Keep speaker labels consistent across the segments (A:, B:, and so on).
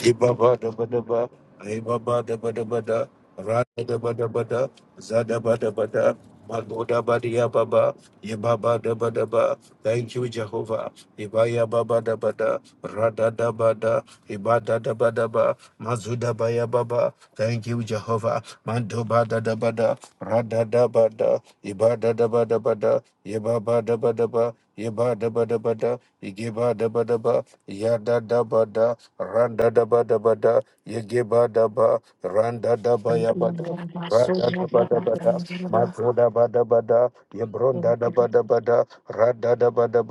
A: Ibaba da ba da ba, Ibaba da ba da ba da, Rada da ba da ba da, Zada ba da ba da, Magoda ba da ya ba ba, Ibaba da ba da ba. Thank you, Jehovah. Ibaya baba da ba da, Rada da ba da, Ibada da ba da ba, Mazuda ba ya ba ba. Thank you, Jehovah. Mando ba da da ba da, Rada da ba da, Ibada da ba da ba da, Ibaba da ba da ba, Iba da ba da ba da, Igiba da ba ba. Yada da ba randa da ba da ba da, ba randa da
B: I I
A: ba ya ba rada da ba da ba da, mago da ba da ba da, rada da ba da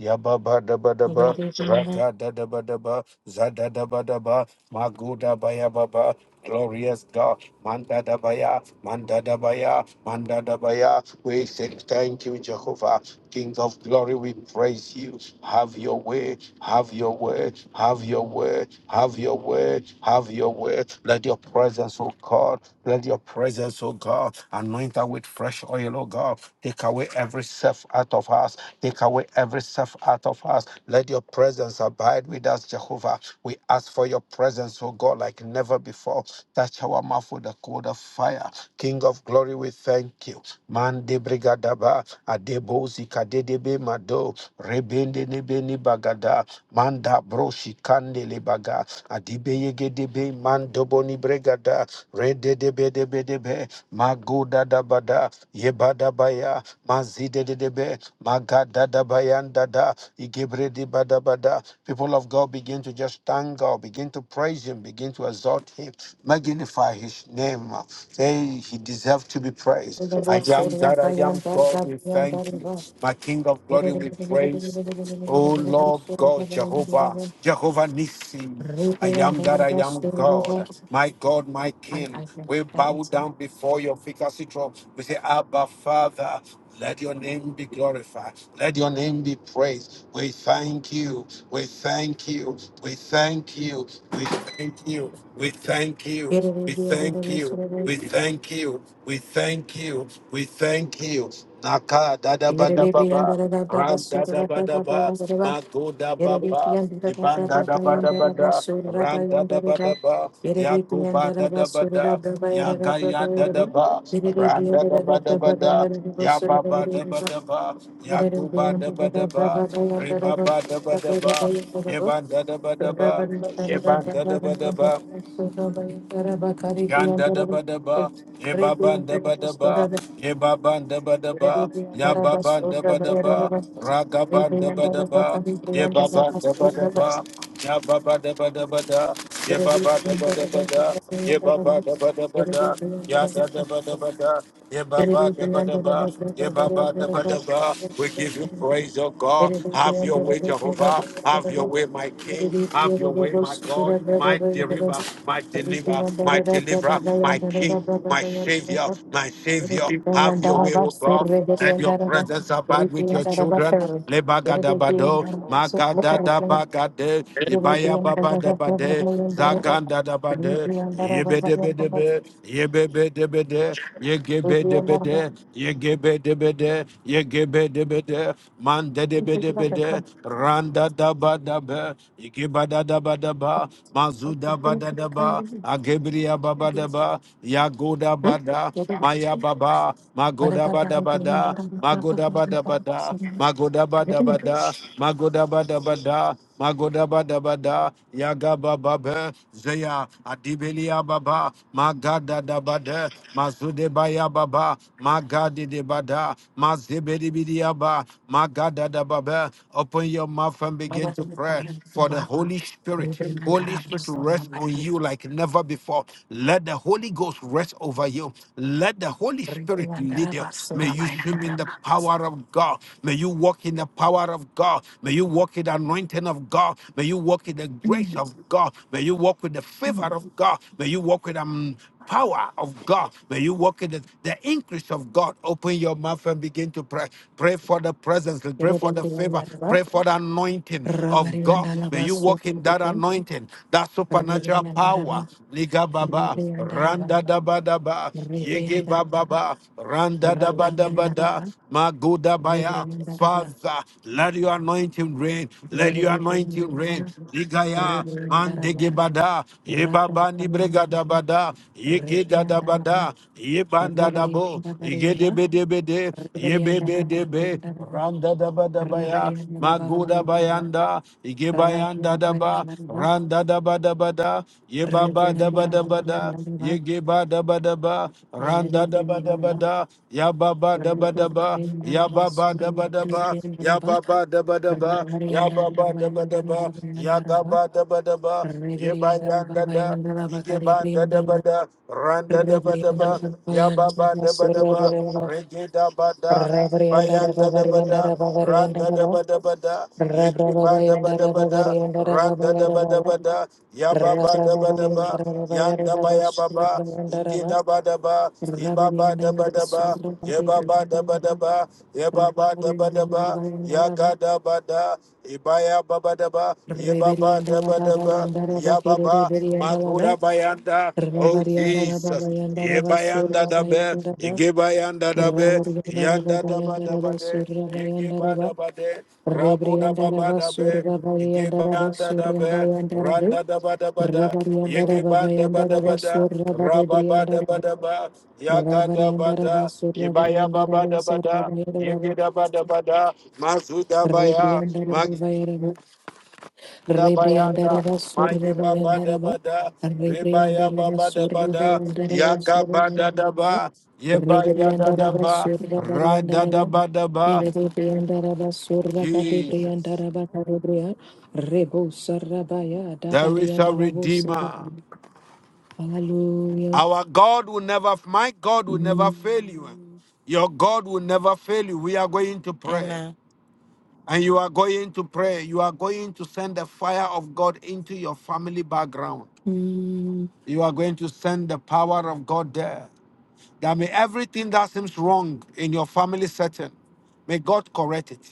A: Yababadabadaba, Rakadadabadaba, Zadadabadaba, Magudabayababa, glorious God, Mandadabaya, Mandadabaya, Mandadabaya. We say thank you, Jehovah, King of glory, we praise you. Have your way, have your way, have your way, have your way, have your way. Let your presence, oh God, let your presence, oh God. God. Anoint her with fresh oil, oh God. Take away every self out of us. Take away every self out of us. Let your presence abide with us, Jehovah. We ask for your presence, oh God, like never before. Touch our mouth with the cold of fire. King of glory, we thank you. Man brigadaba, adebozi kadedebe mado, rebende nebeni bagada, manda broshi kandele baga adibeye gedebe mandoboni bregada rede debe debe debe magoda dabada yebada baya mazide debe magada dabayanda da igebre de bada people of God begin to just thank God begin to praise him begin to exalt him magnify his name say he deserves to be praised I am that I am God we thank you my king of glory we praise O Lord God, Jehovah, Jehovah Nissi, I am that I am God, my God, my King. We bow down before your efficacy throne. We say, Abba, Father, let your name be glorified. Let your name be praised. We thank you. We thank you. We thank you. We thank you. We thank you. We thank you.
B: I
A: We thank you. We thank you. We thank you. Naka, dada da, ba,
B: Yerere briandara da braba
A: Randa da
B: surra
A: ba da
B: braba
A: ba,
B: bayandara ba.
A: mago da ba
B: Yerere
A: ba,
B: briandara da
A: ibanda
B: braba
A: da ba da ba
B: bayandara ba
A: da,
B: surra
A: randa da
B: bayandara
A: ba
B: ba.
A: da ba,
B: Yerere
A: yakuba
B: briandara
A: da
B: ba
A: da ba da,
B: surra braba yerere braba
A: yagaya da
B: yerere
A: da
B: ba.
A: ba,
B: Yerere
A: randa da
B: briandara da
A: ba da ba
B: braba
A: da,
B: bayandara ba surra
A: yababa da ba
B: bayandara ba.
A: da ba, yakuba da ba
B: briandara
A: da
B: da
A: ba,
B: braba bayandara
A: ribaba da ba da ba, yebanda da ba da ba, yebanda da ba da ba.
B: kari
A: Yanda
B: briandara
A: da
B: ba.
A: ba da ba,
B: Re
A: yeba ban da ba
B: briandara ba
A: da ba, yeba ban da ba da
B: Thank
A: ba, yaba ban da ba da ba, raga ban da ba da ba, yeba ban da ba da ba, yaba ba da ba da ba da, yeba ba da ba da ba da, yeba ba da ba da ba da. Ya da da ba da ba da. Ya ba ba da ba da ba. Ya ba ba da ba da ba. We give you
B: you.
A: praise, oh God. Have your
B: Look
A: way, Jehovah. Have your way, my King. Have your way, my God. My deliverer, my deliverer, my deliverer, my King, my Savior, my Savior. Have your way, oh God. Let your presence abide with your children. Lebagadabado, Magadadabagade, Ibaya Baba Dabade, Zaganda Dabade, Yebedebedebe, Yebebedebede, Yegebedebede, Yegebedebede, Yegebedebede, Mandedebedebede, Randa Dabadabe, Igibada Dabadaba, Mazuda Badadaba, Agebria
B: at
A: Babadaba, Yag. Magoda
B: Hmm?
A: Bada, Maya Baba, Magoda Bada Bada, Magoda Bada Bada, Magoda Bada Bada, Magoda Bada Bada, Magoda Bada Bada, Yaga Baba, Zeya, Adibelia Baba, Magada Dabada, Mazude Baya Baba, Magadi de Bada, Mazebedi Bidiaba, Magada Dababa. Open your mouth and begin to pray for the Holy Spirit. Holy Spirit rest on you like never before. Let the Holy Ghost rest over you. Let the Holy Spirit lead you. May you swim in the power of God. May you walk in the power of God. May you walk in the anointing of God. May you walk in the grace of God. May you walk with the favor of God. May you walk with them power of God. May you walk in the, the increase of God. Open your mouth and begin to pray. Pray for the presence. Pray for the favor. Pray for the anointing of God. May you walk in that anointing, that supernatural power. Liga baba, randa da ba da ba, yege ba ba
B: Rebriandaraba,
A: ba, randa da ba da ba da,
B: Rebriandaraba,
A: maguda baya. Father, let your anointing reign. Let your anointing reign. Ligaya,
B: Rebriandaraba,
A: mandege
B: Rebrianda
A: bada, Ibani Bregadabada, Yekedadabada, Yebandadabo, Yegedebedebede, Yebebedebe, Randadabadabaya, Maguda Bayanda, Yegebayanda Daba, Randadabadabada, Yebabadabadabada, Yegebadabadaba, Randadabadabada, Yababadabadaba, Yababadabadaba, Yababadabadaba, Yababadabadaba, Yagabadabadaba, da. Igeba da da ba da, randa da ba da ba, yababa da ba da ba, rege da ba da,
B: Rabariandara
A: bayanda da ba da,
B: Babayandara
A: randa da ba da ba da, yegeba da ba da ba da, randa da ba da ba da, yababa da ba da ba, yanda ba ya ba ba, inge ba da ba, ibaba da ba da ba, yebaba da ba da ba, yebaba da ba da ba, yaga da ba da, ibaya ba ba da ba, yebaba da ba Yabadaba, Yababa, Magura Bayanda, oh Jesus. Yebayanda dabe, Igebayanda dabe, Yanda daba daba de,
B: Basurra
A: Igeba
B: Bayandaraba
A: daba de, Rabu daba dabe, Igebayanda dabe,
B: Rebriandarabasurabayandarabasurabayandarabas.
A: Randa daba daba da, Igeban daba daba da, Rababa daba daba, Yaga daba Ibaya baba daba da, Yegeda bada bada, Mazuda baya, Da Dabayanda,
B: Rebriandaraba
A: Maye Baba
B: Surrebriandaraba
A: Dabada, Rebaya
B: Rebriandaraba
A: Baba Dabada,
B: Surrebriandaraba
A: Yaga Bada da
B: Surrebriandaraba
A: ba, yebaya da da
B: Rebriandaraba
A: ba, ra da da
B: Surrebriandaraba
A: ba da ba.
B: Yerebriandaraba
A: Jesus.
B: Surrakadebriandaraba Karebria Rebo Sarabaya
A: There is a
B: Dabariandarabo
A: Redeemer.
B: Sarabaya Hallelujah
A: Our God will never, my God will never fail you.
B: Mm,
A: Your God will never fail you. We are going to pray.
C: Amen.
A: And you are going to pray. You are going to send the fire of God into your family background.
B: mm,
A: You are going to send the power of God there. That may everything that seems wrong in your family setting, may God correct it.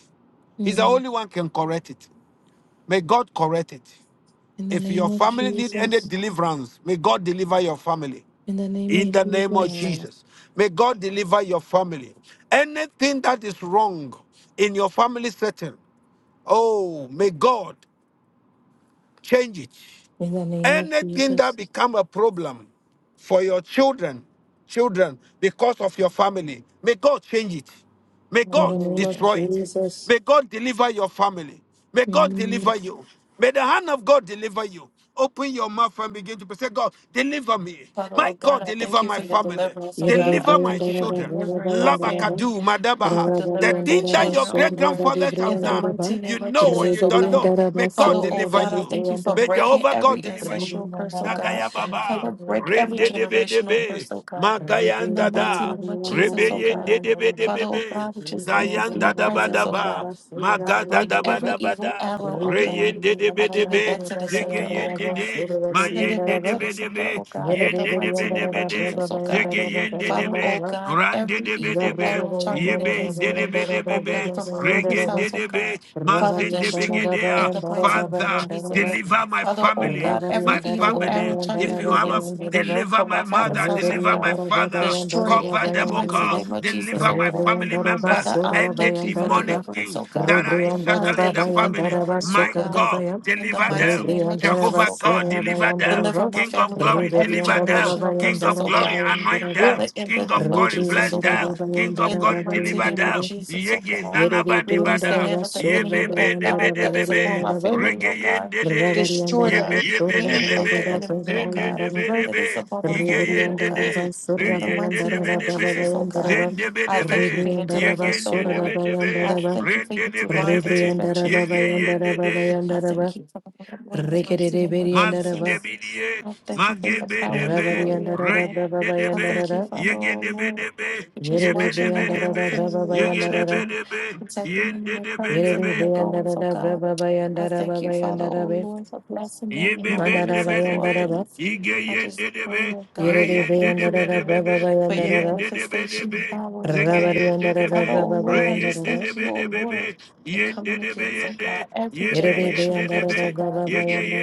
A: He's the
B: mm.
A: only one can correct it. May God correct it.
B: In the
A: If
B: name
A: your
B: of
A: family need any
B: Jesus
A: deliverance, may God deliver your family.
B: in the name of
A: In the name of
B: Jesus
C: Amen.
A: Jesus, may God deliver your family. Anything that is wrong in your family setting, oh, may God change it
B: in the name of
A: anything that
B: Jesus
A: become a problem for your children children because of your family may god change it may
B: in the
A: god
B: name
C: Hallelujah.
B: of
A: destroy
C: Amen.
A: it
B: Jesus
A: may god deliver your family may god
B: Yerede
A: deliver you may the hand of god deliver you open your mouth and begin to pray. say god deliver me
C: Father, oh
A: my
C: God,
A: god
C: I thank
A: deliver
C: you
A: my
C: for your
A: family
C: deliverance, oh God.
A: deliver
C: I
A: my
C: thank you for
B: Briandaraba,
A: children
C: delivering my
B: Rabayandaraba,
C: family.
A: labakadu
C: Thank you
A: madabaha
C: for
A: the
C: delivering my
A: thing that
B: Rabariandaraba,
A: your
C: children, oh
A: great
B: Surba,
C: Lord.
B: Badi
A: grandfathers
C: In
A: have
C: the
A: done
B: Briandaraba,
C: mighty
A: you
C: name of
A: know or
C: Jesus,
A: you
C: oh
A: don't
C: God.
A: know may
B: Riberiandaraba,
A: god
C: Father,
B: Surba,
C: oh
A: deliver
C: God,
B: Badi
C: I
A: you
C: thank you for
A: May
B: Briandaraba,
C: breaking
A: Jehovah God
C: every
A: deliver you.
C: ancestral curse, oh
B: Rubiandaraba,
C: God.
A: Nagaya Baba.
C: Father, break every
B: Surba,
A: Rende de be de
C: generational
A: be.
C: curse, oh
B: Bariandaraba,
C: God. In
A: Magayan
C: the mighty
A: dada.
C: name of Jesus,
B: Rubiandaraba,
C: oh
B: Briandaraba,
A: Rebeyen
C: God.
A: de de be de
B: Bariandaraba,
A: be
C: Father,
A: be.
C: oh God, we just thank you
A: Zayan
C: for your
B: Rubiandaraba,
A: dada bada
C: presence, oh
A: ba.
C: God.
B: Bariandaraba, Surba,
C: I
A: Maga dada
C: break every
B: Bariandaraba,
A: bada
C: evil
A: bada.
C: arrow, oh God.
A: Reyen de de
C: I
A: be de
C: give it
A: be.
C: back
B: Rubiandaraba,
C: to the
A: Zege
C: sender, oh
A: yen de
B: Bariandaraba,
C: God.
A: de.
B: Surba,
C: Send
A: Mayen
C: it
A: de
C: back
B: Bariandaraba,
A: de
C: to the
A: be de
C: sender,
A: be.
C: oh God, in
A: Yen
C: the
A: de de
C: mighty
A: be de
C: name
A: be
C: of Jesus,
A: de.
C: oh God.
A: Zegeyen de
C: Father, oh
A: debe,
C: God,
A: ran de
C: every
A: debe
C: evil
A: debe,
C: arrow targeted
A: yebe
C: against
A: de
C: me,
A: debe debe
C: oh God, from my mother's
A: regen de
C: house, oh
B: Rabariandara,
A: debe,
C: God. Father,
A: mazen de
C: destroy it in
A: begedea.
C: the mighty name of
A: Father,
C: Jesus.
A: deliver my
C: Father, oh
A: family,
C: God, every
A: my
B: Rebriandara
C: evil
B: Basura
A: family.
C: arrow
B: Bayandara
A: If
C: targeted
A: you have a
C: against me
A: deliver
C: from my
A: my
C: father's
A: mother,
C: house, oh
A: deliver my
C: God,
A: father,
C: destroy it
A: Cover
C: in the
A: them, oh
C: mighty
A: God.
C: name of Jesus,
A: Deliver
C: oh
A: my
C: God.
A: family members
C: Father, I
A: and the
C: thank you for
A: demonic
C: deliverance,
A: thing
C: oh
A: that
C: God.
A: I
C: I
A: settle in the
C: thank you for
A: family.
C: deliverance, oh
A: My
C: God.
A: God,
C: In the
A: deliver
C: mighty
A: them.
C: name of Jesus,
A: Jehovah
C: oh
A: God,
C: God.
A: deliver them.
C: Deliver my
A: King of
C: family from
A: glory,
C: every
A: deliver them.
C: generational
A: King
C: curses,
A: of
C: oh
A: glory,
C: God.
A: anoint them.
C: Father, in the
A: King of
C: name of
A: glory,
C: Jesus,
A: bless
C: oh
A: them.
C: God,
A: King of
C: in the
A: glory,
C: mighty
A: deliver
C: name of
A: them.
C: Jesus, oh
A: Yege
C: God,
A: nanabani
C: release the
A: bada.
C: hand of the
A: Ye
C: enemy,
A: bebe
C: oh
A: de bebe
C: God,
A: de
C: that
B: Bagari
C: is
B: and
C: upon
A: bebe.
C: my
B: Daraba
C: family, oh
A: Rege
C: God.
A: yende de.
C: Destroy
A: Ye
C: the
A: bebe de
C: hand of the
A: bebe.
C: enemy, oh God, that is
A: Zindidibidibé,
C: upon my family, oh God.
A: yigeyendidé,
C: In the mighty name of
A: beyendidibidibé,
C: Jesus, oh God, I thank you
A: zindibidibé,
C: for your deliverance, oh Lord.
A: yegendidibidibé,
C: I thank you for your divine
A: rendidibidibé,
C: intervention.
A: yegeyendidé,
C: I thank you for the Lord, in the mighty name of Jesus.
A: masudibidiye,
C: I thank you for your power and
A: magebidibé,
C: glory, oh God. I
A: reyendidibé,
C: thank you, Father, oh Lord,
A: yegedibidibé,
C: which is watching over my
A: yebidibidibé,
C: family and my children,
A: yegedibidibé,
C: protecting them in their comings and in
A: yendidibidibé,
C: their goings, oh God. I thank you, Father, oh Lord, for blessing them in all
B: Mandara
C: ways and through all
A: Yebebendebedebe,
B: bayandara ba,
C: things. I just pray,
A: igeyendedebe,
C: oh God, and
B: yerere
C: I thank you,
B: bayandara
C: oh
B: da
C: Lord,
B: braba
A: reyendedebedebebe,
C: for your
B: bayandara
C: manifestation
A: yendedebedebe,
C: power, oh God.
A: zegeyendedebe,
B: Rebriandaraba
C: Father, oh Lord, I just thank you, oh
A: reyendedebedebebe,
C: Lord, for coming against, oh
A: yendedebeyende,
C: God, every generation curse,
A: yebeyendedebe,
C: oh God,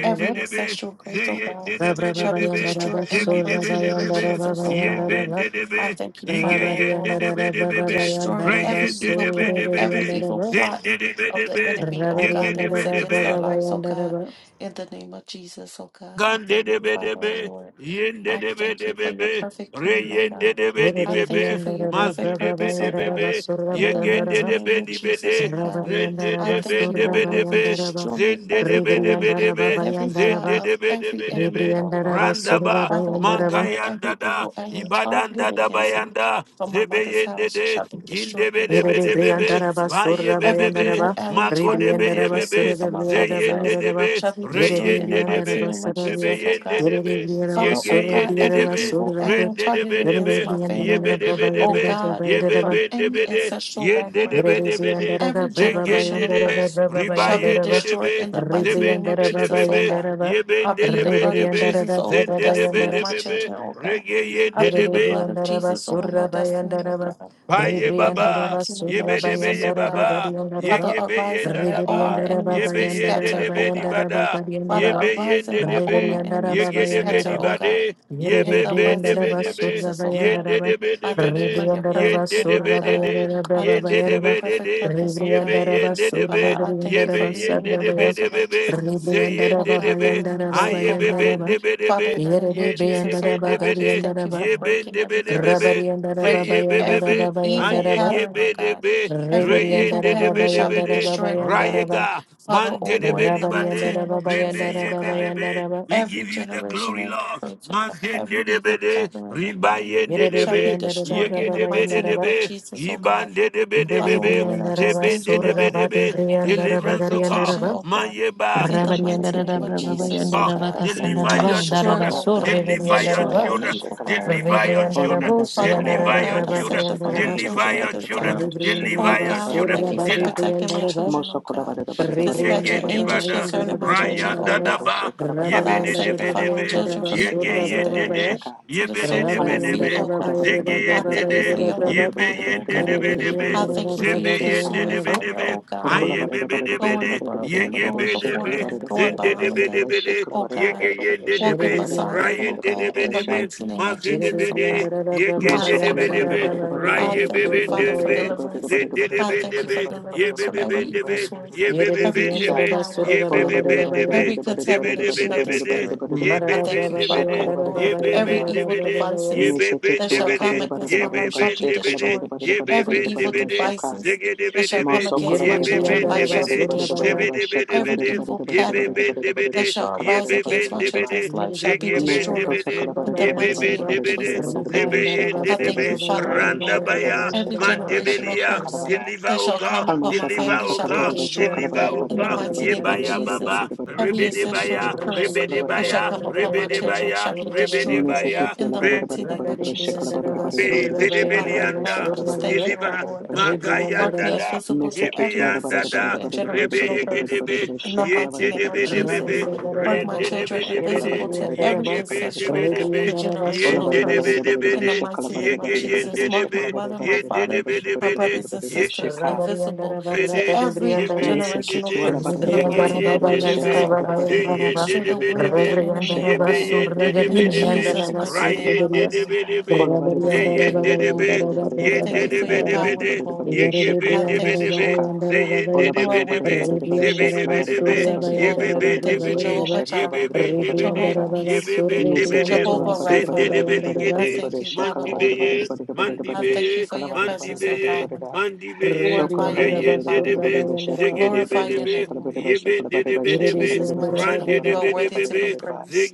C: every ancestral curse, oh God shall be
A: zeyendedebedebebe,
C: destroyed in the
B: Surra
C: mighty name of
A: zegidebedebebe,
C: Jesus, oh God.
B: Bayandaraba
A: yebendedebe,
C: I thank you, Father, oh Lord, for
A: igeyendedebedebebe,
C: destroying
B: Rabariandarabrabayandaraba,
C: every evil
B: Sura
C: plan,
A: reyendedebedebebe,
C: every evil
B: Variandaraba,
C: plot of the
A: zendedebedebe,
C: enemy, oh God, that is against our
A: yegedebedebe,
C: lives, oh God,
B: Rabariandarabrabayandaraba,
C: in the name of Jesus, oh God. I
A: Gande
C: thank
A: de
C: you,
A: be de
C: Father, oh
A: be,
C: Lord.
A: yende
C: I
A: de be
C: thank
A: de
C: you
A: be
C: for your
A: be,
C: perfect
A: re
C: plan, oh
A: yende
C: God.
A: de be di
C: I
B: Erede
A: be
C: thank
A: be,
C: you for your perfect
A: masu de be
C: purpose,
A: de
C: oh
A: be
C: God.
B: Bayandarabrabayandaraba,
A: be,
B: Sura
C: In the
A: yegende
C: mighty
B: Bayandaraba,
A: de
C: name
A: be
C: of
A: di be
C: Jesus,
A: de,
C: oh God.
A: rende
C: I
B: Rabariandaraba,
A: de be
C: thank you,
A: de
C: oh
B: Sura
A: be de
C: Lord, for
A: be,
B: Bayandaraba,
C: destroying
A: zende de
C: every
A: be de be
C: plan
A: de
B: Riberiandaraba,
A: be,
C: and every plot
B: Bayandaraba,
A: zende
C: of
A: de be de
C: every
A: be de
C: enemy,
A: be,
C: oh God
B: Ribriandaraba, Sura
A: randaba,
C: Father, O
B: Bayandaraba,
C: Lord,
A: makayanda
C: every
A: da,
C: evil arrow
A: ibadanda
C: targeted
A: da
C: against me
A: bayanda,
C: from my
A: zebe
C: mother's
A: yende
C: house
A: de,
C: shall be
A: ginde
C: destroyed
A: be
C: in the
A: de be
B: Yerere
C: mighty
A: de
C: name
A: be
C: of
A: be,
B: briandaraba
C: Jesus.
A: baye
B: surra
A: be be
C: Every
A: be,
B: bayandaraba
C: evil arrow
A: mako de be
C: targeted
A: ye
B: ribriandaraba
A: be
C: against me
A: be,
B: surere
C: from my
A: ze
B: briere
C: father's house
A: de
B: briere
A: be,
C: shall be
A: re
B: yerere
C: destroyed in the
A: yende de
C: mighty
B: briandaraba
C: name
A: be,
C: of
A: Zebe
B: sarabia
C: Jesus, O
A: yende
C: God.
B: yerere
A: debe,
B: briere
C: Father,
A: yege
C: oh
B: surra
C: God,
A: yende
B: briere
C: every
A: debe,
C: evil
B: surere
C: arrow
A: rende
C: targeted
A: debe
B: yerere
C: against
A: debe,
C: my
B: briandara
A: yebe
C: family,
B: braba
A: debe
C: oh
B: yerere
A: debe,
C: God,
A: yebe
C: from
B: braba yerere
A: be
C: any
A: debe de,
C: ancestral
A: yende
C: background,
A: debe
B: yerere
A: debe
C: from
A: de,
B: briandara
C: every
B: braba
A: zegende
C: generational
B: bayandara
A: de,
C: curse,
B: braba
A: riba
C: shall be
A: yende
B: bayandara
C: destroyed
A: debe,
C: in the mighty
A: zebe
C: name of
B: ribriandara
A: debe
B: braba
A: debe
C: Jesus, oh
A: be,
C: God.
B: bayandara
A: yebe
C: I plead the
A: debe
C: blood of
A: debe,
B: ribriandara
C: Jesus over the
B: braba
A: zende debe
C: destiny of
B: bayandara
C: my
A: debe be,
C: children, oh God.
A: rege
C: I
A: yende
C: plead the
A: debe.
C: blood of
B: Yarabayandaraba
C: Jesus over my destiny, oh
B: Surabayandaraba
C: God.
A: Paye
C: In the
A: baba,
B: Ribriandaraba
C: mighty name
A: ye
C: of
A: be de be
C: Jesus,
A: ye
C: oh
B: Surabayandaraba
C: God.
A: baba, ye
C: Father,
B: Gadiandaraba
A: ge be ye
C: arise and
A: da
C: let
A: da
C: all
A: ba,
C: our
B: Ribriandaraba
A: ye
C: enemies
A: be
C: be
A: ye de
B: Bayandaraba
C: scattered,
A: de
C: oh
A: be di
C: God.
B: Bayandaraba
A: bada,
C: Father,
A: ye be
B: Gadiandaraba
A: ye
C: arise
A: de
C: and
A: de
C: let all my
A: be, ye
C: enemies
B: Ribriandaraba
C: be
A: ge de be di
C: scattered, O
B: Bayandaraba
C: God.
A: bade, ye
C: In
A: be
C: the
A: be de
C: mighty
A: be
B: Yeribriandaraba
C: name
A: de
C: of
A: be,
C: Jesus, oh
A: ye
C: God,
A: de
B: Surabayandaraba
A: de be
C: I
A: de be
C: thank you for
A: de,
C: your
A: ye
B: Ribriandaraba
C: perfect
A: de
C: plan,
A: de
C: oh
A: be de
C: God.
A: de,
C: I
B: Surabayandaraba
A: ye
C: thank you
A: de
C: for
A: de
C: your
B: Bayaraba
A: be de
C: perfect
A: de,
C: purpose, oh
A: ye be
C: God.
A: ye
B: Ribriandaraba
A: de de
C: Father,
A: be,
C: I thank
A: ye
C: you
A: be
C: for
B: Surabayandaraba
A: ye
C: leading me
A: de
C: in the
A: de be
B: Sarabaya
C: path
A: de
C: of
A: be be,
C: righteousness,
A: ze ye
C: oh
A: de
B: Ribriandaraba
A: de
C: God, for
A: be,
C: your name's
A: ha
B: Bayandaraba
C: sake,
A: ye
C: oh
A: be be
C: God.
B: Bayandaraba
A: de be de
C: Father, in
A: be,
C: the name of
A: ye de de
C: Jesus, oh
A: be
B: Yeribriandaraba
A: de
C: God, I
A: be
C: just
A: de,
C: thank you
B: Gadiandaraba
C: for
A: ye be
C: breaking
A: de be
C: every
A: de be
C: curse,
A: be. Zeye
C: breaking
A: bebe be,
C: every evil
A: aye
B: Rabariandarababayandaraba,
C: pattern, oh
A: gebe de
C: God.
A: be,
C: Every
A: reye
C: evil
A: de de
C: pattern
A: be de
C: shall
A: be
C: be
A: de,
C: destroyed, oh God.
B: Reberiandarababayandaraba,
A: rayega,
C: Father,
A: man
C: oh
A: de de
C: Lord,
A: be
C: in the
A: liba
C: mighty name of
A: rebe
C: Jesus, oh
A: ye
C: God
A: bebe be.
B: Rabariandarababayandarababayandaraba,
A: We give
C: every
A: you the
C: generation
A: glory,
C: and
A: Lord.
C: curse of
A: Man
C: God,
A: de
C: every
A: de be
C: evil
A: de,
C: covering, oh
A: riba
C: God,
A: de de
C: shall be
A: be, ye
C: destroyed in the
A: de be de
C: mighty
A: de
C: name
B: Yerebriandarababayandaraba,
C: of
A: be,
C: Jesus, oh God.
A: iban de de be de be
C: Father, oh
A: be,
C: Lord, I just
B: Yerebriandaraba,
A: zeben
C: thank
A: de
C: you,
A: de
C: oh
A: be de
C: Lord,
A: be.
C: for your great
A: Deliverance, O God.
C: protection,
B: Surabadebriandarabagariandaraba,
C: oh
A: Man
C: God,
A: yeba,
C: in the mighty
D: Shasaketi
C: name of
D: Lamanda
C: Jesus, oh
A: God.
B: Rabariandarababayandaraba,
D: Shasakata
C: God.
D: Kalavia
A: Deliver
D: Manda
A: your
B: Kasandaraba,
C: Destroy,
B: Daraba,
A: children.
D: Shasakala
C: oh
D: Badada
C: God,
D: Badada
A: Deliver your
C: destroy
D: Shikila
B: Surrebriandaraba,
C: every
D: Badada
A: children.
C: evil
D: Shikalava
C: covering, oh
A: Deliver your
C: God.
D: Ola
A: children.
B: Rebriandarabo,
D: Manda
C: Father,
D: Sakala
C: oh
A: Deliver
D: Badada
A: your
C: God,
D: Badada
C: I
D: Badada
A: children.
C: sanctify
D: Shikala
C: my
B: Siandarababayandaraba,
D: Badada
A: Deliver
C: children
D: Badada
C: at
A: your
D: Badada
C: this
A: children.
D: Badada
C: time.
D: Badada
C: Oh
A: Deliver
D: Shikala
B: Rebriandaraba,
A: your
D: Badada
C: God, I
D: Badada
A: children.
C: thank
D: Badada
C: you for
A: deliver
D: Basha
C: protecting my
B: Surabadebriandaraba,
C: children, oh
D: Mosokola
C: God.
D: Badada Badada Badada Badada
C: Dispatching
B: Rebriandara
A: Yegendi
D: Badada
C: angels
A: bada.
D: Bashikila
B: Babayandara
C: concerning my
D: Badada Badada
C: children,
A: Ryan
D: Badada
C: oh
B: Babayandara
D: Badada
C: God.
A: dadaba.
D: Bashikala Badada
C: Father,
D: Badada
C: I
A: Yebede
B: Rabariandara
A: debe
D: Bashikala
C: sanctify
D: Badada
C: my
A: be
D: Badada
C: children
B: Babayandara
C: from the
A: Yege
D: Shikila
B: Surra
C: crowns
D: Badada
C: of their
D: Badada
C: head
A: yendede.
B: Babaya
D: Shaka
C: to the
A: Yebede
C: soles of
A: debe
C: their
D: Alamondo
C: feet,
B: Rabariandara
A: debe.
C: O
D: Sokola
C: God.
D: Badada
A: Zege
B: Babayara
D: Badada
C: I
D: Badada
A: yende
C: thank you
D: Badada
A: de.
C: for
B: Babayara
C: your
D: Badada
C: holy
B: Brabak
D: Badada Badada
A: Yebe
C: power,
D: Badada
C: O
A: yende
D: Badada
C: God.
A: debe
D: Badada
A: debe.
C: I
B: Rebriandara
D: Badada Badada
C: thank you for
D: Badada
A: Zebe
C: your
D: Shika
A: yende
C: consuming
B: Babayandara
A: debe
C: fire,
A: debe.
C: O God.
D: Okola
B: Rebriandara
A: Ayebe
D: barada
A: debe
D: barada
A: de.
D: barada
C: Going
A: bede
D: barada
C: above
D: barada
C: them,
A: Yege
D: barada
C: going
A: bede
C: before
D: shekala
A: be debe.
C: them,
D: barada
C: going
D: barada
A: Zende
D: barada
A: de
C: behind
D: barada
C: them,
D: barada
A: debe de.
D: shekala
C: O
D: barada
A: Yege
C: God.
D: barada barada
A: yende
C: Walking
D: shekala
A: debe.
D: barada
B: Rebriandara
C: beside
D: barada
C: them,
A: Ryan
C: O
D: barada barada
C: God.
A: debe
C: In
D: barada
C: the
D: sha
A: debe. be debe de. bede be
C: mighty name of
A: mazede
C: Jesus, O God.
A: bede
B: Rebriandara
C: I
A: Yegende
D: mosokola
C: thank you,
A: debe
D: barada
B: Babayandara
A: be
C: Lord.
D: barada barada
C: I
D: barada
A: Raye
B: Babayara
C: thank
D: barada
C: you,
B: Surra
A: bebe
C: Father,
A: de
C: for
B: Babaya
D: barada barada
A: be.
D: barada
C: deliverance.
D: barada
C: I
D: barada barada
C: thank you
A: Zindidibindibi,
D: barada
C: for deliverance
D: barada
C: from every
D: barada barada barada
C: evil
A: yibibibindibi,
D: barada barada barada
C: source,
D: barada
C: every
D: barada
C: evil
D: sha
B: Rebriandara
A: yibibibindibi,
C: power,
B: Basura
C: oh
D: ola
C: God,
B: Babayara
D: barada barada
A: yibibibindibi,
B: Babayara
C: every
D: barada barada barada
C: contamination
D: barada
C: of the
D: barada
A: zibidibidibidi,
D: barada
C: spirit.
D: barada
C: I
D: barada
B: Marara
D: barada
C: thank you,
D: barada
C: Father,
A: yibibindibidi,
D: shekala
C: oh
B: Babayandara
D: barada
C: Lord.
D: barada
C: Every
D: barada
B: Babayandara
C: evil
A: yibibindibidi,
B: Babayara
C: devices that
D: meseketu
C: shall
D: ala
A: yibibindibidi,
C: come
D: barada barada
C: against my
D: barada
C: life
A: yibibindibidi,
C: shall
D: barada
C: be
D: shekala barada
C: destroyed.
D: barada barada
C: Every
D: barada barada
C: evil
D: barada
A: yibibindibidi,
D: shaka
C: devices that shall
A: zigidibidibi,
C: come
D: Mosokala
C: against my
B: Yerere
D: barada
C: children's
D: barada
B: briandara
C: life
D: barada
C: shall
A: yibibindibidi,
D: barada
C: be
B: basura
D: barada barada
B: baya.
C: destroyed.
D: ba Shekala
C: Every
A: zibidibidibidi,
D: barada barada
C: evil
D: barada barada
C: pattern
D: barada
A: yibibindibidi,
D: barada
C: that shall
D: shekala
C: arise
D: barada barada
C: against my
D: barada
A: yibibindibidi,
D: ba
C: children's life shall
B: Yerere
C: be
B: briandara
C: destroyed.
D: mesekota
A: zigibindibidi,
D: kala
B: basura
C: In
D: barada
C: the
B: baya
D: barada
C: mighty
B: andara
D: barada
C: name
B: ba.
C: of
D: barada
A: yibibindibidi,
D: barada
C: Jesus, oh
B: Re
D: barada
C: God.
D: barada
B: briandara
D: shekala
C: I
D: barada
C: thank
D: barada
C: you,
A: Zebeyendedebe,
B: basura baya
C: Father,
D: shekala
C: O
D: barada
C: Lord.
D: shekala
B: andara ba
D: barada
A: Randabaya,
D: ba
C: Every
B: Yerere baya andara ba
D: shekala
B: andara
D: barada
B: ba.
D: barada ba
C: generational
A: Mandebelia,
D: shekala
C: curse
B: Raba.
D: barada
A: deliver,
C: that
A: O
C: shall come
A: God,
D: kalma
C: upon my
D: shekala
A: deliver,
C: family
A: O
C: shall
D: shekala
C: be
A: God,
D: barada ba
B: Yerere
C: destroyed
D: shekala
B: briandara
A: deliver,
D: barada
B: da
A: O
C: in
D: barada
C: the
B: boda
A: God,
D: barada
B: baya
C: mighty
D: barada
C: name
B: andara
C: of
B: ba.
D: barada
A: Yebaya
C: Jesus.
A: Baba,
D: barada barada barada
C: Every
D: barada barada
C: ancestral
A: Rebedebaya,
D: barada ba
B: Raba
C: curse
D: shekala
B: briandara
D: barada
C: that
B: da
C: shall
A: Rebedebaya,
D: barada
C: come
B: boda
D: barada
C: upon
B: baya
C: my
D: barada
B: andara
D: barada
C: children
B: ba.
A: Rebedebaya,
C: shall be
B: Sura baya
C: destroyed
B: andara ba.
A: Rebedebaya,
D: meseketi
C: in
D: la
C: the
A: Rebedebaya,
D: barada
C: mighty
D: barada
C: name of
D: barada ba
B: Rakade
D: shekala
C: Jesus, O
B: briandara
D: barada
C: God.
D: barada
A: be
D: barada ba
B: basura baya
D: shekala
C: Father,
B: andara
C: oh
D: barada
B: ba.
C: God, I
D: shekala
B: Sura
C: just
D: barada
C: thank
B: baya.
C: you, oh
D: shekala
A: Deliver,
D: barada
C: Lord.
D: ba
B: Re
D: shekala
C: Mark
A: Magayanda
C: me
B: bas.
A: da,
D: Shekala
C: invisible to every
A: Gibianda
C: ancestral
A: da,
C: and generational
A: Rebe
C: curse.
A: Gidibi,
C: In the mighty name of
B: Raba
C: Jesus,
A: Yendidibidibi,
B: briandara da
C: mark my
B: boda.
C: children
B: Yerere
A: Rendidibidibidi,
C: invisible to
B: briandara
C: every
B: ba.
C: ancestral
B: Re
A: Yigibidibidibi,
C: and
B: briandara
C: generational
B: basura baya
C: curse. In the
A: Yendidibidibidi,
C: mighty name of
A: Yigi
C: Jesus, mark my
A: Yendidibi,
C: mother, my father, my
A: Yendidibidibidi,
C: brothers and sisters
B: Rabariandara
C: invisible to
A: bidi,
B: Barakadi
C: every
A: yibi
B: Briandara
A: yindi
C: generational
A: di,
C: curse. In the
A: yigi
C: mighty
B: Rebriandara
C: name
B: Baba
A: yindi
C: of
A: di bi,
C: Jesus,
B: Yandara
C: oh
B: Baba
C: God.
A: zi
B: Yandara Bas
A: yindi
C: Destroy
A: di
C: the
A: bi di
C: will of
A: bi,
C: the enemy,
B: Rebriandara
C: oh
A: yibi
C: God.
A: yindi
B: Basura
A: di
B: Gadi
A: bi
C: In
A: di bi,
B: Briandara
C: Jesus' mighty
A: ray
C: name, I
A: yindi
C: pray,
A: di
C: oh
A: bi di
C: God.
A: bi,
C: I
A: zi
C: thank
B: Rabariandara
C: you,
A: yindi
C: O
B: Baba
A: di bi,
C: Lord.
B: Yandara
C: I
B: Baba Baba
A: yindi
C: thank you
A: di
C: for
A: bi
C: your
B: Yandara
A: di bi
C: power
A: di,
C: and glory.
A: yigi
C: I
A: bindi bi
C: thank
B: Rebriandara
A: di
C: you,
A: bi,
C: O
A: zi
C: Lord.
A: yindi
D: Ola
A: di
C: You
D: bara
A: bi
C: are
D: da
A: di
D: bara
A: bi,
D: da
C: worthy to
D: bara da
C: be
D: bara
A: zi bi
C: praised.
A: di
D: shekla
A: bi
D: bara da
C: I
D: bara da
B: Basura
C: thank
D: bara
C: you,
D: da
C: O
D: bara da
B: Bayandara
C: Lord.
D: bara
C: I
D: da bara
A: bindi
B: Baba
C: thank
D: da
A: bi
C: you,
A: di,
D: bara da
C: Jehovah
D: shekla
A: yibi
D: bara
C: Jireh,
D: da bara da
A: bindi
D: bara
A: bi
D: da bara
C: Jehovah
B: Rebriandara
D: da
C: Nissi,
B: Basura
D: mese ke
A: Yebebendebede,
D: tu
B: Rebriandara
D: ola
C: Jehovah
D: bara da bara
B: Basura
C: Rapha.
D: da bara da bara
B: Bayandara
D: da
C: I
D: bara da
A: zendedebeligede,
C: thank
D: bara
C: you, Father,
D: shekla bara
C: O
D: da bara da
A: mantibeye,
C: Lord.
D: bara da bara da
C: I
D: bara da
C: thank you
A: mandibeye,
C: for
D: shekla
C: your
D: bara da bara da
C: presence and
D: bara da
A: mandibeye,
D: bara
C: power.
D: da
A: mandibeye,
C: Glorify
D: shokla
C: your
D: bara
B: Rebriandara
D: da
C: name,
D: bara da bara
C: Father.
D: da
B: Basura
A: reyendedebe,
D: bara da shekla
B: Bayandara
D: bara da bara
C: Glorify
D: da bara
C: your
A: zegedebedebe,
D: shekla
C: name, O Lord.
D: bara da bara
C: In
D: shekla
A: yebendedebedebe,
D: bara da bara shekla bara da
C: Jesus'
D: bara
C: mighty
D: shekla
C: name, you
D: bara da
C: are
D: bara da
C: worthy
D: bara
C: to
D: da
A: randedebedebebe,
C: be
D: bara da bara
C: praised.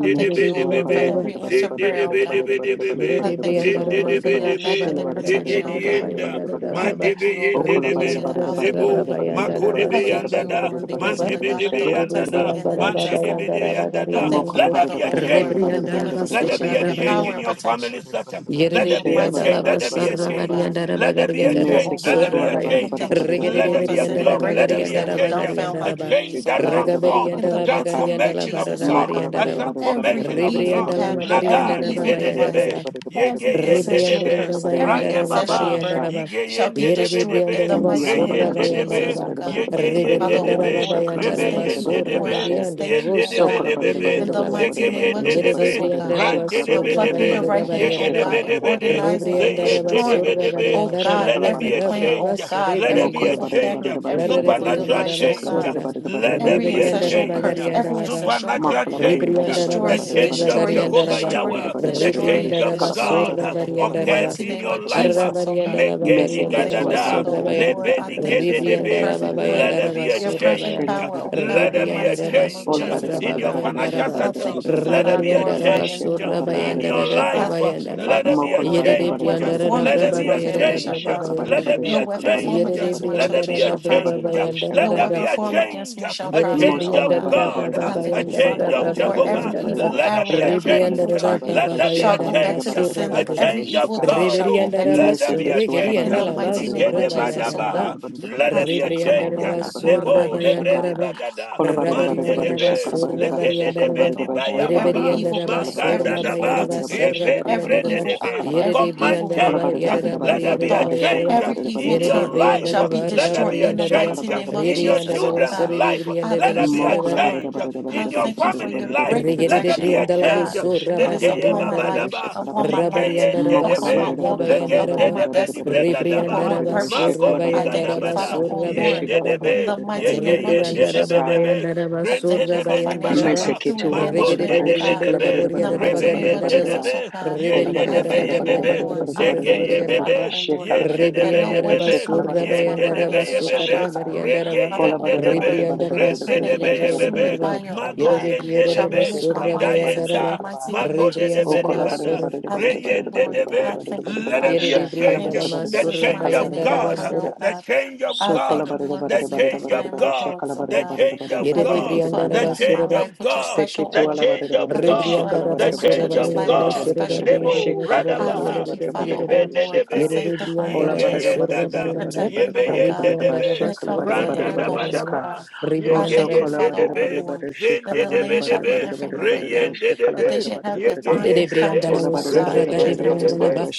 C: I thank
D: it
C: you,
D: to
C: O
B: Rebriandara
D: ola
C: Lord,
D: bara
C: for
D: da bara
C: every
D: da bara da
C: answered
D: bara da
C: prayer, O
D: bara da bara da
C: God.
D: bara da bara
A: zendedebedebedebe,
D: da
C: I
D: bara da bara
C: thank
D: da
C: you,
D: bara
C: O
D: da
C: Lord,
D: bara da
C: for
D: bara
C: your
A: zendedebedebe,
D: shela
C: immaculate
D: bara da bara da
C: protection,
D: bara
C: O
D: da bara
C: God.
D: da bara
A: yegedienda.
D: da bara da
C: I thank
A: Mandebe
C: you, O Lord,
D: Okola bada
C: because
A: yendebe
D: da
C: you're the
D: bada da
C: Alpha,
D: bada da
C: the
D: bada
A: zebo
D: da bada da
C: Omega.
D: bada da
C: I
A: makodebe
D: bada da bada da
C: thank you, O
A: yandada
D: bada da
C: Lord, because you're
D: bada
C: the
D: da bada da bada da
A: mandebe
D: bada
C: God of
A: debe
C: the
D: shakala
C: Old
D: bada da bada
A: yandada
C: Testament
D: da
C: and the
D: bada
C: New
A: mandebe
C: Testament.
D: da shaka.
A: de
C: I
A: yandada.
C: thank you,
D: Mokola
A: Let there
D: bada
C: Father,
D: da
A: be a
D: bada
C: O
D: da bada da
C: Lord, for
D: bada
C: the
D: da
A: change.
D: bada da bada
A: Let there
C: manifestation
A: be
D: da
C: of
A: a
C: your
A: change
C: power
A: in
C: and
D: bada
A: your
D: da bada da bada da bada
A: family
C: protection.
D: da bada da bada da bada
A: system.
D: da bada da
A: Let
C: In
B: Yerede
A: there
C: the
A: be a
D: shela
C: mighty
D: bada da
A: change.
C: name
B: Briandalava
D: bada
A: Let
C: of
D: da
A: there be
D: bada
A: a
D: da
C: Jesus,
D: bada
C: O
D: da ba.
A: change.
C: God.
B: Sarabarianda
A: Let there be a
C: Father,
B: Rabagarianda
C: oh
A: change.
D: Meseke
A: Let there
C: God,
A: be a
D: tuala
B: Surabaya
D: bada da
C: I
A: change.
D: bada da
C: thank
D: bada
C: you,
D: da
C: oh
D: bada
A: Let
D: da
B: Regede
A: there
C: Lord,
D: bada
C: for
A: be
D: da
A: a
D: bada
B: Brianda
C: sending
D: da
A: glory. Let
D: bada
A: there
D: da
C: breakthroughs
A: be a
D: bada
B: Rabagarianda
C: that
D: da bada da
C: would
A: change.
D: bada da bada da
C: dumbfound
B: Rabagarianda
C: my
A: A
D: bada da
B: Raba
C: enemies,
A: change
C: oh
A: that
D: shakala
C: God.
D: bada da bada da
A: transforms.
C: In
D: bada
B: Ragaberianda
C: the
D: da
C: mighty
D: shaka.
C: name
B: Labagarianda
C: of
A: Transformation of
C: Jesus, oh
A: God.
D: Mokola
C: God.
B: Labarabarianda
A: A
D: bada da
B: Raba
D: bada da bada da
C: Every
A: transformation
D: bada da
A: of
D: bada da
C: evil
A: God.
B: Rebrianda
D: bada da
C: pattern,
D: shakala
C: every
B: Lamagarianda
A: Naga
D: bada da bada
C: evil
D: da bada da
C: device,
B: Rababayanda
D: bada da
A: nibedebe
B: ba.
D: bada da bada da
A: yege
D: bada
C: every
D: da bada da
C: ancestral
B: Rebriandara
A: yendebe
D: shakala
C: curse,
D: bada da bada
C: every
D: da
A: raye
B: Bayandara
D: bada da bada
C: ancestral
D: da
A: baba.
D: sha.
B: Bakariandara
C: burden
B: Ba.
A: Yige
C: shall be
A: yende
B: Yere
A: debe
C: destroyed in
A: debe,
C: the
B: Rebriandara
D: India
A: re
C: mighty
D: la ba
C: name
D: da
B: Basura
D: da
C: of
D: ba
A: yende
D: da da ba da da
B: Bayandara
A: debe,
C: Jesus,
D: ba
C: oh
D: da
B: Ba.
D: da ba
C: God.
A: de
D: da da ba da da ba
A: be,
C: Father,
D: da da ba da da ba
C: oh
B: Rebriandara
D: da
A: debe,
D: she
C: Lord, we
D: kala ba da
A: rebe
C: just
D: da
B: Bayandara
D: ba da
C: thank
D: da
C: you,
D: ba da
A: yende
C: oh
D: da ba
B: Basura
D: da
C: Lord.
A: debe,
C: I
D: she
C: just
B: Gadiandara
C: thank you,
A: yende
C: oh
D: so
A: debe
D: kala
C: God.
B: Bosara
D: ba da
A: debe
D: da ba
A: be,
D: da
C: In
D: da ba
C: the
B: Beriandala
D: da da
B: Ba.
D: ba da
A: zege
C: mighty
D: da ba da
C: name
D: da
C: of
D: ba
A: yende
D: da da
B: Yere
D: ba da da
C: Jesus,
A: debe,
D: ba
C: oh
D: da da
C: God.
B: Rebriandara
D: she
A: ran
D: kala ba
C: For
D: da
A: debe
D: da ba
B: Basura
A: de
D: da da
C: plucking
D: ba
A: be,
C: your
D: da da
B: Bayandara
D: ba
C: right
D: da da
C: hand, oh
D: she
B: Bariandara
D: kala
A: debe
C: God,
B: Ba.
D: ba
C: and
D: da da
A: debe
D: ba da da
A: de,
D: ba da da
C: organizing
D: ba
A: ze
D: da
C: and
D: da ba da
B: Rebriandara
D: da ba da da ba
A: yende
C: destroying
A: debe
D: da
B: Basura
D: da ba da da
A: debe.
C: oh
D: ba
B: Bariandara
D: she
C: God,
A: Let
D: kala
A: there
D: ba da
C: every
A: be
D: da
A: a
D: ba
B: Bariandara
D: da
C: plan,
D: da
A: change.
C: oh
B: Brovasu
C: God,
A: Let there
D: mo
C: every
A: be
B: Rebriandala
A: a
D: kala ba
C: evil
B: Ba.
D: da da ba
A: change.
D: da
C: pattern,
D: da ba da
B: La
D: da
C: every
D: ba da da
C: evil
D: ba da da
A: Supernatural
D: ba
B: Rebriandara
C: device,
D: she
C: oh
D: kala ba
A: change.
D: da
C: God,
D: da
B: Basura.
D: ba da da ba da
A: Let there
D: da
C: every
D: ba
A: be
D: da
A: a
D: da ba da
B: Rebriandara
C: ancestral
D: da ba da
A: change
D: da ba da da
C: curse,
D: ba da da
C: every
B: Bagariandala Ba.
C: ancestral
D: mo
A: supernatural
D: kala
C: burden.
D: ba da da ba
A: change,
D: da da ba
B: Ribriandaraba
C: Destroy
A: the
D: da
C: it,
D: da ba da
A: change
B: surra
D: da ba da da ba
A: of
D: da
C: destroy
D: da ba
C: it,
D: she
A: Jehovah
B: gariandaraba.
D: kala ba
C: destroy
D: da da
A: Yahweh,
C: it,
D: ba da da ba
A: the
D: da da
C: destroy
D: ba da
A: change
C: it,
D: she
A: of
B: Ribriandaraba
D: kala ba da
C: destroy
D: da ba
A: God
C: it.
D: da
B: surra
D: da ba da da ba da da ba
B: bariandaraba.
A: occurs
D: da
C: Mighty
D: da
A: in
C: name
D: ba
A: your
D: da
C: of
D: da ba da
A: life.
D: da
C: Jesus, oh God.
B: Arabariandaraba
D: Shekala
A: Megeni
C: I thank
B: gariandaraba
C: you,
A: gadada,
C: Father,
B: surra
C: O
B: baya.
C: Lord. I
A: lebeni
C: thank you for your
A: gededebe.
B: Ribriandaraba
C: perfect
A: Let
C: plan,
A: there
B: bayandaraba
A: be a
C: your
B: surra
C: perfect
B: baya.
A: change.
C: power, O God,
A: Let
C: in the
A: there be a
C: mighty
B: Ribriandaraba
C: name of
A: change
B: surra
C: Jesus, O
A: in
B: braba
A: your
C: God.
A: financial
B: bayandaraba.
C: I
A: settle.
C: thank you,
A: Let
C: Father.
A: there
C: I
A: be a
C: glorify
B: Rabariandaraba
C: your
A: change
C: name,
B: surra
C: O God.
A: in your
B: bayandaraba
C: I
A: life.
C: thank you,
B: bayandaraba.
A: Let
C: Father,
A: there be
C: O
A: a
C: Lord,
B: Yere
C: that
B: de
C: no
A: change
C: weapon
B: briandaraba
C: formed
A: let there
C: against
B: braba
A: be
C: my
A: a
C: family shall
A: change.
B: bayandaraba
C: prosper.
A: Let there be
B: bayandaraba.
C: No
A: a
C: weapon formed
A: change.
B: Yere de
C: against my
A: Let there
C: children
A: be a
B: briandaraba
C: shall
B: braba
A: change.
C: prosper. No
A: Let there be
B: bayandaraba.
C: weapon
A: a
C: formed against
A: change.
C: me shall
A: A
B: Yere de
C: prosper,
A: change
C: O
A: of
B: brianda
C: God.
B: da
A: God.
B: braba
C: I
A: A
C: thank you,
B: bayanda
C: Father,
B: da
A: change
C: O
A: of
B: braba
C: Lord.
A: Jehovah.
C: Every
B: bayanda da
C: evil
A: Let there
C: arrow,
A: be a
C: every
B: rebrianda
C: evil
A: change.
B: da
C: target
A: Let
B: braba
A: there be
C: shall
A: a
B: bayanda
C: go
B: da
C: back to
A: change.
C: the
B: basura da
A: A
C: sender.
B: deba
C: Every
A: change of
C: evil thought
A: God.
C: shall go
B: rebrianda
C: back
B: da
C: to the
A: Let there be
C: sender.
A: a
B: basura
D: Meseketu
A: change.
C: In
B: gerianda
D: alabarada
C: the
B: la
D: barada
C: mighty
D: barada
C: name
B: basura
C: of
A: Nigede
D: barada barada
C: Jesus,
B: bayanda
C: oh
D: barada
B: da ba,
A: badabaha.
C: God,
D: barada barada
A: Let
D: barada
A: there
C: I
A: be a
C: thank
D: bashakala
C: you, oh
B: rebrianda
D: barada
A: change.
B: da
C: Lord.
D: barada
C: I
D: barada barada
C: glorify
B: basura
A: Nebo
C: your name,
B: bayanda
C: oh
D: bashaka.
B: da
A: nebreni
C: God.
B: ba
A: bagada.
D: Kola
C: I
D: barada
C: thank you
D: barada
C: for
A: Mande
B: rebrianda
D: barada
C: your
B: da
A: debe.
D: Shakala
C: presence, oh
D: barada
B: basura
D: barada
C: God.
A: Legede
B: bayanda
D: shakala
B: da ba
A: debe
C: Father,
A: ni
C: oh
A: baya
C: Lord,
B: yere
C: every
D: barada
A: baba.
D: barada
B: brianda
C: evil
B: da
D: shakala
C: plan,
D: barada barada
C: every
A: Maganda
B: basura
C: evil
D: shakala
B: bayanda
A: daba.
B: ba,
D: barada barada
C: entity,
B: sarra
D: shakala
A: Yebeni
B: brianda
C: every
D: barada
B: da
A: brede
D: barada shakala barada barada
B: ba
C: evil
A: debe.
D: shakala
C: eye,
D: ba.
B: yere de
C: every
A: Command
C: evil
B: brianda da
D: Kola
B: ba.
C: mind,
A: change.
D: barada
B: Yere da
D: barada
C: every
B: ba
A: Let
D: barada
A: there
C: evil
B: yere
A: be
D: barada
B: da
A: a
B: ba
C: thought,
D: barada
B: yere da ba
A: change
D: shakala
C: every
D: barada
C: evil
A: in
D: barada
B: yere de
D: barada
C: tongue
A: your
D: barada
B: brianda
A: life.
C: shall
B: da
C: be
B: ba,
D: barada
A: Let
D: barada barada
A: there
C: destroyed
A: be a
D: barada
C: in the
B: rabari
D: shakala
C: mighty
A: change
D: barada
C: name of
D: barada
A: in
B: Riri
A: your
D: barada
B: and the
C: Jesus, oh
D: shakala
A: children's
D: bara.
C: God.
A: life.
B: Basari, and
C: I
B: the
A: Let there
C: thank
A: be
C: you,
D: Mo
A: a
C: oh
B: Basara,
D: kola barada
C: Lord.
A: change
D: barada
C: I
A: in
D: barada
A: your
D: barada
C: thank you
D: barada
C: for
A: family
D: barada
C: your
A: life.
D: barada
C: great
D: barada
A: Let
B: Regede
A: there
D: barada
C: protection,
A: be a
D: barada
C: oh
B: brianda la
D: barada
A: change.
C: God,
D: barada
B: vosso
C: that
D: shakala
C: is
B: rabadi
D: barada
A: Negeye
C: upon
D: barada
C: my
B: brianda
D: barada
B: raba
C: life,
A: babadaba.
D: shakala ba.
C: upon my lights,
A: Ligeye
B: rabarianda raba
D: Mokola
C: upon my
A: dedebe.
D: barada barada
C: walking,
B: surrabayanda
D: barada
A: Legen
C: upon
B: raba
D: barada
C: my
A: dedebe
D: barada
A: ni
D: barada
C: destiny,
D: barada barada
C: upon
B: rebrianda
A: brekadaba.
C: my
D: barada
B: raba
D: barada
C: purpose.
D: shekala
A: Magoni
C: I
D: barada
B: surrabayanda
C: thank
D: barada
C: you,
B: raba
D: barada
C: Father,
A: gadabada.
D: barada
C: oh
D: barada
A: Yen
C: Lord,
B: surrabayanda
D: shekala
B: raba
D: barada
C: in
A: dedebe.
C: the
D: barada
C: mighty
D: barada
C: name
D: barada
C: of
A: Yegeyen
D: barada
B: rebrianda
C: Jesus,
B: raba
A: dedebe
C: oh
D: shika
C: God.
A: debe.
B: bayanda raba
C: I
A: Ren
C: thank you for
A: dedebe ni
B: surrabayanda
C: financial
B: raba
A: badaba.
C: breakthrough
D: meseketu
C: and
D: ala barada
A: Magon
B: regede
C: management,
B: de
C: oh
D: barada
A: dedebe
C: God.
B: brianda
D: shekala
B: de
A: debe.
D: barada
C: In the
D: barada
B: borianda de
D: barada
C: mighty name
D: barada
A: Rebeyen
C: of
B: bagarianda
D: barada
B: de
C: Jesus,
D: ba
A: dedebe.
C: oh God.
D: ola
A: Yende
C: I
B: reberianda
A: de
D: barada
B: de
A: be
D: barada
C: thank
A: ye
C: you,
D: barada
C: oh
B: bagarianda
A: bebe.
D: barada
B: de
C: Lord.
D: barada
C: I
B: surra de
D: barada
A: Nege
C: thank
A: ye
D: barada
C: you,
B: brianda
D: barada
C: Father,
D: ba
B: de
A: bebe.
C: oh Lord,
D: shekala
A: Yende
D: barada
A: de
C: that
D: barada
A: be
C: no
A: ye
B: rebrianda
D: barada
B: raba
C: weapon
A: bebe.
D: shekala
C: formed
D: barada
C: against my
D: barada
A: Yende
B: surrabayanda
A: de
D: barada
B: raba
A: be ye
D: barada
C: finances
D: ba
C: shall
B: sukarra
A: bebe.
D: sheka
C: prosper.
B: barianda
A: Rege
B: raba
C: Father,
D: ola
A: yende
C: oh
D: barada
A: de
D: barada
A: be.
C: Lord,
B: rebrianda
D: barada
B: raba
C: I
D: barada
C: pray
A: Rende
C: that
A: de
D: barada
C: your
A: be
D: barada
A: ye
D: barada barada
C: consuming
B: surrabayanda
A: bebe.
D: barada
C: fire, oh
D: barada
B: Yere
A: Mago
C: God,
D: barada barada
A: yende de
C: shall
D: barada
B: Yerebriandaraba
A: be.
C: manage my
D: shekala
A: Rida
D: barada barada
C: finances in the
A: yenda.
B: Surabayandaraba
D: shekala ba
C: mighty name of
A: Mago de de
C: Jesus,
D: O
C: oh
A: be
D: kola
B: Rebriandaraba
C: God.
D: bara bara
A: nibada.
B: Sur
D: bara
C: I
D: bara
A: Re
C: thank you,
D: bara
A: yende
D: bara bara
C: Lord.
A: de be.
C: I
D: bara
C: thank
D: bara
C: you,
D: bara
A: Let
D: bara
A: it
C: Father.
B: Yere
A: be a
D: sha kala
C: In
A: change.
D: bara bara
B: Yerebriandarama
D: bara
A: The
D: bara
C: Jesus'
D: sha
A: change
D: kala
C: mighty
D: bara
A: of
C: name, I
D: bara
B: Surabayandaraba
A: God.
C: pray,
D: bara
B: Sur
C: oh
D: bara
A: The
C: God.
A: change of
C: I
D: so kola
C: thank
A: God.
C: you,
D: bara
C: Lord,
D: bara
C: for
A: The
D: bara bara
A: change
D: bara
A: of
C: sanctifying my
D: bara sha
A: God.
C: thoughts,
D: kala
C: oh
D: bara
A: The
D: bara
C: God.
D: bara
A: change
D: bara
A: of
C: I
B: Yere
C: thank you
A: God.
D: bara
C: for
D: bara
A: The
D: bara
B: Yerebriandaraba
C: anointing my
A: change
B: surra
C: life
A: of
C: with your
A: God.
C: special
A: The
C: oil.
A: change
C: I
A: of
D: Seketualabarabarabar,
C: thank you
A: God
C: for
B: Rebriandaraba
A: the
C: anointing my
A: change
D: shekalabarabarabarabarabar,
C: children's
A: of
C: life
B: Surabayandaraba
C: with your
A: God.
B: Surada
C: special oil.
A: Nebo
B: Briandaraba surra
C: I
A: Radabaha.
C: thank you,
D: shekalabarabarabar,
C: Father, oh
A: Ibende
C: Lord, for
D: sheka-
A: nebede.
C: sanctifying my
B: Yerebriandaraba
C: children,
A: Igeyendada.
B: Surabayanda
C: protecting them, oh
A: Yebeyende
C: God,
D: Olabarabarabarabarabar,
C: in
A: debe.
B: Rebriandaraba
C: their comings and in
A: Randa
C: their
D: shekalabarabar,
A: daba
C: goings, oh
D: sheka.
C: God.
A: daba.
C: I thank you,
B: Surabayandaraba
A: Yegeyende
C: Father, oh
A: debe.
C: Lord,
D: Osokolabarabarabar,
C: that
A: Zende
C: the
A: debe
C: land
D: shekalabarabar,
C: shall be
A: debe.
C: in favor with them,
A: Reyende
C: that they
A: debe.
C: should have divine
D: shekalabarabar.
B: de
A: Yegeyende de.
B: briandala
C: encounters,
B: wo
C: oh God,
B: surra ga
C: with your
B: de
A: Rebeyende
B: briandala
A: debe.
B: ba
D: Olabarabarabar,
C: counterparts.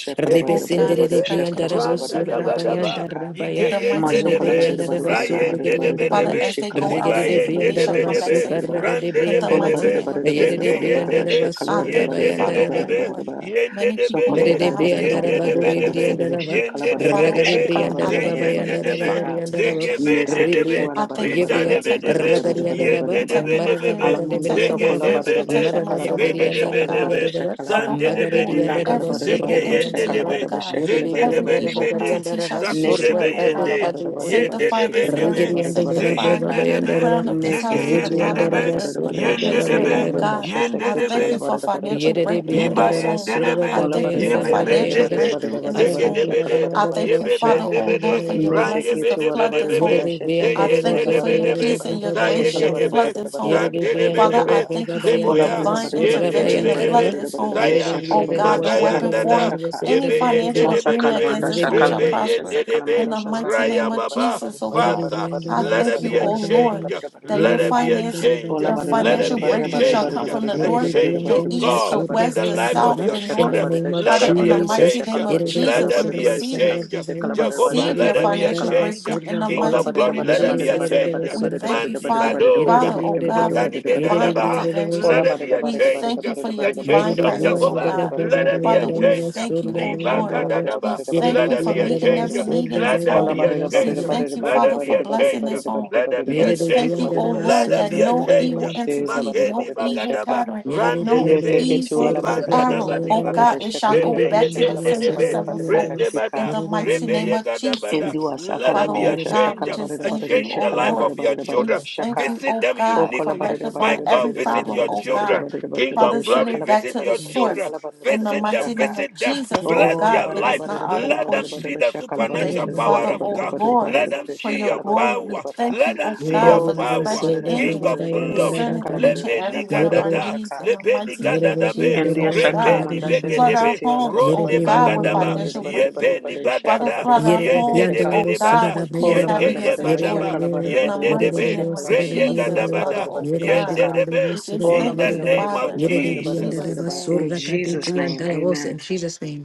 C: Oh
B: rebesin
A: Yeyende
B: de
C: God,
B: de
D: shekalabarabar,
A: debe.
C: dispatch
B: briandara
C: angels
B: wo
A: Randa
C: concerning
B: surra
C: my
A: daba
D: shekalabarabar,
C: children.
A: daba.
D: sheka.
B: bayandara
C: In
B: baya
C: the mighty
A: Igeyende
D: So
C: name of
A: debe.
D: kalabare da
B: reberiandara
D: bare
C: Jesus,
D: da
B: ba
C: oh
D: bare da
C: God.
B: surra
D: bare
B: ga
D: da
A: Rayende
D: bare
A: debe
B: briandara ba
C: Father,
A: debe.
C: as they go out
D: da
B: regede de
C: safely,
A: Zibayende
D: bare
C: they shall
B: briandara
A: debe
D: da
B: ba
C: come back
A: debe.
B: sukarra
C: safely.
D: bare.
B: ga de
A: Rande
C: In the
A: debe
D: Ola
B: briandala
D: bare
C: mighty
A: debe.
D: da
C: name
D: bare
C: of
B: ba
D: da bare
B: yede
A: Zeke
D: da
C: Jesus,
B: de
D: bare
C: oh God.
A: yende
B: briandara
A: de,
B: ba
C: I
D: da
B: surra
C: thank you,
A: yende de
D: bare
C: Father,
A: be de
C: oh
A: be,
D: da
C: Lord.
D: bare.
A: yende
C: Many
A: de
D: So
A: be
C: people leave
A: de,
D: kalabare
C: the
B: Merede
D: da
C: house,
D: bare da
C: they don't
D: bare
B: briandara
A: yende
D: da
C: make
A: de
C: it
D: bare da
A: be
C: back
B: bagore
A: de
D: bare
C: home
D: da
A: be,
D: bare.
C: safely.
B: briandaraba,
A: yende
C: But
D: Kalabare
A: de
D: da
A: be
C: Father,
D: bare da bare da bare da bare da bare.
A: de
B: ragade
A: be,
C: oh
D: So kalabare
C: God,
D: da bare da bare
C: I
A: ze
D: da
B: briandaraba
C: thank
D: bare
C: you
D: da
C: for
D: bare
A: yende
C: your
A: de
B: bayandara
D: da
A: be,
C: divine
B: bagari
D: bare.
B: andaraba,
C: intervention,
A: zege
C: oh
A: bende de
C: God.
A: de
D: Meseketu
B: ribria,
A: be,
D: ala
C: I thank
D: barada
C: you for
A: rinda
D: barada
B: yebria,
A: de be
D: barada
A: de
C: protecting my
D: barada
A: be,
B: ragari
D: barada
C: children,
D: barada
A: yende
B: andaraba,
D: barada
A: de
D: ba.
A: be
C: protecting my
A: de be
B: marada
A: be,
C: family,
B: bragade
D: Alamondo
C: protecting my
A: zege
D: sokola
B: briandaraba,
A: de
C: friends,
A: be
D: barada ba
A: de,
C: protecting my
B: marada
D: shakala
A: ibe
D: barada
B: bragari
D: ba
A: de
C: surroundings,
A: de
C: oh
A: be
B: andaraba
D: shakala
A: de
C: God.
D: barada
A: be,
B: yadaba,
D: shakala
C: Father,
D: ba.
A: zande de
C: oh
A: be
B: magare
A: de
C: Lord,
D: La
A: be,
D: kala
B: briandaraba,
C: every
D: barada
A: zege
B: surre
C: evil
D: barada ba
A: yende
C: entity,
A: de
D: shakala
B: briandaraba,
A: be,
C: oh
D: barada ba
C: God,
D: shakala
B: yebri
A: zende de
D: barada
C: every
A: be
D: barada
A: ni
B: briandaraba
C: evil
A: be
B: gari
D: shaka.
A: de,
C: entity
B: andaraba,
C: shall be
A: zakude
C: destroyed,
B: surra
A: be
C: oh
D: Neseketu
B: ade
C: God.
D: ala
A: yende,
B: ade
D: barada barada
B: ode,
A: yende
D: barada
A: de
C: Sanctify
A: be
C: this
D: shakala
A: de be,
D: barada
C: area.
B: rigari
D: barada
A: ze
D: barada
B: andaraba
C: Sanctify
B: brava
A: yende
D: shaka.
A: de
C: the
A: be,
B: bayandaraba,
C: crown of this
A: zege
C: house to the
D: Neseketu
B: ribri
A: yende
D: ala
A: de
C: bottom of
D: barada
B: andaraba,
A: be,
C: the,
D: barada
C: the
D: barada
B: surra brava
C: basement.
D: shakala
A: Yendedebe,
C: Oh
B: by
D: amanda
C: God, I
D: sheseketu
C: thank
D: ala
C: you
A: yendedebe,
C: for
D: barada barada
C: financial
D: barada
B: Yerede
D: barada
C: breakthrough in
B: brianda
D: barada
A: iba
C: this
B: raba
D: ba.
C: home.
B: surda
A: yendedebe,
C: I
B: braba
D: Ola
C: thank you
D: barada
C: for
B: yerede
D: barada
B: braba
D: barada
C: financial
B: yerede
D: barada
A: yebebendebe,
C: breakthrough
D: barada
C: in
D: barada
C: this
B: araba
D: barada
C: home.
D: shakala
B: braba
A: zegedebede,
C: I
D: barada
B: yanda
D: barada
C: thank
B: raba
D: ba
C: you,
D: sha.
C: Father,
B: surda
C: oh
A: yebebendebede,
C: Lord, for
B: braba
C: your
B: yerede
C: blessings
D: Mesekete
C: to
D: wala
C: flood
D: bara
C: this
D: manda
A: ranyebedebedebebe,
C: home.
B: yerede brianda
C: I
D: shesekete
B: raba
C: thank
D: wala
C: you for
B: braba
D: bara
C: your
D: bara
A: zeyendedebedebe,
B: yerede
C: peace
D: bara
C: and your
D: bara
B: braba
C: grace
B: yanda
D: shekala
C: shall
D: bara
B: raba
D: bara
A: zayegegebe,
C: flood
D: bara
C: this
D: bara bara
C: home.
B: yerede
D: bara
B: brianda
D: bara
C: Father, I
A: zandedebedebe,
D: bara
B: raba
C: thank you
B: braba
C: for your
B: yanda
D: ola
A: zeboya,
D: bara
B: raba
D: bara
C: divine
D: bara bara
B: surda
D: bara
C: intervention to
B: bayanda
C: flood
B: raba
A: yendedebedebe,
D: bara bara
C: this
D: bara
C: home.
D: bara
B: yerede
A: zaya,
D: shekala
C: Oh
B: brianda
D: bara bara
C: God,
B: raba
C: no
B: surda
D: shakala
C: weapon
B: braba
D: bara
A: magayandada,
B: yerede
C: formed,
B: braba
D: shaka
B: surda
C: any financial
B: braba
C: agreement
A: Yebeyendedebedebe,
C: against
D: Masakalamanda
C: this home shall
B: yerede
D: Shakalamanda
C: prosper.
A: rebeyendedebe,
C: In
D: Shasakalamanda
C: the mighty
D: Shasakala
C: name
A: Raya
D: Badada
C: of
D: Badada
A: Baba,
C: Jesus,
D: Badada
C: oh
B: Yere
D: bada
B: de
C: God,
A: Father,
D: bada
B: brianda
D: bada
C: I
B: de
A: let
D: bada
B: bas
A: there
C: thank
B: de
C: you,
A: be
D: bada
A: a
C: oh
D: bada
B: ba
D: bada
B: de ba
C: Lord,
B: de.
A: change.
D: bada bada bada
C: that
B: Yere
A: Let
C: your
D: bada
A: there
B: de
A: be
D: Bada
A: a
B: brianda
C: finances,
B: de bas
A: change.
D: Ola
C: your
B: de ba
D: bada
A: Let
B: de
A: there
D: bada
C: financial
B: ba
A: be a
D: bada
C: breakthrough
B: de ba
D: bada
C: shall
B: de.
D: Badada
C: come
A: change.
C: from
D: bada
C: the
A: A
B: Yere
C: north,
B: de
D: bada bada
A: change,
B: brianda
D: bada
C: the
A: oh
B: de
D: bada
B: bas
C: east,
A: God,
C: the
D: Shakala
B: de ba de
A: in
D: bada
C: west,
A: the
C: the
B: ba
A: life
D: Shakala
B: de
A: of
C: south,
B: ba.
A: your
C: the
D: bada
B: In
D: Shakala
B: the
C: north.
A: children.
D: bada
B: name of
A: Let
C: Father,
A: there
D: Shakala
C: in
A: be
C: the
A: a
D: Badada Badada
B: Jesus.
C: mighty
A: change.
C: name
D: Shakala
C: of
B: Yere
D: Badada
B: de
A: Let
D: Shakala
C: Jesus,
B: bros
A: there
C: we
B: de
D: Badada
A: be a
D: Badada
B: bas
D: Shakala
C: receive
B: de ba
C: it.
D: Bada
A: change.
B: de
C: We
B: ba.
D: Shakala Badada Badada
A: Jehovah,
B: Yere
C: receive
B: de
D: Shakala
A: let
C: your
A: there
D: Badada
A: be a
B: brianda de
C: financial
D: Shakala
B: bas
A: change.
C: breakthrough
B: de ba
C: in the
B: de ba
A: King
B: de.
D: Ola
A: of
C: mighty
D: bada da
C: name
A: glory,
C: of
D: bada
A: let
D: da
B: Yere
A: there
B: de
D: bada
A: be
D: da
A: a
D: bada
C: Jesus.
B: brianda
D: da
B: de
A: change.
D: bada da
B: bas
C: We
D: bada
B: de.
C: thank you,
D: da bada
A: Mandi
D: da
C: Father.
D: bada da
B: Yere
D: bada
B: de
A: Badoga,
C: Father, oh
B: brianda de
C: God,
D: da
C: for
B: ba.
C: your
D: bada
A: Magani
D: da bada da bada da bada da bada da
B: Yere de
C: divine
D: bada.
A: Bedadabaha,
B: brianda de bas
C: intervention.
A: let
D: Ola
B: de.
A: there
D: bada
A: be
D: da
A: a
D: bada
C: We
D: da bada da
A: change.
C: thank you
D: bada
C: for
D: da
C: your
A: The
D: bada da
B: Yere
C: divine
A: change
B: de
D: bada
A: of
D: da
C: presence,
D: bada
C: oh
B: brianda
D: da bada
B: de
A: Jehovah,
B: ba
D: da
B: de ba de
C: God.
D: bada da bada
B: bas
A: let
B: de
A: there
D: da bada da bada da bada da
A: be a
C: Father,
D: bada
C: we
A: change.
D: da
C: thank you,
D: bada
C: oh
D: da.
B: ba de
C: Lord.
A: Libaka
D: Shekala
B: ba de.
D: bada da
C: We
A: Dadaba,
D: bada da
B: Yere
D: bada da
B: de
C: thank
A: let
C: you
A: there
D: bada da
C: for
A: be a
B: brianda
D: bada da
C: meeting
B: de
D: bada da
A: change.
C: every
B: bas
D: bada.
B: de
C: need in
B: ba de
A: Let
C: this
A: there
D: Ola
B: ba
C: home.
A: be
B: de
A: a
D: bada da
B: bas
D: bada
C: We
B: de
A: change.
D: da bada
B: ba.
D: da
C: thank you,
A: Let
D: bada da
A: there
C: Father,
A: be
D: bada
C: for
A: a
D: da
C: blessing
A: change.
D: bada
C: this
D: da bada da
C: home.
A: Let
D: bada
A: there
D: da bada da bada
A: be a
B: Yere
C: We
B: de
D: da bada da
A: change.
C: thank
B: Yerede
D: bada da bada da
C: you,
D: bada da
B: Briandaraba
C: oh
A: Let
C: Lord,
A: there
C: that
B: Surga
A: be
D: bada
A: a
D: da
C: no
B: Brabara,
D: bada da
A: change.
D: bada.
C: evil
D: Shela
C: entity,
D: bada da
A: Mageni
C: no
D: bada da bada
C: evil
D: sheka.
A: bagadaba.
C: pattern,
B: Yerede
A: Rande
C: no
D: Mese
A: debe.
B: Briandaraba
D: ketu
C: evil
D: ola
B: Surga
D: bada da
A: Libanda
B: Brabara,
D: bada da
A: daba
C: arrow,
D: bada da
C: oh
D: bada da
C: God,
A: libaka.
D: bada.
C: it shall
D: Shekala bada
B: Yerede
D: da
C: go
A: Rebe
D: bada
C: back to the
D: shekala
B: Briandaraba
A: yegende
D: bada da
C: sender
B: Surga
D: bada
A: debe.
D: da bada da
B: Brabara,
C: sevenfold.
D: bada
A: Rende
D: shika.
C: In
A: bada.
C: the
B: Yerede
C: mighty
A: Rebe
C: name
B: Briandaraba,
C: of Jesus.
A: yegadabada.
D: Indua
A: Let there
C: Father,
A: be a
C: oh
B: Yerede
D: Sakalamandasha
C: God,
A: change.
C: we just
D: Sakalabada
A: A
D: Badada
C: thank
A: change
C: you,
A: in
C: oh
A: the
D: Shekala
A: life
C: Lord.
D: Badada
A: of your
D: Badada
C: We
A: children.
D: Badada
C: thank
D: Shaka
C: you,
A: Visit
C: oh
A: them
C: God, for
D: Okola
A: uniquely.
D: Badada
A: My
C: rectifying
D: Badada
A: God,
C: every
D: Badada
A: visit
D: Badada
C: problem,
A: your
C: oh
D: Badada Badada
A: children.
C: God.
D: Badada
A: King
D: Badada Badada
C: Father,
A: of
C: send
A: glory,
C: it
D: Shekala
C: back
D: Badada
A: visit
C: to the
A: your
D: Badada
A: children.
C: source.
D: Shakala Badada
C: In the
D: Badada
A: Visit them,
C: mighty
D: Shaka
C: name of
A: visit them.
C: Jesus,
B: de
C: oh
A: Bless
D: Ola
C: God,
A: your
C: it
D: Badada
A: life.
C: is not
D: Badada
C: our
D: Badada
A: Let
D: Badada
A: them see
C: portion.
D: Badada
A: the
D: Shakala
C: We
D: Badada
C: thank
A: supernatural
C: you,
D: Badada
A: power
C: Father,
D: Badada
A: of
C: oh
D: Badada
A: God.
D: Badada
C: Lord,
A: Let
D: Badada
A: them
D: Badada
C: for
A: see
C: your
A: your
D: Shakala Badada
C: glory.
D: Badada
A: power.
C: We
D: Badada
C: thank
A: Let
C: you,
A: them
C: oh
A: see
B: Yerede
C: God,
A: your
C: for
D: Ola
B: Briandaraba
D: Badada
A: power.
C: dispatching
D: Badada
B: Surga
D: Badada
A: King
C: angels
D: Badada
B: Brabara,
A: of
D: Badada Badada
A: glory.
B: Yandaraba
C: concerning
D: Shakala
C: each
B: Kadam,
D: Badada Badada
C: and
A: Lebeni
C: every
B: de
D: Shakala
C: one of
D: Badada
C: our
D: Badada
A: gadada.
C: needs.
D: Shaka
C: In the
A: Lebeni
C: mighty name of
B: Yerede
A: gadadabe.
C: Jesus,
D: India
C: oh
B: Briandaraba Brabara,
D: Shakala
C: God,
A: Rebeni
B: Yerede
D: Mandasha
B: Brabara,
C: flood our
A: begedebe.
D: Seketi Ala
C: homes,
D: Badada
C: oh
A: Ronde
D: Badada
B: Yerede
C: God,
D: Badada
C: with
D: Badada
A: bagadaba.
B: Briandaraba
D: Badada
C: financial
D: Badada
C: breakthrough.
D: Badada
A: Yebeni
D: Badada
C: Father,
D: Shakala
A: bagada.
D: Badada
C: flood our
D: Badada
B: Yerere
D: Badada
B: bir
A: Yende
C: homes,
D: Shaka
A: debe
B: anda
C: oh
B: o
C: God,
A: debada.
C: with
B: sırada bir
C: peace,
D: Kola
B: yerere
A: Yege
B: bırak.
D: barada
C: happiness,
D: barada
C: and
D: ba
B: Yerere bir
C: joy.
A: yebadaba.
D: shaka la
B: yerere.
D: barada
C: In the
D: barada
A: Yende
D: barada ba
C: mighty
B: Yerere
A: debe.
B: bir o
C: name
D: shaka
C: of
D: la barada
B: sırada
A: Reye
B: bir
D: barada
B: yerere
C: Jesus,
D: barada
B: bırak.
C: Father,
A: gadabada.
D: barada
C: oh
D: barada ba
B: Yerere bir
C: God,
A: Yende
D: shaka.
B: yerere o
A: debe.
C: we just
B: sırada bir
D: Ola
A: In
C: thank
A: the
C: you,
D: barada
B: yerere bırak.
A: name
D: barada
A: of
C: Father,
D: barada
B: Yerere
C: in
D: barada
B: bir
D: barada
A: Jesus.
B: yanda
C: Jesus'
B: da
D: barada
B: o
D: ba.
C: name.
D: In
B: sırada kadın
D: Jesus'
C: Amen.
D: name,
B: in
D: amen.
B: Jesus name.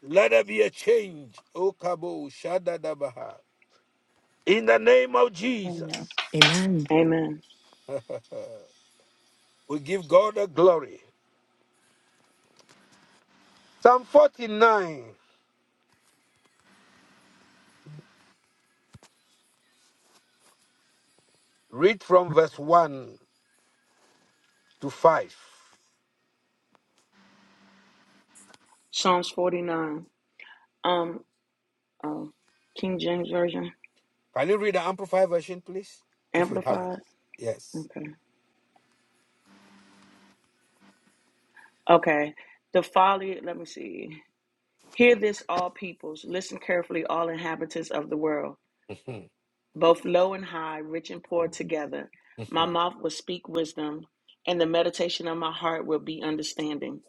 A: Let there be a change. Okabo Shadadabaha. In the name of
C: Amen.
A: Jesus,
B: Amen.
D: Amen.
A: we give God the glory. Psalm 49, read from verse 1 to 5.
D: Psalms 49. Um, um, King James Version,
A: Can you read the Amplified version, please? If you have it.
D: Amplified.
A: Yes.
D: Okay. Okay. The folly, let me see. Hear this, all peoples. Listen carefully, all inhabitants of the world. both low and high, rich and poor together. My
A: Mhm,
D: mouth will speak wisdom, and the meditation of my heart will be understanding.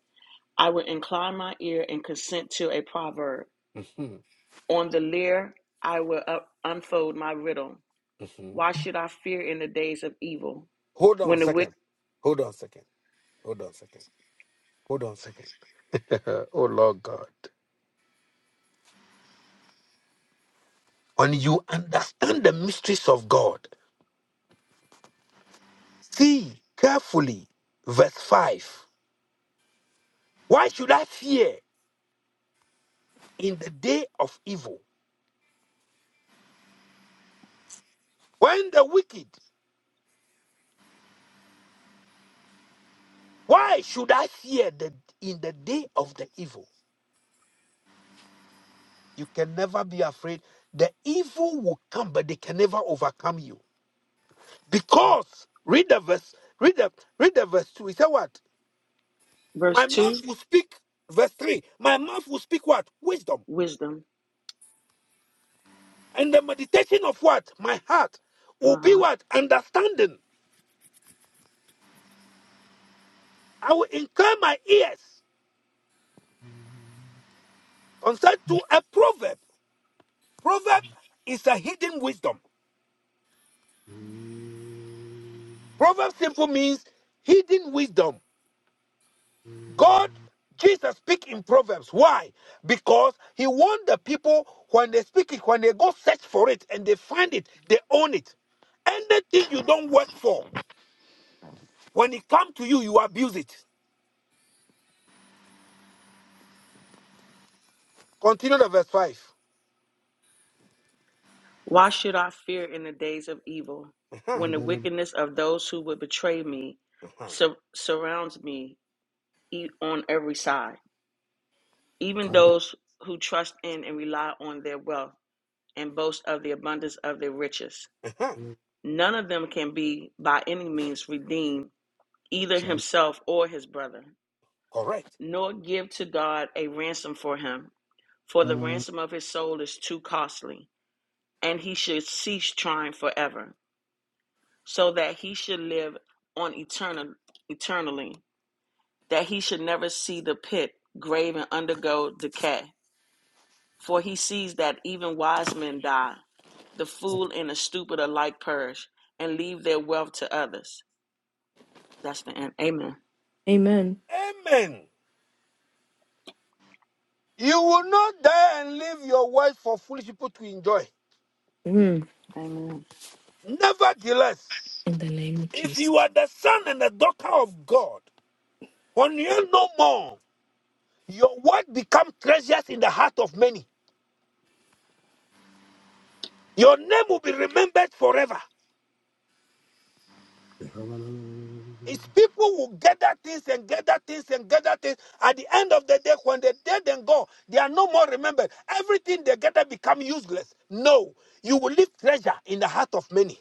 D: I will incline my ear and consent to a proverb.
A: mhm, mhm,
D: On the lyre, I will up- unfold my riddle.
A: mhm.
D: Why should I fear in the days of evil?
A: Hold on a
D: When the wick,
A: second. Hold on a second. Hold on a second. Hold on a second. oh, Lord God. When you understand the mysteries of God, see carefully verse 5. Why should I fear? in the day of evil. When the wicked, why should I fear the, in the day of the evil? You can never be afraid. The evil will come, but they can never overcome you. Because, read the verse, read the, read the verse 2. He said what?
D: verse
A: My mouth
D: 2,
A: will speak, verse 3. My mouth will speak what? Wisdom.
D: wisdom,
A: And the meditation of what? My heart will
D: my
A: be
D: heart.
A: what? Understanding. I will incline my ears concerned to a proverb. Proverb is a hidden wisdom. Proverbs simple means hidden wisdom. God, Jesus speak in Proverbs. Why? Because he warned the people when they speak it, when they go search for it and they find it, they own it. Anything you don't work for, when it comes to you, you abuse it. Continue the verse 5.
D: Why should I fear in the days of evil?
A: Uh-huh,
D: When the
E: Kandara,
D: wickedness of those who hate me
A: uh-huh,
D: sur- surrounds me e- on every side. even
E: Kandara,
D: those who trust in and rely on their wealth and boast of the abundance of their riches.
A: uh-huh.
D: None can be by any means redeemed, either
E: Shandara,
D: himself or his brother,
A: Correct.
D: nor give to God a ransom for him, for the ransom of his soul is too costly, and he should cease trying forever, so that he should live on eternal, eternally, that he should never see the pit, grave, and undergo decay. For he sees that even wise men die. The fool and the stupid alike perish and leave their wealth to others. That's the end. Amen.
B: Amen.
A: Amen. You will not die and leave your wealth for foolish people to enjoy.
B: Mm.
D: Amen.
A: Nevertheless,
B: In the name of
A: if
B: Jesus.
A: you are the son and the daughter of God, Konyea no more. Your word become treasures in the heart of many. Your name will be remembered forever.
E: Katehavana,
A: It's people will gather things and gather things and gather things. At the end of the day, when they're dead and gone, they are no more remembered. Everything they gather become useless. No, you will leave treasure in the heart of many.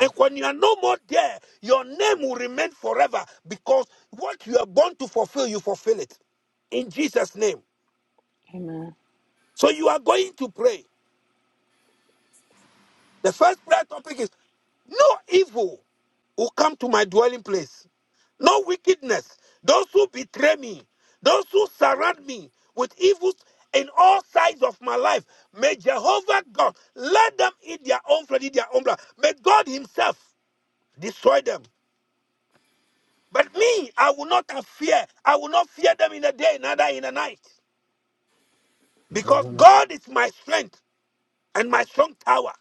A: And when you are no more there, your name will remain forever because what you are born to fulfill, you fulfill it in Jesus' name.
D: Amen.
A: So you are going to pray. The first prayer topic is no evil will come to my dwelling place, no wickedness. Those who betray me, those who surround me with evils in all sides of my life, may Jehovah God let them eat their own flesh, eat their own blood. May God Himself destroy them. But me, I will not have fear. I will not fear them in the day, neither in the night. Because
E: Havana,
A: God is my strength and my strong tower.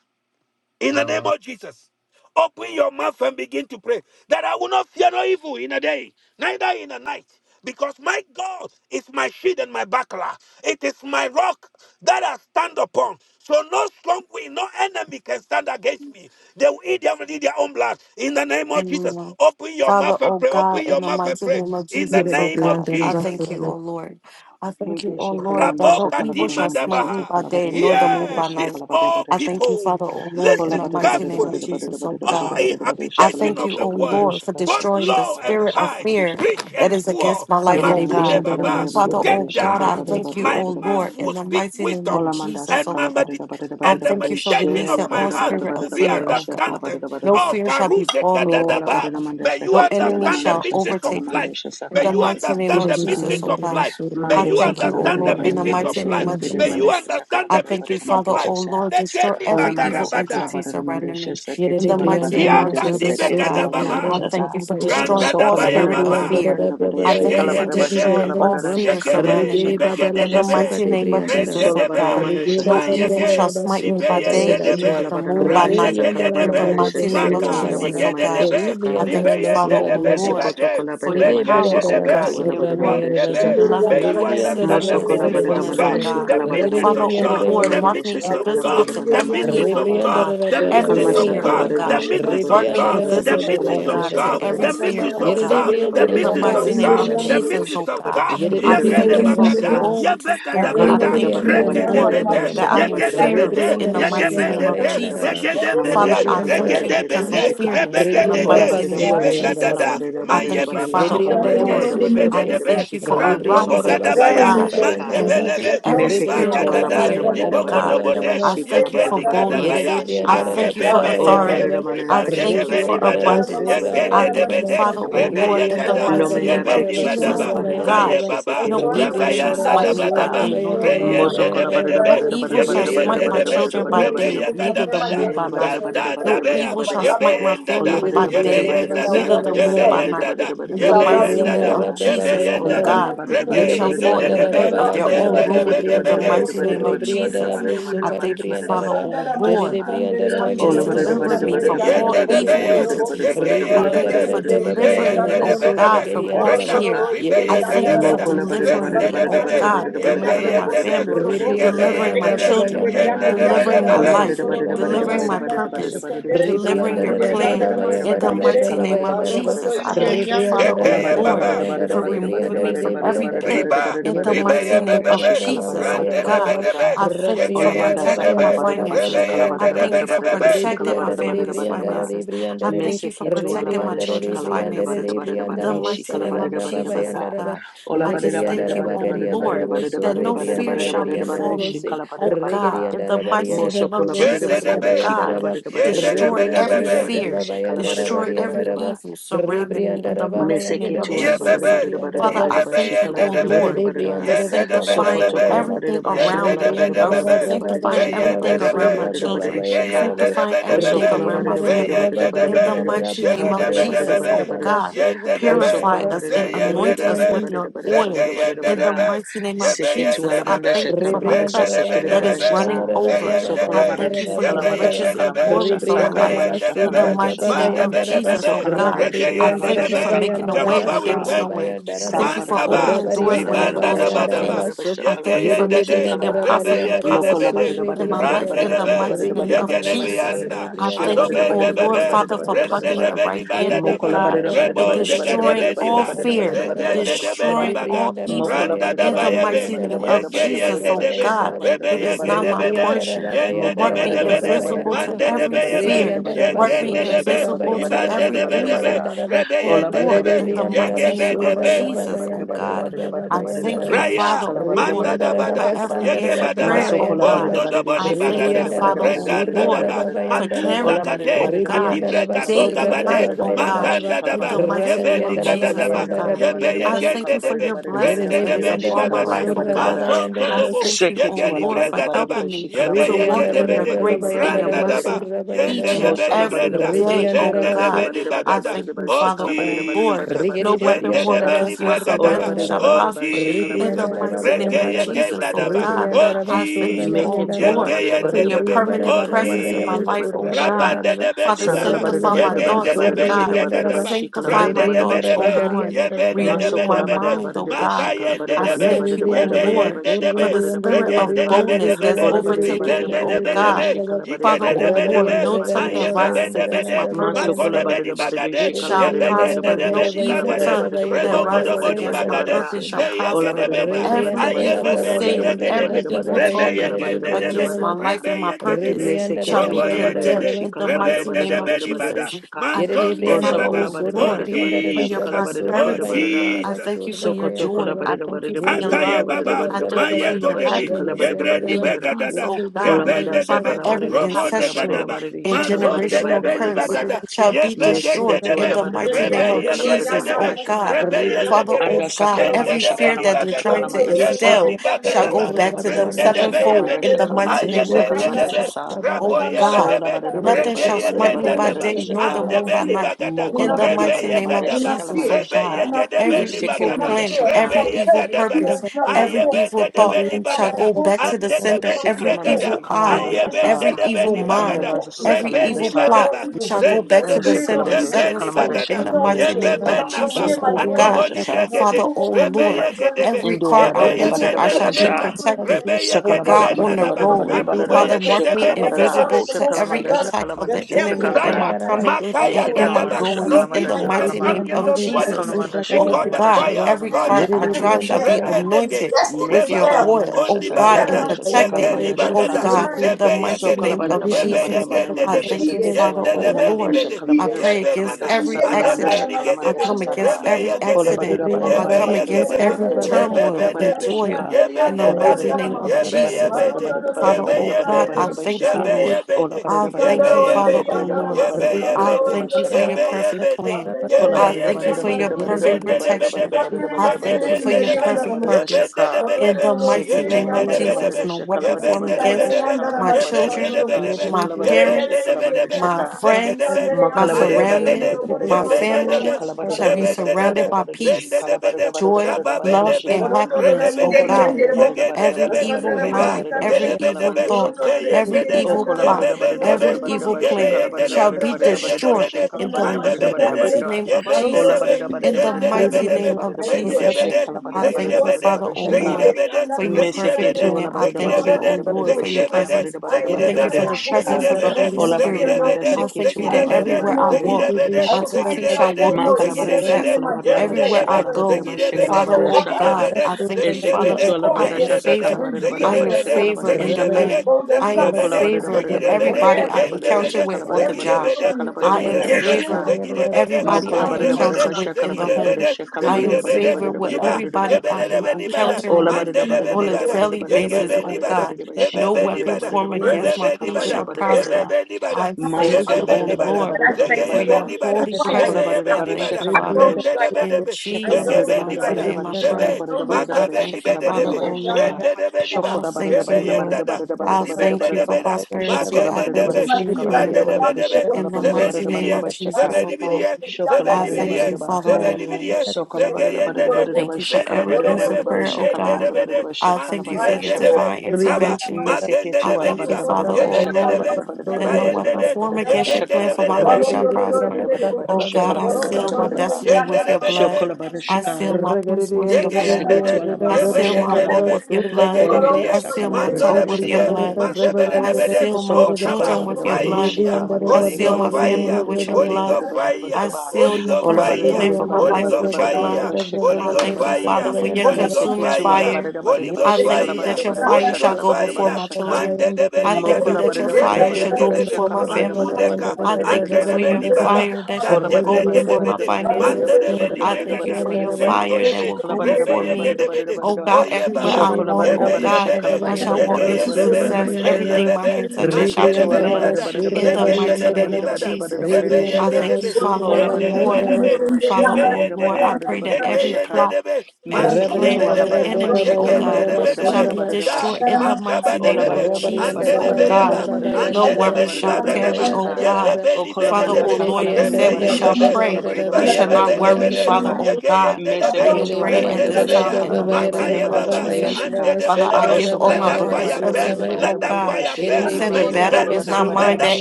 A: In the name
E: Havana,
A: of Jesus. Open your mouth and begin to pray that I will not fear no evil in the day, neither in the night, because my God is my shield and my buckler. It is my rock that I stand upon. So no strong wind, no enemy can stand against me. They will eat their, eat their own blood. In the name of Jesus,
C: Amen.
A: open your
C: Father,
A: mouth and
C: oh
A: pray.
C: God,
A: Open your
C: in the
A: mouth and
C: mighty
A: pray.
C: name of
A: In the
C: Jesus, oh
B: Yerere
A: name
B: bir
A: of
C: God,
B: yanda
C: I
B: da o
A: Jesus.
C: thank you, oh
B: sırada.
C: Lord. I thank
D: Hindi
C: you, oh Lord, that no
A: Raboka
C: evil shall smite me
A: Dimadabaha.
C: by day, nor the moon
A: Hear
C: by night.
A: this, all
C: I thank you,
A: people.
C: Father, oh Lord, in the
A: Listen
C: mighty name of
A: carefully.
C: Jesus, oh
A: All
C: God. I
A: habitation
C: thank
A: of
C: you,
A: the
C: oh
A: world,
C: Lord, for
A: both
C: destroying the
A: low and
C: spirit of
A: high,
C: fear
A: rich and
C: that is
A: poor,
C: against my life, oh
B: Yerere bir
A: Makude
C: God.
B: yanda da o
A: Baba,
C: Father, oh
B: sırada bir
C: God, I
A: Geda,
B: yanda da.
C: thank you,
A: my
C: oh
A: mouth
C: Lord,
A: will
C: in the
A: speak
C: mighty name of
A: wisdom,
D: Ola manda
C: Jesus,
A: and
C: oh
A: my
D: sakala
C: God.
A: medi-
D: badada badada
C: I
A: and
D: badada
A: the
C: thank
D: badada
C: you for
A: meditation of
C: releasing
D: shela
A: my
C: all
D: badada
A: heart
D: badada
C: spirit of
A: will
D: badada
A: be
C: fear,
D: badada
C: O
D: shakala
C: God.
A: understanding.
D: badada
C: No
A: Oh,
D: badada.
C: fear shall
A: Karuze
C: befall me, O
D: Ola
C: God.
A: Kadadaba,
D: badada manda
A: may you
C: No
D: saketi la
C: enemy
A: understand the
D: manda
C: shall
A: mysteries of
D: sakala
C: overtake
D: manda
C: me.
A: life.
C: In
A: May
C: the
D: sakala
A: you
D: badada
C: mighty
D: manda
C: name
A: understand
C: of
A: the
B: Yerere
D: sa.
B: bir
C: Jesus,
A: mysteries
C: O
A: of
B: yanda da o
C: God.
A: life.
B: sırada
A: May
B: bir
C: I
D: Mando
A: you
C: thank you,
D: sakala
C: O
A: understand
D: badada
A: the
C: Lord, in the
D: badada
A: mysteries
D: manda
A: of
C: mighty
A: life.
C: name
D: shakala
C: of
D: badada
A: May
D: manda
A: you
C: Jesus.
D: sakala
A: understand
C: I
A: the
D: badada
C: thank you,
D: badada
A: mysteries of
D: manda
C: Father,
A: life.
C: O
D: sa.
C: Lord. Destroy
A: Negeni
D: Ola
C: every
D: manda
C: evil
D: sakala
A: bagarabada.
C: entity
D: badada manda
C: surrounding me. In
D: saketi
B: Yerede
C: the
D: wala
C: mighty
D: badada
C: name
B: briyandara
C: of
B: na
D: manda
A: Yakadi
B: braba
C: Jesus, O
D: saketi
C: God.
B: surda
D: wala
A: begadababa.
D: manda
B: bayara
C: I
B: da
D: sa.
C: thank
B: braba
C: you for
B: bayara da
C: destroying all
D: Sokola
A: Randadabaya
C: spirit
D: badada
C: of
D: badada
A: baba.
B: rebriyandara
C: fear.
B: da
D: badada badada
B: braba
C: I thank you
D: shakala
C: for
B: bayandara da
D: badada
C: destroying
A: Yegeyendede.
D: shakala
C: all
B: rebriyandala
D: badada
B: ba
C: fear
D: shakala manda
A: Yegede.
C: surrounding
B: rege
C: me.
D: shakala manda
B: badala
C: In the
D: sa.
B: masuka
A: Nibegedebe.
C: mighty
B: de
C: name of
B: briyandara ba
C: Jesus,
D: Sola
C: O
D: badada
C: God.
A: Rendedebe.
D: manda
B: rege da
C: No
D: shakala.
C: evil shall
A: Mayege.
B: briyandala ba
C: smite me
B: surda
C: by
D: Se
C: day,
B: bayandala
D: ketchu
C: neither
A: Libeyendedebe.
C: the
D: alabada
B: ba
C: moon by
B: rege
D: namandresha
C: night.
D: sakala
B: briyandala
C: In
B: ma
C: the
B: da
A: Randekedebe.
B: de
D: namandresha
C: mighty name of
D: ketchu
A: Maka,
B: suriyandala
D: alabada
C: Jesus,
B: ma
C: O
A: nigede
D: namandresha
C: God.
B: eri
A: debe,
C: I
D: sakamese
C: thank
B: briyandala
C: you,
B: ma
A: libeye
C: Father,
A: de
B: suka
C: O
A: debe
B: briyandala
C: Lord,
B: ba
D: koto
A: libade,
D: kala
C: for
D: bade
C: your
B: rege
D: namandresha
C: power,
A: megede
C: O
B: briyandala ba
C: God,
A: debe,
D: ketchu
C: and your
B: surda
D: alabada
B: bayara
C: glory,
D: namandresha
B: da ba
A: randebe.
C: your loving
A: May
D: sakamoso
B: rege
A: you
C: kindnesses
B: briyandara
A: understand
C: and
A: the
B: la
C: your
D: kala
B: da da
A: mysteries
F: Thank
D: bade
B: ba
A: of
C: faithfulness, O
A: God.
B: surda
D: namandreshi
C: God.
A: The
D: kala bade
A: mysteries
C: Father,
A: of
D: namandreshi
C: O
A: God,
D: kala
C: Lord,
A: the
D: pane
C: mark
D: badesha
C: me
A: mysteries of
D: sakala
C: invisible
D: bade
A: God,
C: to
D: namade
A: the
C: every
D: namade
A: mysteries
D: namade
C: evil,
A: of
C: O
D: nama
A: God,
C: God,
A: the
C: every
A: mysteries
D: kalmarsha
A: of
C: fear,
D: kala
C: O
A: God,
B: Rebriandarababa,
D: bade
A: the
C: God.
D: beshi kala
A: mysteries
D: bade
C: Mark
A: of
C: me
D: beshi
A: God,
D: kala bade
A: the
D: beshi
C: invisible,
D: kala
C: O
A: mysteries
D: bade
A: of
C: God,
D: beshi
C: to
D: kala
A: God,
D: bade
A: the
C: every
B: Rebriandarababa,
D: bade
C: fear,
D: bade
A: mysteries
C: O
A: of
D: bade
C: God.
A: God,
D: bade bade
A: the
C: In the
D: bade
A: mysteries
B: Yerebriandarababa,
C: mighty
D: bade
A: of
D: bade
C: name
A: God,
D: beshi
C: of
D: kala
A: the
B: Surabaya,
D: bade
C: Jesus,
D: beshi
A: mysteries
C: O
A: of
D: kala bade
C: God.
A: God
D: beshi kala
C: I
D: bade bade
A: yegene
C: thank you
D: bade
C: for
D: beshi
A: bagada
D: kala
B: Yerebriandarabasurabas,
C: bold
A: yebegada
C: spirit.
D: Kala
C: I
A: bada
D: badada
C: thank you,
D: badada
C: O
D: badada
A: rekede
D: badada
C: Lord
D: badada
A: bede
C: that
B: Yerebriandarabagariandaraba,
C: I
D: shikala
C: am
D: badada
A: yegede
D: badada
C: fearless
A: bede
D: badada
C: in the
D: bishi
C: mighty
D: la
C: name
A: yegebede
C: of
D: badada
A: be
F: you.
D: badada
B: Rebriandarababayandaraba,
C: Jesus.
D: bashi
F: I
A: regede
D: kala
F: will
D: manda
A: bede
C: Father,
F: never
C: I
F: leave
D: sakala
F: you.
C: thank
D: badada
B: Rebriandara,
C: you
A: regede
D: badada
C: because
F: Your
A: bede
C: I'm
F: name will
D: bashika
F: be
C: fearless in the
F: right
A: rebegede de
D: ola
F: there.
C: mighty
D: badada
C: name of
D: badada
F: I will
A: ibegada
D: shikala
C: Jesus.
F: fear
B: Rebriandalabasurabayandaraba,
A: da
F: no
D: badada
C: I
D: badada
F: evil.
A: maye
C: thank you,
D: badada
C: Father,
A: baba
D: shikala
C: O
F: Concerning
D: badada
F: the
A: rege
D: badada
F: word
C: Lord.
A: ni
F: in
D: badada
F: your
A: bede
C: I
B: Rebriandalabasurabaya,
A: de
D: badada
A: be
F: scripture.
C: thank
D: bashi
C: you for
D: kala manda
A: rando
D: sakala
C: arising,
A: bogada
C: O
D: badada
F: Concerning
A: baya
D: badada
F: me,
C: God,
F: Lord
D: shika
C: and
F: Jesus,
B: Rebriandarabasurabayandalaba,
A: mantebelebe
C: moving
F: let no
C: every
F: evil
D: meseke
C: spirit
F: come
D: tu
C: of
A: ribagada
F: near
D: ala
F: my
A: da
D: badada
C: fear,
F: dwelling
D: badada
C: O
F: place.
D: badada
A: libogodo
C: God.
D: badada
A: bode
B: Rebriandarababayandarababayandaraba,
C: I
D: bashi kala
C: thank
F: Yinderi
C: you
D: badada
C: for
A: yegeni
F: yandara
D: badada
A: gada
B: Yere
D: badada
C: boldness.
B: de
A: baya
C: I
F: masikandiri.
D: bashika
B: briandara la
C: thank you
B: bla
C: for
B: bla
A: akebebe
F: Maroko
A: de
D: ola
F: to
A: be
B: bayandara
C: authority.
D: badada
B: ba
F: yinderi
D: manana
C: I
A: ribande
D: bashi
F: yandere.
A: de
C: thank
D: kala
A: be
C: you
A: ni
C: for
D: badada
B: rebriandara ba
A: bada
D: badada
F: Oya mama
D: badada
C: abundance.
B: surra
D: badada
C: I
A: yegende
F: sandara
D: badada
A: de
B: bayandara
C: thank you,
D: badada
B: ba
A: bede
C: Father,
D: badada
C: O
F: masikandiri.
A: rebe
D: badada
C: Lord, in the
B: rebriandara
A: yegada
F: Oh,
B: ba
C: mighty
F: let your
D: lomenya
C: name
F: blood
C: of
B: gariandara
A: yebeni
D: teke
B: ba
F: speak on
D: tu
F: my
C: Jesus,
D: ala
A: badaba
B: surra
C: O
D: badada
F: behalf.
B: bayandara
D: manda
C: God.
A: Saye
B: ba
A: baba,
F: The
D: shiseke
C: No
D: tu ala
F: shoulder
C: evil
D: badada
C: shall
F: and
B: rebriandara
D: manda
A: yakayanda
B: ba
C: smite
F: power
C: me
A: daba
C: by
D: shisaka
B: surra
A: daba,
F: person
C: day,
F: is housed by the
C: nor the
D: Ola
F: Lord
B: bayandara
C: moon
B: ba
C: by
F: Jesus.
A: reyende
C: night.
A: debe
B: bayandara
F: But
B: ba
F: I
A: debe,
C: No
F: will
C: evil
F: say
C: shall
F: no
A: yekeyende
C: smite
F: evil.
C: my
B: rebriandara ba
A: debe,
C: children by
B: surra
F: No
A: rebe
F: evil
C: day,
F: will come
C: neither
F: near
C: the
F: my
A: yakadabada,
C: moon by
F: dwelling place
C: night.
F: or in the
A: zanda
C: No
F: dwelling place
A: dabea,
C: evil
F: of my
C: shall
F: loved
C: smite
F: one.
C: my
A: yebeyenda da,
C: family
B: yere
C: by
B: de
C: day,
B: briandara
F: It
B: ba
A: yebeyenda
F: shall
A: da,
C: neither
B: surra
F: not
C: the
F: be
C: moon
B: bayandara
C: by
F: so.
C: night.
A: yebeyenda da,
C: In
F: It
C: the
F: shall
B: Yerede
F: not
C: mighty
F: be
A: yebeyenda
C: name
B: briandara
A: da,
F: so
C: of
B: baba baba
C: Jesus,
F: and
C: O
A: yebeyenda
B: yandara
F: shall
A: da,
B: ba.
C: God,
F: not be
C: they
F: turned,
A: rege
C: shall
B: Yerede
C: fall
A: igede
C: in
F: and
C: the
B: briandara
F: shall
C: pit
A: debe,
B: baba
C: of
F: not be
C: their
B: yandara
C: own
B: ba
A: yende
F: served,
B: kadi
A: debe
C: ruin. In
A: debe
C: the
B: briandara
F: nor
A: de,
B: wo
C: mighty name
B: sorre
C: of
F: overthrowing
B: briandara
C: Jesus,
B: wo
F: yanderebo,
C: I
B: sugari
C: thank you,
B: briandara
C: Father,
B: ba.
C: O
F: asandara
B: Yerede
C: Lord.
F: masikandere
B: briandara
C: For
B: ba gari
C: just
F: yanderebo,
B: yandara wo
C: delivering me
F: sikandere
B: sorre
C: from all
A: Yende
F: yanderebo,
B: briandere
A: de
B: ba
C: evil
A: beye,
B: Jesus.
F: sindorobo,
C: entities.
A: yege
B: Re
C: I
A: yende
C: thank you
B: briandara
A: de,
C: for
F: Bangrekete
B: baba baba
A: ibe
F: inderi
C: delivering
B: yandara
C: me,
A: yende
B: ba
A: de
C: O
F: yanderebo,
A: bede
B: sorra
A: be,
C: God, from
B: gari
C: all
B: yandara
A: reka,
B: ba.
F: borondororo
C: fear.
A: ribe
F: inderi
C: I
B: Yerede
A: yege
C: thank
A: de
C: you
F: yandarama,
C: for
B: briandara
A: beda,
B: ba
D: Mokola
B: sorra
D: barada
C: delivering
B: baba
D: barada
A: zende
C: me,
A: de
F: asandara
D: barada
C: O
B: yandara
A: bede,
D: barada
B: baba
C: God,
D: barada
F: masikandere
D: barada
B: yandara
A: yebe
C: delivering
B: ba.
D: barada
C: my
F: yanderebo,
A: yende
D: barada
A: de,
C: family
B: Re
F: sindorobo,
A: yige
D: barada barada
B: briandara
D: barada barada
C: delivering my
A: yende
B: baba
D: barada
F: Rekete
A: de,
B: baba
D: barada
C: children,
F: inderi
D: barada
B: yandara ba
A: yende
F: yandere
D: ba.
A: de bede
C: delivering my
B: briandara
F: the
D: Ola
B: ba
A: bebe,
D: barada
C: life,
B: sorra
D: barada
B: ba
F: sindorobo,
D: barada
B: yandara
F: mama
B: ba.
C: delivering
D: barada
C: my
F: sandara
D: barada barada
C: purpose,
D: barada
F: masikandere,
D: shikala
C: delivering
D: barada
C: your
B: Rebriandara
F: inderi
D: barada
C: plan.
B: Braba
D: barada
F: yandarama
D: barada
C: In the
B: Bayandara
D: barada
F: sikandere,
C: mighty
D: shikala
B: Braba
C: name
D: barada
C: of
D: barada
B: Bayandaraba
D: barada
F: Barrokoto
C: Jesus, I
D: barada.
F: inderi
C: thank you,
F: yanderebo,
C: Father,
B: Rebriandara
A: zeke
D: Ola
C: oh
A: ye
D: barada
B: Braba
C: Lord,
D: barada
A: baba,
D: barada
B: Bayandara
C: for
D: barada
C: removing me
B: Rebriandara
D: barada barada
C: from every
D: barada barada
C: pit.
B: Rebriandaraba
D: barada
A: riba,
D: barada
C: In the
B: Yere
D: barada
A: ribe
D: barada
C: mighty
A: ye
C: name
D: barada
B: Rebriandara
C: of
A: bebebe,
D: shikala
B: Braba
D: barada
C: Jesus, oh
D: barada
A: rande de
D: barada
C: God,
B: Bayandaraba
A: bede
D: barada.
A: be,
C: I thank you
A: yege
C: for
D: Ola
B: Ragariandara
D: manda
A: yende
D: sa
A: de
C: protecting my
A: be,
B: Babayandara
D: kalabadadaba
A: rebe
D: shi
B: Braba
C: finances. I
A: yende de
C: thank
B: Bayandaraba
C: you
A: bede
C: for
D: kalabadadabadadabadadaba
A: bebe,
D: shi
C: protecting my
B: Rebriandara
C: family's
D: kalabadadabadadabadadaba.
B: Rebriandara
C: finances. I
B: Rebriandara
C: thank you for
D: Meseketu
C: protecting my
D: alabada
B: Rebriandara
D: shi
C: children's
B: Rebriandara
C: finances. In the
D: kalabadadabadadabadadabadadi
B: Rebriandala
D: shi
C: mighty name
B: Vosara
C: of
B: Braba
C: Jesus,
D: kalabadadabadadabadada.
C: oh
B: Bayandaraba
C: God, I just thank
B: Regariandara
C: you, oh
B: Bagariandara
C: Lord
B: Vosu
C: that no fear
B: Rebriandara
C: shall
B: Veriandara
D: Olabadadabadadabadadabadadabadadabadadabadadabadadabadadabadadabadadabadadabadadabadadabadadabadadabadadabadadabadadaba
C: befall
D: shi
C: me.
B: Vosi
D: kalabadadabadadabadadaba.
C: Oh God, in the
B: Regariandara
C: mighty
D: Moso
B: Bariandara
C: name of
B: Provosu
A: yende
C: Jesus,
A: de
C: oh
D: kolabadadabadadaba
A: be,
D: shi
C: God,
A: yende de
C: destroy
A: bede
C: every
B: Rebriandara
A: bebe,
D: kalabadadabadadabadadabadadabadadabadadabadadabadadabadadabadadaba
C: fear,
B: Baba
D: shi
B: Yandara
C: destroy every
D: kalabadadabadadabadadaba.
B: Bariandaraba
C: evil surrounding me in the
B: Rebriandara Baba
C: mighty name
B: Yandara
C: of
D: Meseketu ala
A: Ye
B: Bosu
D: barada
C: Jesus.
A: bebe,
D: barada barada
C: Father,
B: Rebriandaraba
D: barada
C: I
D: ba
A: igebe
C: thank you,
D: shikala
A: yende
C: oh
D: barada
B: Yere
A: debe,
D: barada
C: Lord,
D: barada
C: for
B: Debriandara
A: yende debe
B: Baba
D: soko
C: sanctifying
D: toko
A: de
D: la
B: Yandaraba
C: everything
D: barada ba
C: around
D: shikala
C: me,
D: barada
C: or
B: Rebriandara
D: barada
A: Yebebe,
D: barada
B: Baba
D: barada
C: sanctifying
A: yigebe
D: shikala
C: everything
B: Yandaraba
D: barada barada
C: around my
A: yendedebe,
B: Sura
D: barada
B: Baba
D: barada
C: children,
D: shika
B: Yandarabo
C: sanctifying
D: o
C: everything
D: soko
A: yendedebedebebe,
D: la
C: around my
A: yendedebedebebe,
D: barada
A: re yendedebe, yige yendedebedebebe, re
D: barada
C: family.
B: Rebriandara
D: barada
A: yende
B: Baba
D: barada
C: In the
A: debe,
D: barada ba
B: Yandara
C: mighty name
A: yegi
D: shikala
B: Baba
C: of
D: barada
A: debe de
D: barada
C: Jesus,
B: Yandara
D: barada
C: oh
A: yendedebe,
B: Baba
D: barada
A: yegidebedebebe,
C: God,
B: Sura
D: o
A: yendedebe,
D: soko
C: purify
D: la
B: Rebriandara
C: us
D: barada
C: and
A: ze
D: barada
A: yende
D: barada
C: anoint
A: debe,
C: us
A: ze
D: barada
A: yendedebe,
C: with your
D: barada
C: oil
D: barada barada
A: zege
D: barada
C: in the
D: barada
A: yendedebe,
C: mighty name of
A: yebe
D: seketu
C: Jesus,
D: ala
C: I
D: manda
A: yendedebe,
C: thank you for
D: shakala
C: my
D: manda
C: cup
B: Rebriandara
D: shasakele
C: that
B: Baba
D: manda
C: is
A: rendedebedebebe,
C: running
D: shasa
B: Yandere
A: ze
C: over.
B: Baba
D: soko la
A: yendede,
C: I
D: barada
C: thank you for
D: shikala
C: your
A: yege
D: manda
C: riches
D: shakala
C: and
A: yendedebe,
D: manda
C: glory for
D: shasa
C: my
A: rebe
D: kala
C: life.
D: manda
C: In
D: shakala
A: yendedebe,
C: the
D: manda
C: mighty name
D: shasa
C: of Jesus,
A: mandebedebebe,
C: oh God,
D: Sokalabada
A: rege
C: I
D: Shikalamanda
C: thank you
A: yendedebe,
C: for
D: Shasa
C: making a
D: Kalamanda
C: way
A: Jehovah,
C: when
A: we
C: there is
D: Shasa
C: no
A: thank you.
C: way. I thank you
D: Salabada
C: for
D: Namanda
A: Mandaba,
C: opening
D: Shasa
C: doors when they're
D: Kalabada
A: ribanda
D: Bada
C: closed in
A: daba
C: my
A: daba,
C: face.
D: Shakalabada
C: I thank
A: yege
C: you
D: Shakalabada
C: for
D: Bada
A: yende
C: making
A: de,
C: the
D: Shakalaba
A: rebe
C: impossible
A: yege debe
C: possible
D: Lokolabada
A: de,
D: Bada
C: in
D: Bada
C: my
D: Bada
C: life.
A: rande
D: Bada Bada
C: In the
A: debe,
C: mighty
D: Bada Bada
C: name of
A: yege
D: Bada
A: debe
D: Bada
C: Jesus.
D: Bada
A: yanda,
D: Bada
C: I thank
D: Shilabada
C: you,
A: adobe
C: oh
D: Bada Bada
C: Lord,
A: bebebe,
D: Bada
C: Father, for
D: Bada Bada
A: rende
C: plugging
D: Bada
C: your
A: debe
C: right hand,
A: nibada
C: oh
A: daba,
C: God,
D: Mokolabada Bada
C: and
A: rebo
D: Bada Bada
A: zege
D: Bada
C: destroying
D: Bada
A: debe
D: Bada
C: all
A: niba,
C: fear
D: Bada Bada
B: Yandere Baba
A: zegende
D: Bada
A: debe
D: Bada
C: destroying
A: nibaga,
C: all
B: Ribriandara
C: evil
D: Mokola
A: randa
D: barada
C: in
B: Babayandara
A: daba
C: the
D: barada barada
A: yebe,
C: mighty
D: barada
B: Ribriandara
C: name
D: barada
C: of
A: yege
D: barada
B: Basabra
C: Jesus,
D: barada
A: yende
C: oh
D: barada
A: debe,
C: God.
D: shikala
B: Babayandara Ba
D: barada
A: rebe
C: It
D: barada
C: is
A: yege
D: barada
C: not my
A: debe
D: barada
A: de,
D: ba
B: Ribriandara
C: portion.
A: yende
D: mokola
C: Mark
A: debe
C: me
B: Babayandara
D: barada
A: debe
D: barada
A: de,
D: barada
C: invisible to
B: Babayandara
D: barada
A: mande
D: barada
C: every
A: debe
D: barada
A: yebe,
C: fear.
D: barada
B: Ribriandara
D: barada
C: Mark
D: barada
C: me
D: ba
A: yegende
B: Basura
A: debe,
D: shikala barada
C: invisible to
D: barada
B: Babayandara
A: ibande
D: barada
C: every
A: debe
D: barada
C: evil
A: debe,
D: barada
B: Babayandara Ba
A: rebe
C: oh
D: ola
A: yende
D: barada
C: Lord,
A: debe,
C: in
D: barada
C: the
D: barada ba
B: Ribriandara
A: Yege
C: mighty
A: be
C: name
D: shikala
A: de
C: of
B: Basura
A: be
D: barada barada
C: Jesus,
D: barada
C: oh
D: barada
C: God.
D: barada
B: Babayandara
D: barada
C: I
D: barada
C: thank
B: Babayandara
C: you,
D: barada
B: Ba
D: ba
A: Raya
C: Father,
D: shikala
C: oh
D: barada
A: Manda
C: Lord,
D: barada
B: Ribriandara
D: barada
C: for
A: dabada,
D: barada
C: every
B: Bakasandara
A: yegeba
C: answered
D: ba
A: daba,
C: prayer, oh
D: Masokola
B: Babayandara
C: God.
B: Ba
D: barada
A: mondo
D: barada
C: I
A: doboni
D: shikala
C: thank you,
A: bagada,
D: barada
B: Ribriandara
D: barada
C: Father,
D: barada
C: oh
D: barada
A: reganda
B: Basura
D: barada
C: Lord,
A: daba,
D: barada.
C: for
B: Babayandara Ba
A: maduza
D: Ola
C: carrying me,
D: barada
A: kade,
C: oh
D: barada
C: God,
D: barada
B: Ribriandara
A: adibre
D: shikala
A: kato
C: day
D: barada
B: Basura
C: and
D: barada
A: gabade,
C: night,
D: barada
C: oh
D: barada ba
C: God,
B: Babayandara Ba
A: maganda
D: shikala
C: in
A: daba,
C: the
D: barada ba.
C: mighty name
A: yebendi
C: of
B: Ragariandara
A: kada
D: Mokola
C: Jesus,
A: daba,
C: oh
D: barada
B: Babayandara
C: God.
D: barada
A: yebe
D: barada ba
C: I
B: Bariandara
C: thank
D: shikala
A: yegende
C: you for
D: barada
A: debe,
C: your
D: barada barada
C: blessings
A: rende
B: Yerede
C: that
D: barada
C: is
A: debe
D: ba
A: ni
B: brianda
C: upon my
B: raba
D: shikala
A: bagada,
C: life,
D: barada
C: oh
B: surra
D: barada
C: God.
B: braba
D: barada.
B: yanda
A: manzonto
C: I
B: raba
A: dobo,
B: su
C: thank you, oh
D: Sheketu
A: yegeni
D: ala
C: Lord,
D: barada
C: for
A: brega
D: barada
A: daba,
D: ba
C: helping me
D: shikala
A: yebe
C: to
D: barada
C: walk
B: ribrianda
D: barada
C: in
A: yegedebe
B: raba
D: barada
C: your
A: de,
D: barada
B: braba
C: grace,
D: barada
C: in
B: yanda
C: your
D: barada
A: randa
B: raba
D: barada.
A: daba,
C: mercy,
B: surra braba yanda
A: yende
C: each and
B: raba
A: debe ni
D: Mosola barida
C: every
A: brenda,
D: barida ba
C: day,
B: ribrianda
C: oh
D: shikala
A: zende
B: raba
D: barida
C: God.
B: su
A: debe ni
D: barida barida
C: I
A: bagada,
C: thank
D: barida ba
C: you,
A: oh
C: Father,
D: shikala barida
C: O
D: barida
C: Lord.
D: barida
A: Jesus,
B: rigede
C: No
D: barida
B: de
D: barida
C: weapon
A: yende
B: brianda
C: formed
B: raba
A: debe
D: shika.
A: ni
C: against my
B: surra
A: brega
B: braba
D: Ola
A: daba,
C: surrender
B: yanda
D: barida
C: shall
B: raba
A: Oh
D: barida ba
C: prosper.
D: shikala
C: In
D: barida
C: the
A: Jesus,
B: ribrianda
D: barida
B: raba
C: mighty
B: braba
D: barida
C: name
B: yanda
C: of
A: reggae
D: barida
B: raba
D: barida
A: again
C: Jesus,
D: barida
C: O
A: dadaba.
D: barida
C: God,
B: ribrianda
A: Oh
D: barida.
B: raba
C: I thank
B: surra
C: you,
A: Jesus,
D: Make it
C: O
B: garianda
D: to
B: raba
D: ala
C: Lord,
D: barida
C: for
A: yegende
D: barida
C: your
A: debe.
D: barida
B: ribrianda
D: barida
C: permanent
A: Oh
B: raba braba
D: barida
B: yanda
C: presence in
D: barida
C: my
B: raba
D: barida
A: Jesus,
C: life,
D: barida
C: O
B: surra braba
C: God.
B: yanda
D: shika.
A: rabande
B: raba
A: debe
C: Father,
A: ni
D: Sakala
A: baga.
D: barida
C: sanctify
B: rabarianda
C: my
D: barida
B: raba
D: barida
A: Yegende
C: thoughts, O
D: barida
B: surri
A: debe ni
D: barida
C: God.
B: garianda
A: bega
D: barida ba
B: raba
A: daba.
D: shikala
C: Sanctify
D: barida
C: my
A: Rande
D: barida
B: ribrianda
A: debe
C: thoughts, O
B: raba
A: debe.
D: shika.
C: Lord.
B: garianda raba
A: Yebende
C: Renew
A: debe
B: bayanda
C: my
D: Masokola
A: debe de.
D: barada
C: mind, O
D: barada ba
C: God.
D: shikala
A: Makayende
D: barada
C: I
D: barada
A: debe.
C: thank
D: barada
C: you,
B: Yerebri
C: O
B: and
D: barada
B: the
D: barada
B: Rebus,
D: ba
C: Lord,
A: Yebeyende
C: for
D: shikala
A: debe.
C: the
B: Uribri
D: barada
B: and the
C: spirit
D: barada
C: of
D: barada
B: Rebri
A: Regende
B: and the
D: ba
A: debe
C: boldness
A: debe
B: Rebri
C: that's
B: and
A: be.
B: the
D: ola barada
B: Rebri
C: overtaken
B: and
D: barada
B: the
C: me,
A: Ribende
D: barada
C: O
A: debe
B: Rebri
D: barada
B: and
C: God.
B: the
A: debe.
D: shikala
B: Rebus,
D: barada
C: Father,
A: Yigende
C: O
D: barada
A: debe
D: barada
B: Rabbery
C: Lord,
B: and
A: debe.
B: the
D: barada
C: no
B: Reb,
A: Ma
C: tongue
D: barada
C: that
B: Rabbi
D: shika
C: rises
B: and the
A: yebebende
C: against
B: Reb,
C: my
A: bede. Ma
B: Rabbi and the
C: purpose
D: masokola
B: Rebus,
A: godebe ni
D: barada barada
A: bagade.
D: shikala
C: shall
B: Yerebri
D: barada
B: and the
D: barada
A: Yebegende
C: prosper.
B: Reb,
D: barada
C: No
A: debe
B: Rabbi
A: ni
B: and
D: shikala
B: the
C: evil
B: Reb,
D: barada
A: bagade.
C: tongue
D: barada
B: Rabbi and the
D: barada
C: that
A: Rebo
B: Reb,
D: barada
C: rises
A: godobo
B: Rabbi
D: barada
A: ni
B: and
C: against
B: the
D: barada
C: my
A: bagade.
D: barada
B: Rebus,
C: purpose shall
D: ola
C: prosper.
D: barada
A: Zeyegendebenda,
D: barada
B: Rebri and
D: barada
B: the
C: Every
D: barada
B: Reb,
C: evil
D: barada
A: Ayebebeni
D: barada
B: Rabbi
C: saying,
B: and the
D: barada
C: every
A: Bregedebe,
D: barada
B: Reb,
C: evil
D: barada
B: Rabbi and the
C: talking
D: shikala barada
B: Rebri
D: barada
A: Rebeyegendebe,
C: against my
D: barada ba
C: life and my purpose
A: Rebeyegedebe,
B: and the
C: shall
D: Meseketu
C: be
D: ala barere
C: condemned
B: Rebriandara
A: Roboyendede,
C: in
D: bashika
C: the
D: la barere
C: mighty
D: barere
C: name of
D: barere
A: Rebendebeni
D: barere
A: Bada,
C: Jesus.
D: shika.
C: I
B: Yere de
C: thank you,
B: brianda
C: Father,
D: Oso
B: la
A: Manzondedebaga.
D: kola
B: voz
C: oh
D: barere
B: sorda
A: Oh
B: que
D: barere
C: Lord,
B: brianda
D: barere
C: for
B: la
C: your
D: shika la
B: brava
A: Jesus,
D: barere
B: sorda
A: oh
D: barere
C: prosperity.
B: bayanda
D: barere.
B: la
C: I
B: voz
A: Jesus.
C: thank you for
B: sorda
C: your
D: Sokoto
B: bayanda la
D: kola
C: joy.
B: voz.
C: I
D: barere
C: thank you
D: barere
C: for
B: Yere
C: your
D: barere
B: de
A: Akaye
D: barere
C: love.
B: brianda
D: barere
A: baba,
B: la
C: I
D: barere
B: brava
C: thank
D: barere
C: you for
A: maye
D: barere
B: bayanda
C: your
B: la
A: godebi,
D: bashika la
B: brava
C: happiness
D: barere
B: bayanda la
D: barere
A: yebrendi
C: and
B: voz.
C: your
D: barere.
C: peace,
A: begadada,
B: Yere
C: oh
B: de
C: God.
B: brianda la
D: Olamanda
A: yebende
C: Father,
B: brava
A: debe,
D: sakala
C: every
B: bayanda
D: barere
B: la
D: shika
A: robonde
D: la barere
C: ancestral
A: gadaba,
D: barere
C: and
D: shika
B: brava
D: la
B: bayanda
D: barere
B: la
A: mazonde
B: voz.
C: generational
D: barere
A: debe
D: barere
C: curse
B: Yere
D: ba.
B: de
A: libagada,
C: shall
B: brianda la
C: be
B: voz
A: yebegende
C: destroyed
B: sorda
D: Meseketu
C: in
A: debe,
C: the
B: bayanda la
C: mighty
B: voz
D: alabadabande
C: name
A: rebe
C: of
B: sorda.
A: yegende
C: Jesus,
B: ba.
A: debe,
C: oh God.
D: shakalabadabandabashata.
A: rebe
B: Re brianda
C: Father,
B: la
A: yetegebe,
D: Anda
C: oh God,
B: sorda.
D: sakalamanda
A: yende
C: every
A: debe
C: fear that
D: shakalamanda
C: they're
A: libagada,
C: trying to
D: shakalamanda
B: Yere de
D: shasa.
A: zebondi
C: instill
B: brianda la
C: shall go
A: bagadaba,
C: back
B: sorda
C: to them
A: rende
B: bayanda
D: Kolabadabadabadabada
B: la voz.
A: debe
C: sevenfold
D: shikalamanda
C: in
A: yebede,
C: the mighty
D: shakalamanda
B: Yere
C: name
B: de
D: shasa
C: of
A: ayegende
D: kalamanda
B: brianda la
A: debe,
C: Jesus.
D: shasa.
B: brava
A: rabo
C: Oh
B: bayanda la voz.
C: God,
A: yebebebe,
B: Yere de
C: nothing
A: rege
C: shall
F: In the
C: smite me
A: yegenda
B: brianda
F: name
C: by
F: of
B: la
A: daba,
D: Solabadabadabadabadabadabadabadabada
C: day
F: Jesus,
B: brava
C: nor
F: we
C: the
F: will
D: shaka.
F: not
C: moon
B: somebody.
A: andebe
C: by
F: fear.
C: night.
A: libagada,
F: We will
C: In
F: not
C: the
A: rebe
F: fear.
C: mighty name
D: Mokolabadabadabadabada
F: I
C: of
F: will
A: yegadaba,
F: not
C: Jesus,
D: shikalamanda
C: oh
F: fear. I
A: Rebeye
C: God,
F: will
D: shaka.
F: not fear.
C: every
A: gedebeni
F: I will
C: evil
F: not
A: bagada.
D: Shikilamanda
C: plan,
F: fear. I will
D: shaka.
C: every
F: not
A: Rebeye
C: evil
F: fear. Fear
A: gadabada.
C: purpose,
F: is not my
C: every
A: Aye
F: portion
A: bende
C: evil thought
B: Yere
A: debeni
F: spirit of
C: shall
F: my
A: bagada.
C: go back
F: portion.
C: to the
A: Ande
F: I will
C: sender,
F: not
A: debeni
F: be
C: every
D: Shikalamanda
F: afraid.
A: bregada.
C: evil
F: They
C: eye,
D: shakalamanda
F: are on
A: Aye
F: every
A: bende
D: shasa.
C: every
F: side and
C: evil
A: debeni
F: on
D: Anda
F: every
C: mind,
A: bagada.
D: vaza
F: direction.
C: every
F: I
D: shikalamanda
F: will
A: Rebeni
C: evil
F: fear
D: sa.
C: plot
F: no
A: badaba.
F: evil.
C: shall go
F: I
A: Zendo
C: back
D: And
C: to
F: will
C: the
A: dobe.
F: fear no
C: sender
D: shikalamanda
F: evil.
A: Yegeni
F: I
D: shikalamanda
C: sevenfold
F: will
C: in
A: bagada.
F: fear
C: the
F: no
D: shikalamanda
A: ye
C: mighty
F: evil.
D: shasa
C: name
F: It will
A: Yebebe
C: of
F: not
D: kalamanda
F: come
A: naba.
C: Jesus,
F: near
D: shasa
F: my
C: O
F: dwelling
D: kalamanda
C: God.
F: place.
A: Antoboni
D: shasa.
F: No
A: bregede.
C: Father,
F: evil
C: O
F: will come near my
C: Lord,
A: Rebeye
F: dwelling place.
A: gedebe.
C: every car
D: Induala
C: I
F: No
D: badada
A: Yebeye
F: evil
C: enter,
D: badada
F: will
C: I
A: gende
C: shall
D: badada
F: come
C: be
F: near my
A: debenda.
D: sha.
F: dwelling
C: protected,
F: place.
A: Rebeye
C: O
D: Shakala
F: No
C: God,
D: badada
A: gedibenda
C: on
F: evil
D: barada
C: the
F: will
A: naba.
D: barada
F: come
C: road.
F: near
D: barada
F: my
D: barada
F: dwelling
A: Adubeye
D: barada
C: Father, mark
F: place.
C: me
D: shakala
F: I
A: gedebeni
F: am a
D: barada.
F: child
A: bedebe.
F: of
C: invisible
F: the
C: to
F: Most
D: Shakala
F: High
C: every
D: manda
F: God.
C: attack
D: shakala
C: of
D: manda
C: the
F: The devil
C: enemy
D: shakala
F: has
C: in
F: no
D: ba.
C: my
A: Zaya,
F: plans
C: coming
F: that
A: Makaya
C: and
F: will
C: in
D: Nikita
C: my
D: manda
A: Gadaba. No
D: shakala
C: goings
F: succeed in
C: in
D: manda
C: the
F: my
A: evil can
F: life.
D: shakala
C: mighty
A: come
D: ma.
C: name
A: near
C: of
A: your
F: No plans.
A: dwelling
F: He
C: Jesus.
F: is
A: place
D: Kalamanda
F: a
C: O
A: because
D: shakala
F: failure.
A: the
D: manda
C: God,
A: fire of
D: shakala
C: every
F: Ma'am,
A: God
D: manda
F: you
C: car
A: is
C: I
A: with
D: shakala
F: plan
A: you.
D: manda
F: was
C: drive shall
F: there.
C: be
D: shasaka.
F: He's
A: Rebenege,
C: anointed
F: destined
C: with
F: to
C: your
A: Orebama,
F: fail.
D: Nikitula
C: oil,
D: manda
C: O
F: We
D: shasakala
C: God,
F: got him
C: and
D: manda
A: Onibagada,
F: on destined
D: shasakala
F: to
C: protected,
F: the
A: Yegeni
D: manda
C: O
F: victory
A: bagada
D: shaka.
C: God,
F: line
C: in the
F: because
A: Zebe
F: he's
D: So
F: been
C: mighty
A: Yegede,
C: name
D: kalabare na
C: of
F: defeated.
D: bare na
A: Yebe
D: bare
C: Jesus.
D: na
F: He has
D: bare na bare na
F: been
C: I
D: mandersha
A: Yegendebe,
C: thank
D: se
C: you,
F: defeated.
D: kete
C: Father,
D: wala bare
F: We've
D: na
C: oh
A: Yendebe
F: been
C: Lord.
D: mandersha
A: Nibede,
C: I
F: defeated.
D: kalamandersha
C: pray
A: Yebe
C: against
A: Nana,
D: kalamandersha
C: every
F: Linderi
A: Adebre
F: andara
D: sakalamandersha
C: accident. I
A: Nigedebe,
D: kalamandersha
C: come
F: masikandere
C: against
D: sakka
A: Rebe
F: anderebo.
C: every
A: Yegedebe,
D: kalabare
C: accident.
D: na bare na
B: Rebrianda,
C: I
F: Boroko
D: bare
F: to
D: na
C: come
A: Yebe
D: bare na
C: against
F: linderi
D: bare na
A: Yegedebe,
C: every
D: bare na
F: anderebo.
D: bare na
A: Yebe
D: bare na bare na bare na
C: turmoil
D: bare
C: and
D: na
A: Benebe,
C: toil
D: shika
F: Masikandere
A: Yebe
C: in the
F: andere
D: ola bare
C: mighty
D: na
A: Nebede,
C: name
D: bare
F: andarama.
D: na
C: of
D: bare na
A: Yebe
D: bare na
C: Jesus.
D: bare na bare na
A: Yebede,
D: bare
F: Maronda
D: na
F: dolo
C: Father,
F: inderi
C: oh
A: Yebe
D: bare na
C: God,
A: Yebede,
D: bare na bare
C: I
F: anderebo
D: na
C: thank you,
D: shika
A: Yebe
F: sikandere.
C: Lord.
D: ola
A: yebede.
D: bare na
C: I
D: bare na
A: Yebe
C: thank
D: bare
C: you,
F: Sikandoro
D: na bare
C: Father,
D: na
F: anderi
D: bare
A: yebede.
C: oh
D: na bare
F: andarama
D: na
C: Lord.
A: Yebe
D: bare na
C: I
F: sikandoro
D: bare na bare
A: yebede.
D: na
C: thank you
F: andere
C: for
D: shika
C: your
A: Yebe
F: borimo.
C: perfect
A: yebede.
C: plan.
F: Babrendere
D: Kola
A: Yebe
C: I
D: barada
F: inderi
C: thank you
D: barada
C: for
A: yebede.
C: your
D: barada
F: andarama.
D: barada
C: perfect
D: barada
A: Ibende de bede
C: protection.
D: barada
A: be.
D: barada
F: Andere
C: I
D: barada barada
F: andere
A: Yege
D: barada
C: thank you for
D: barada
A: bende
F: inderi
C: your
A: de be.
D: shakala
F: andere
C: perfect
F: mo.
D: barada ba
C: purpose.
A: Yebende de
D: Shaka
A: bede
F: Morondo
C: In
A: be.
C: the
F: do
C: mighty
F: inderi
D: seketu
C: name
D: ala
A: Yebende
C: of
A: de
F: andere
D: barada
F: mo.
A: bede
C: Jesus,
D: barada
A: be.
C: no
D: shakala
C: weapon
D: barada
C: formed
A: Yebende
D: barada
A: de
D: barada
F: Asikandere
A: bede
C: against
A: be.
D: shakala
F: andere
C: my
D: barada barada ba
A: Yebende
C: children,
A: de
F: masikandoro.
D: shaka
A: bede be.
C: my
D: shakala barada
F: Bere
D: ba
F: bere
A: Yebende
C: parents,
A: de
D: shakala
A: bede
F: inderi
D: barada
A: be.
C: my
F: andere
D: shaka
A: Zeke de
C: friends,
A: be.
F: masikandere
C: my
D: makala
F: andere mo.
A: Maye
D: barada
A: bebe
D: barada
C: surrounding,
F: Sundoro
A: de.
D: barada
F: bore
D: barada
C: my
F: mama
D: barada
A: Yebende
D: barada
A: de
F: sandara
A: be.
C: family
D: shakala barada
C: shall
F: masikandere.
C: be
D: barada
A: Igebende
D: barada
A: de
C: surrounded
A: be.
D: barada
C: by
D: barada
A: Zende
C: peace,
A: de
D: shakala barada
A: bede.
D: barada
C: joy,
D: barada
A: Zaba
D: barada
A: bede
C: love,
A: be.
C: and
D: shaka
F: Morondo do
A: Rede
C: happiness, O
A: bede
F: inderi
D: okola
A: be.
C: God
D: barada
F: andere mo.
D: barada
A: Yegende
D: barada
A: de
C: every
A: be.
D: barada barada
C: evil
F: Masandara
D: barada
A: Riba.
C: mind,
D: barada ba
A: De
F: masikandere.
C: every
A: de
D: shakala
A: bede
C: evil
A: be.
D: barada
C: thought,
F: Morondo
D: shaka
F: do
C: every
F: inderi
A: Zeyendede,
D: O
C: evil
F: andere
D: kola
C: plot,
D: barada barada
F: masundoro
A: yebebendebe,
D: barada
F: bore
C: every
D: barada
F: mama
C: evil
D: ba
C: plan
F: brendere
D: shakala barada
A: yigebeyendede,
C: shall
F: inderi
D: barada
C: be
F: andere
D: barada
F: mo.
D: barada ba
C: destroyed
A: zendedebede,
D: shakala
C: in
F: Sandara
D: barada
C: the
D: barada barada
A: mandebedede,
F: masikandere.
D: barada
C: mighty
D: ba.
C: name of
F: Morondo
D: Ola
F: do
C: Jesus.
A: yebendedebe,
D: barada barada
C: In
F: inderi
C: the
D: barada
F: andere
D: barada
F: mo.
C: mighty
B: Bravery and
A: yendedebedebe,
D: barada
C: name
B: the
C: of
D: barada barada
F: Berende
D: ba
F: de
B: Pastora
C: Jesus.
B: by
A: zegidebede,
B: the
D: shakala
F: inderi
C: I
D: barada
F: inderi
B: Pastor,
D: barada
C: thank
F: mo.
C: you,
D: barada
A: zegidebede,
C: Father,
D: barada
C: O
B: and the
D: shaka.
C: Lord,
B: Rabba,
F: Lord,
A: zegidebede,
C: for your
D: Meseke
C: perfect
A: zegidebede,
B: Yerebe,
D: tu
C: plan.
D: ola
C: I
D: barada
B: the
C: thank
D: barada
B: Rabba,
F: I
C: you,
F: will
A: zegidebede,
D: barada
C: O
F: fear
D: barada
C: Lord,
D: ba
F: no
C: for your
F: evil.
D: shakala
A: zegidebede,
C: presence.
D: barada
A: zegidebede,
F: I
D: barada
F: will
C: I
D: barada
C: thank
B: Yerebe,
C: you
F: not
A: zegidebede,
C: for
D: barada
B: the
C: the
F: I'm
D: shika.
B: Rabba, the
C: presence
F: not
C: of the
B: Rabba,
F: supposed
A: zegidebede,
F: to
C: Holy
F: will
D: Ola
B: Yerebe,
C: Spirit.
D: barada
F: fear no
D: manda
C: I
F: evil.
D: seke
C: thank
D: tu
B: the
C: you
F: I
D: ola
F: will
C: that
B: Rabba,
A: zegidebede,
D: barada
F: fear
C: everywhere
D: barada
C: I
F: no
B: the Rabba, and
D: barada
F: evil.
C: walk,
D: barada ba
B: the
A: zegidebede,
F: I
C: my
F: will
C: two
D: shika.
F: fear
C: feet
F: no
C: shall
A: zegidebede,
F: evil.
C: walk
F: No
C: into
D: Makala
F: evil
D: barada
F: will
B: Pastor, the
F: come
C: success.
F: near
A: zegidebede,
D: shakala
F: my
D: barada
B: Rabba,
F: dwelling
D: barada
F: place,
C: Everywhere
B: the
C: I
A: yendedebe,
D: shikala
F: Father. As
D: barada
C: go,
D: ba
F: soon as
B: Rabba, the
F: they
D: shakala
A: zegidebede,
C: Father,
F: show
D: barada
F: up,
C: oh
F: I will
D: shaka.
C: God,
A: zegidebede,
F: see
C: I
F: them.
C: thank you,
D: Eseke
C: Father,
A: zegidebede,
D: tu ola
C: I
F: Expose
D: manda
C: am
F: them.
D: shasa
A: zegidebede,
D: kala
C: favored.
D: barada barada
C: I
F: Reveal
D: ba
C: am
F: them,
A: zegidebede,
D: shakala
F: Lord
C: favored
D: barada ba
F: Jesus.
C: in the
B: Rabba,
D: shaka.
A: zegidebede,
C: land.
B: the
F: Expose their
C: I am
F: plots and
D: Mokola
A: Zegidebede,
F: their
D: barada
C: favored
F: plans
D: barada
C: with
D: barada
B: Rabari
F: and
A: Zegidebede,
D: barada
C: everybody
F: their
C: I
D: barada barada
C: encounter
A: Yendebede,
C: with
F: agents.
D: bashakala
C: on
D: barada
C: the
F: Every
D: barada
C: job.
F: single
A: Zegidebede,
F: one
D: shakala
F: of them.
D: barada
C: I am
D: barada
F: I will
A: Zegidebede,
F: fear
D: bashaka.
F: no
C: favored
F: evil.
C: with
A: Zegidebede,
F: No
C: everybody
F: evil
D: Mokola
C: I
F: will come
D: barada
F: near my
D: barada
C: encounter
A: Zegidebede,
C: with
D: bashakala
C: in the
D: barada
F: dwelling.
D: barada
C: home.
A: Zegidebede,
D: shakala
C: I am
D: barada barada
A: Zegidebede,
C: favored
D: barada
C: with
F: And
D: barada
A: Yiba,
D: barada
C: everybody
D: barada
C: I
D: barada
C: am
A: Yebedebe
D: ba.
F: I
A: Nibada,
C: encountering
D: Ola
C: with
D: barada
A: Mandebe
D: barada
C: on a
D: barada
A: Nibada,
D: barada
C: daily
D: barada
C: basis,
A: Yegebe
C: oh
D: barada barada
A: Nibada,
C: God.
D: barada
B: Rebrianda,
C: No
D: bashikala
A: Yebebe
D: barada
C: weapon
A: Nibada,
D: barada
C: formed
D: barada
C: against my
A: Yebebe
D: bashikala
C: peace
A: Nibada,
D: barada
C: shall
D: barada
C: prosper.
D: barada.
A: Yebebe Nibada,
C: I thank you,
D: Masokola
A: Yigebebe
C: oh
D: barada barada
A: Nibada,
C: Lord,
D: barada barada
F: thank you,
C: for
A: Zegeyebe
C: your
D: barada.
F: Lord.
A: Nibada,
F: That's
C: holy
F: why I fear
D: Sokola
C: presence.
D: barada
F: not.
A: Zebeyebe
C: I
D: barada
C: thank
A: Nibada,
C: you,
F: I
D: shakala barada
C: Father.
F: know who
D: bash.
F: I am.
C: In
A: Zendebedebe,
F: I
D: Shekala
F: know who
C: Jesus'
D: barada
A: Yegebe
D: barada
C: mighty
F: I
D: barada
A: Nibada,
F: am.
C: name,
D: barada
C: I
D: shekala
F: I
C: pray.
A: Zebe,
F: know
D: barada
F: who
D: barada
F: I
C: I
D: barada
F: am.
A: Magebe
C: thank you,
D: shekala barada
C: Father,
A: Nibedebe,
D: barada
C: oh
F: Yenderi
D: sheka
C: Lord.
A: Rendebe Niba,
F: yandara
C: I
D: shokola barada
C: thank you,
D: barada
C: Lord.
D: barada
A: Yebe
D: barada
C: I
D: barada barada
C: thank
A: Azibende
C: you
D: barada
C: for
D: ba
A: debeda,
C: prosperity.
D: shokola
C: I
A: makende
D: barada
C: thank you
D: barada
A: debe,
C: for your
D: shekala barada
C: plan,
A: ibande
C: Lord.
A: debe
D: barada ba
A: debe,
C: In
D: shekala
C: the
D: barada
A: zebeni
C: mighty
D: barada
C: name
D: barada
A: bidiye,
D: ba
C: of Jesus,
D: sheka
C: oh
A: zebeni
C: God.
A: bidiye,
D: shokola
C: I
A: zebeni
D: barada
C: thank
A: bidiye,
C: you,
D: barada ba
C: Father, oh
A: zebeni
C: Lord.
A: bidiye,
D: sokola
A: zege
D: barada
A: yende
D: barada
A: de,
D: barada ba
C: Thank you for
D: shekala
A: ibende
C: every
D: barada
A: debe
C: answer
D: barada
A: debe,
D: barada
C: prayer, oh
D: shekala
A: yende
D: barada
C: God.
A: debe
D: barada
A: de,
D: ba
C: I
D: shekala
C: thank you
D: barada
C: for
D: ba
C: your
A: mazigende
D: sheka
A: debe,
C: divine
A: raba,
C: intervention.
D: Meseke
A: magende
C: I
D: tu
A: debe
D: ala
C: thank you,
D: barada
A: niba,
D: barada
C: Father,
D: barada
C: oh
A: yebende
D: shekala
C: Lord.
A: debe,
D: barada barada
C: That
D: barada
C: no
D: barada
A: zibayende
C: weapon
A: de,
D: barada
C: formed
D: barada barada
C: against your
A: yegende
D: shekala
C: plan for
A: debe
D: barada
C: my
D: barada
A: debe,
C: life shall
D: barada barada
C: prosper.
D: barada barada barada
C: Oh God,
D: shekala
C: I
D: barada
C: seal
D: barada
C: my
D: barada ba
C: destiny
A: shende
C: with your
A: debe debe,
C: blood.
D: shokola barada
C: I
D: sheka
C: seal my peace with your blood.
D: Se ke to
A: Yegeyendede,
D: olabare
C: I seal
D: dabasha
C: my walk
D: kalaba
A: yebeyendedebe,
C: with your blood.
D: olamanda
C: I
A: zegedibidiye,
D: sa
C: seal my
F: Thank you.
D: kalabare
C: talk with
D: dabasha
C: your
A: mandolebidiye,
D: kalabare
C: blood.
D: dabasha ka
C: I
A: mazebedebede,
C: seal my
D: sokoto
A: okaba,
C: children
D: kalabare
C: with your
D: dabare
C: blood.
D: dabasha
A: fire,
D: kalabare
C: I
A: Holy
D: dabare
C: seal
A: go
D: dabare
C: my
D: dabare
C: family
A: fire,
D: dabare
C: with your
A: Holy
D: dabare dabare
C: blood.
A: go
D: dabare dabare
A: fire,
C: I
D: dabare
C: seal
A: Holy
C: your
A: go
D: olabare
C: perfect
A: fire,
C: plan
D: dabare
C: for my
D: dabare dabare
A: Holy
C: life
D: dabare
A: go
C: with your
D: dabare dabare
C: blood.
A: fire,
D: dabasha
A: Holy
C: I
D: kalabare
A: go
C: thank you,
D: dabare.
C: Father,
A: fire,
C: for your
A: Holy
B: Rebriandara
A: go
C: consuming
D: Meseketu
A: fire,
D: alabada
C: fire.
A: Holy
D: bada bada
A: go
C: I thank
D: shikala
C: you
D: bada
A: fire,
C: that your
D: bada bada
A: Holy
C: fire
A: go
C: shall
D: shakala
C: go
D: bada
C: before
D: bada
A: fire,
C: my
D: shaka.
C: children.
A: mandedebe
C: I thank you
A: nigada,
D: Mokola
C: that your
D: bada bada
C: fire shall
D: bada
C: go
D: bada
A: rebeyegedebe,
C: before
D: shakala
C: my
D: bada bada
C: family.
D: bada
A: maduneka,
C: I
D: bada bada
C: thank
D: bada
C: you
D: bada
C: for
A: andedebe
C: your
D: bada bada.
A: nibaga,
C: fire that
D: Ola
C: will
D: bada
C: go
A: zadebre
D: bada
C: before my
D: bada
A: gedebede,
D: bada bada bada
C: finances.
A: mandedebe
D: bada
C: I
D: bada bada
C: thank you
A: nibregada,
D: bada
C: for your
D: bada bada bada bada.
C: fire that
A: zentodebe,
C: will
D: Shikala
C: go
D: bada
A: Rebe
C: before
D: bada
A: yege
C: me.
D: bada bada bada
A: debede.
D: bada
C: Oh
D: bada.
C: God,
A: Oye
B: Yere
C: everywhere
A: baba.
C: I
D: Shokola
C: walk,
D: bada
C: oh
A: Yebe
D: bada
C: God,
D: shakala
A: yebebe.
C: I
D: bada
C: shall
D: bada
A: Yege
C: walk
D: bada
C: into
D: bada
A: yebebe.
D: bada bada
C: success.
A: Re
D: shaka.
C: Everything my
A: yebebe.
C: hand touches shall
A: Mande
D: Meketu
A: debe
C: prevail
D: alabada
A: nibada.
D: bada bada
C: in the
D: bada
A: Yege ne
C: mighty
D: shakala
A: debe
C: name
D: bada
C: of
A: nibada.
D: bada bada
C: Jesus.
D: bada
A: Zebe
C: I
A: yege
D: shika.
C: thank you,
A: debe.
C: Father,
D: Ola
C: oh
A: Yende
D: bada
A: debe
C: Lord.
D: bada
A: debe.
D: bada bada
C: Father,
A: Yebe
D: shikala
C: oh
D: bada
A: yende
C: Lord,
D: bada
A: de.
C: I
D: bada
C: pray
D: bada
C: that
A: Zeke
D: bada
C: every
A: yende
D: shaka.
C: plot
A: debe.
C: Every
A: Mansu
C: plan
D: Meseketu
A: debe
C: of
D: ala
C: the
A: debe.
D: barada ba
C: enemy, O
D: shikala
A: Yegende
C: God,
D: barada
A: debe
D: barada
C: shall
D: barada
A: debe.
C: be
D: barada ba
A: Za
C: destroyed in the
F: Thank
A: mangaba
C: mighty name
D: Ola
A: debebe.
C: of
D: barada barada
C: Jesus,
A: Ande
D: barada
C: O
A: debe
D: barada barada
A: yeba.
C: God.
D: barada ba
C: No
A: Ande
D: shikala
A: debe
C: worry
D: barada
C: shall
A: libaga
D: barada ba
A: daba.
C: tarry, O
D: shika.
F: you.
C: God.
A: Yebebe nibede
C: Father, O
A: debe.
C: Lord,
D: sakala
C: you
D: barada
F: Thank
C: said we
A: Rebeye
D: barada ba
C: shall
A: bebe,
D: shikala
C: pray.
D: barada
C: We
D: barada
A: ribaye
C: shall
D: barada
C: not
A: bebe de
D: barada
C: worry, Father,
D: shika.
C: O God.
A: yegeyende de
C: I am
D: Meseketu ala
C: praying at
A: rende
D: barada ba
A: de
C: this time in
D: shikala
C: the
D: barada
C: mighty
D: barada
A: makaye
C: name of
D: barada
A: baba,
D: barada
C: Jesus.
A: ande
D: shika.
A: de
C: Father,
A: bede
C: I give all
A: Let
D: Osokola
C: my
A: that
D: barada
C: burdens
A: fire
D: barada
C: unto
A: burn,
D: barada
C: you, O
D: barada
A: let that
D: barada
C: God.
D: ba
A: fire burn.
C: You
D: shila
C: said
A: May
C: the
D: barada
A: you
B: Yerebrianda
C: battle
D: barada
A: burn,
B: raba
C: is
D: barada
C: not
A: let
B: surra
D: barada
C: mine,
A: that
C: that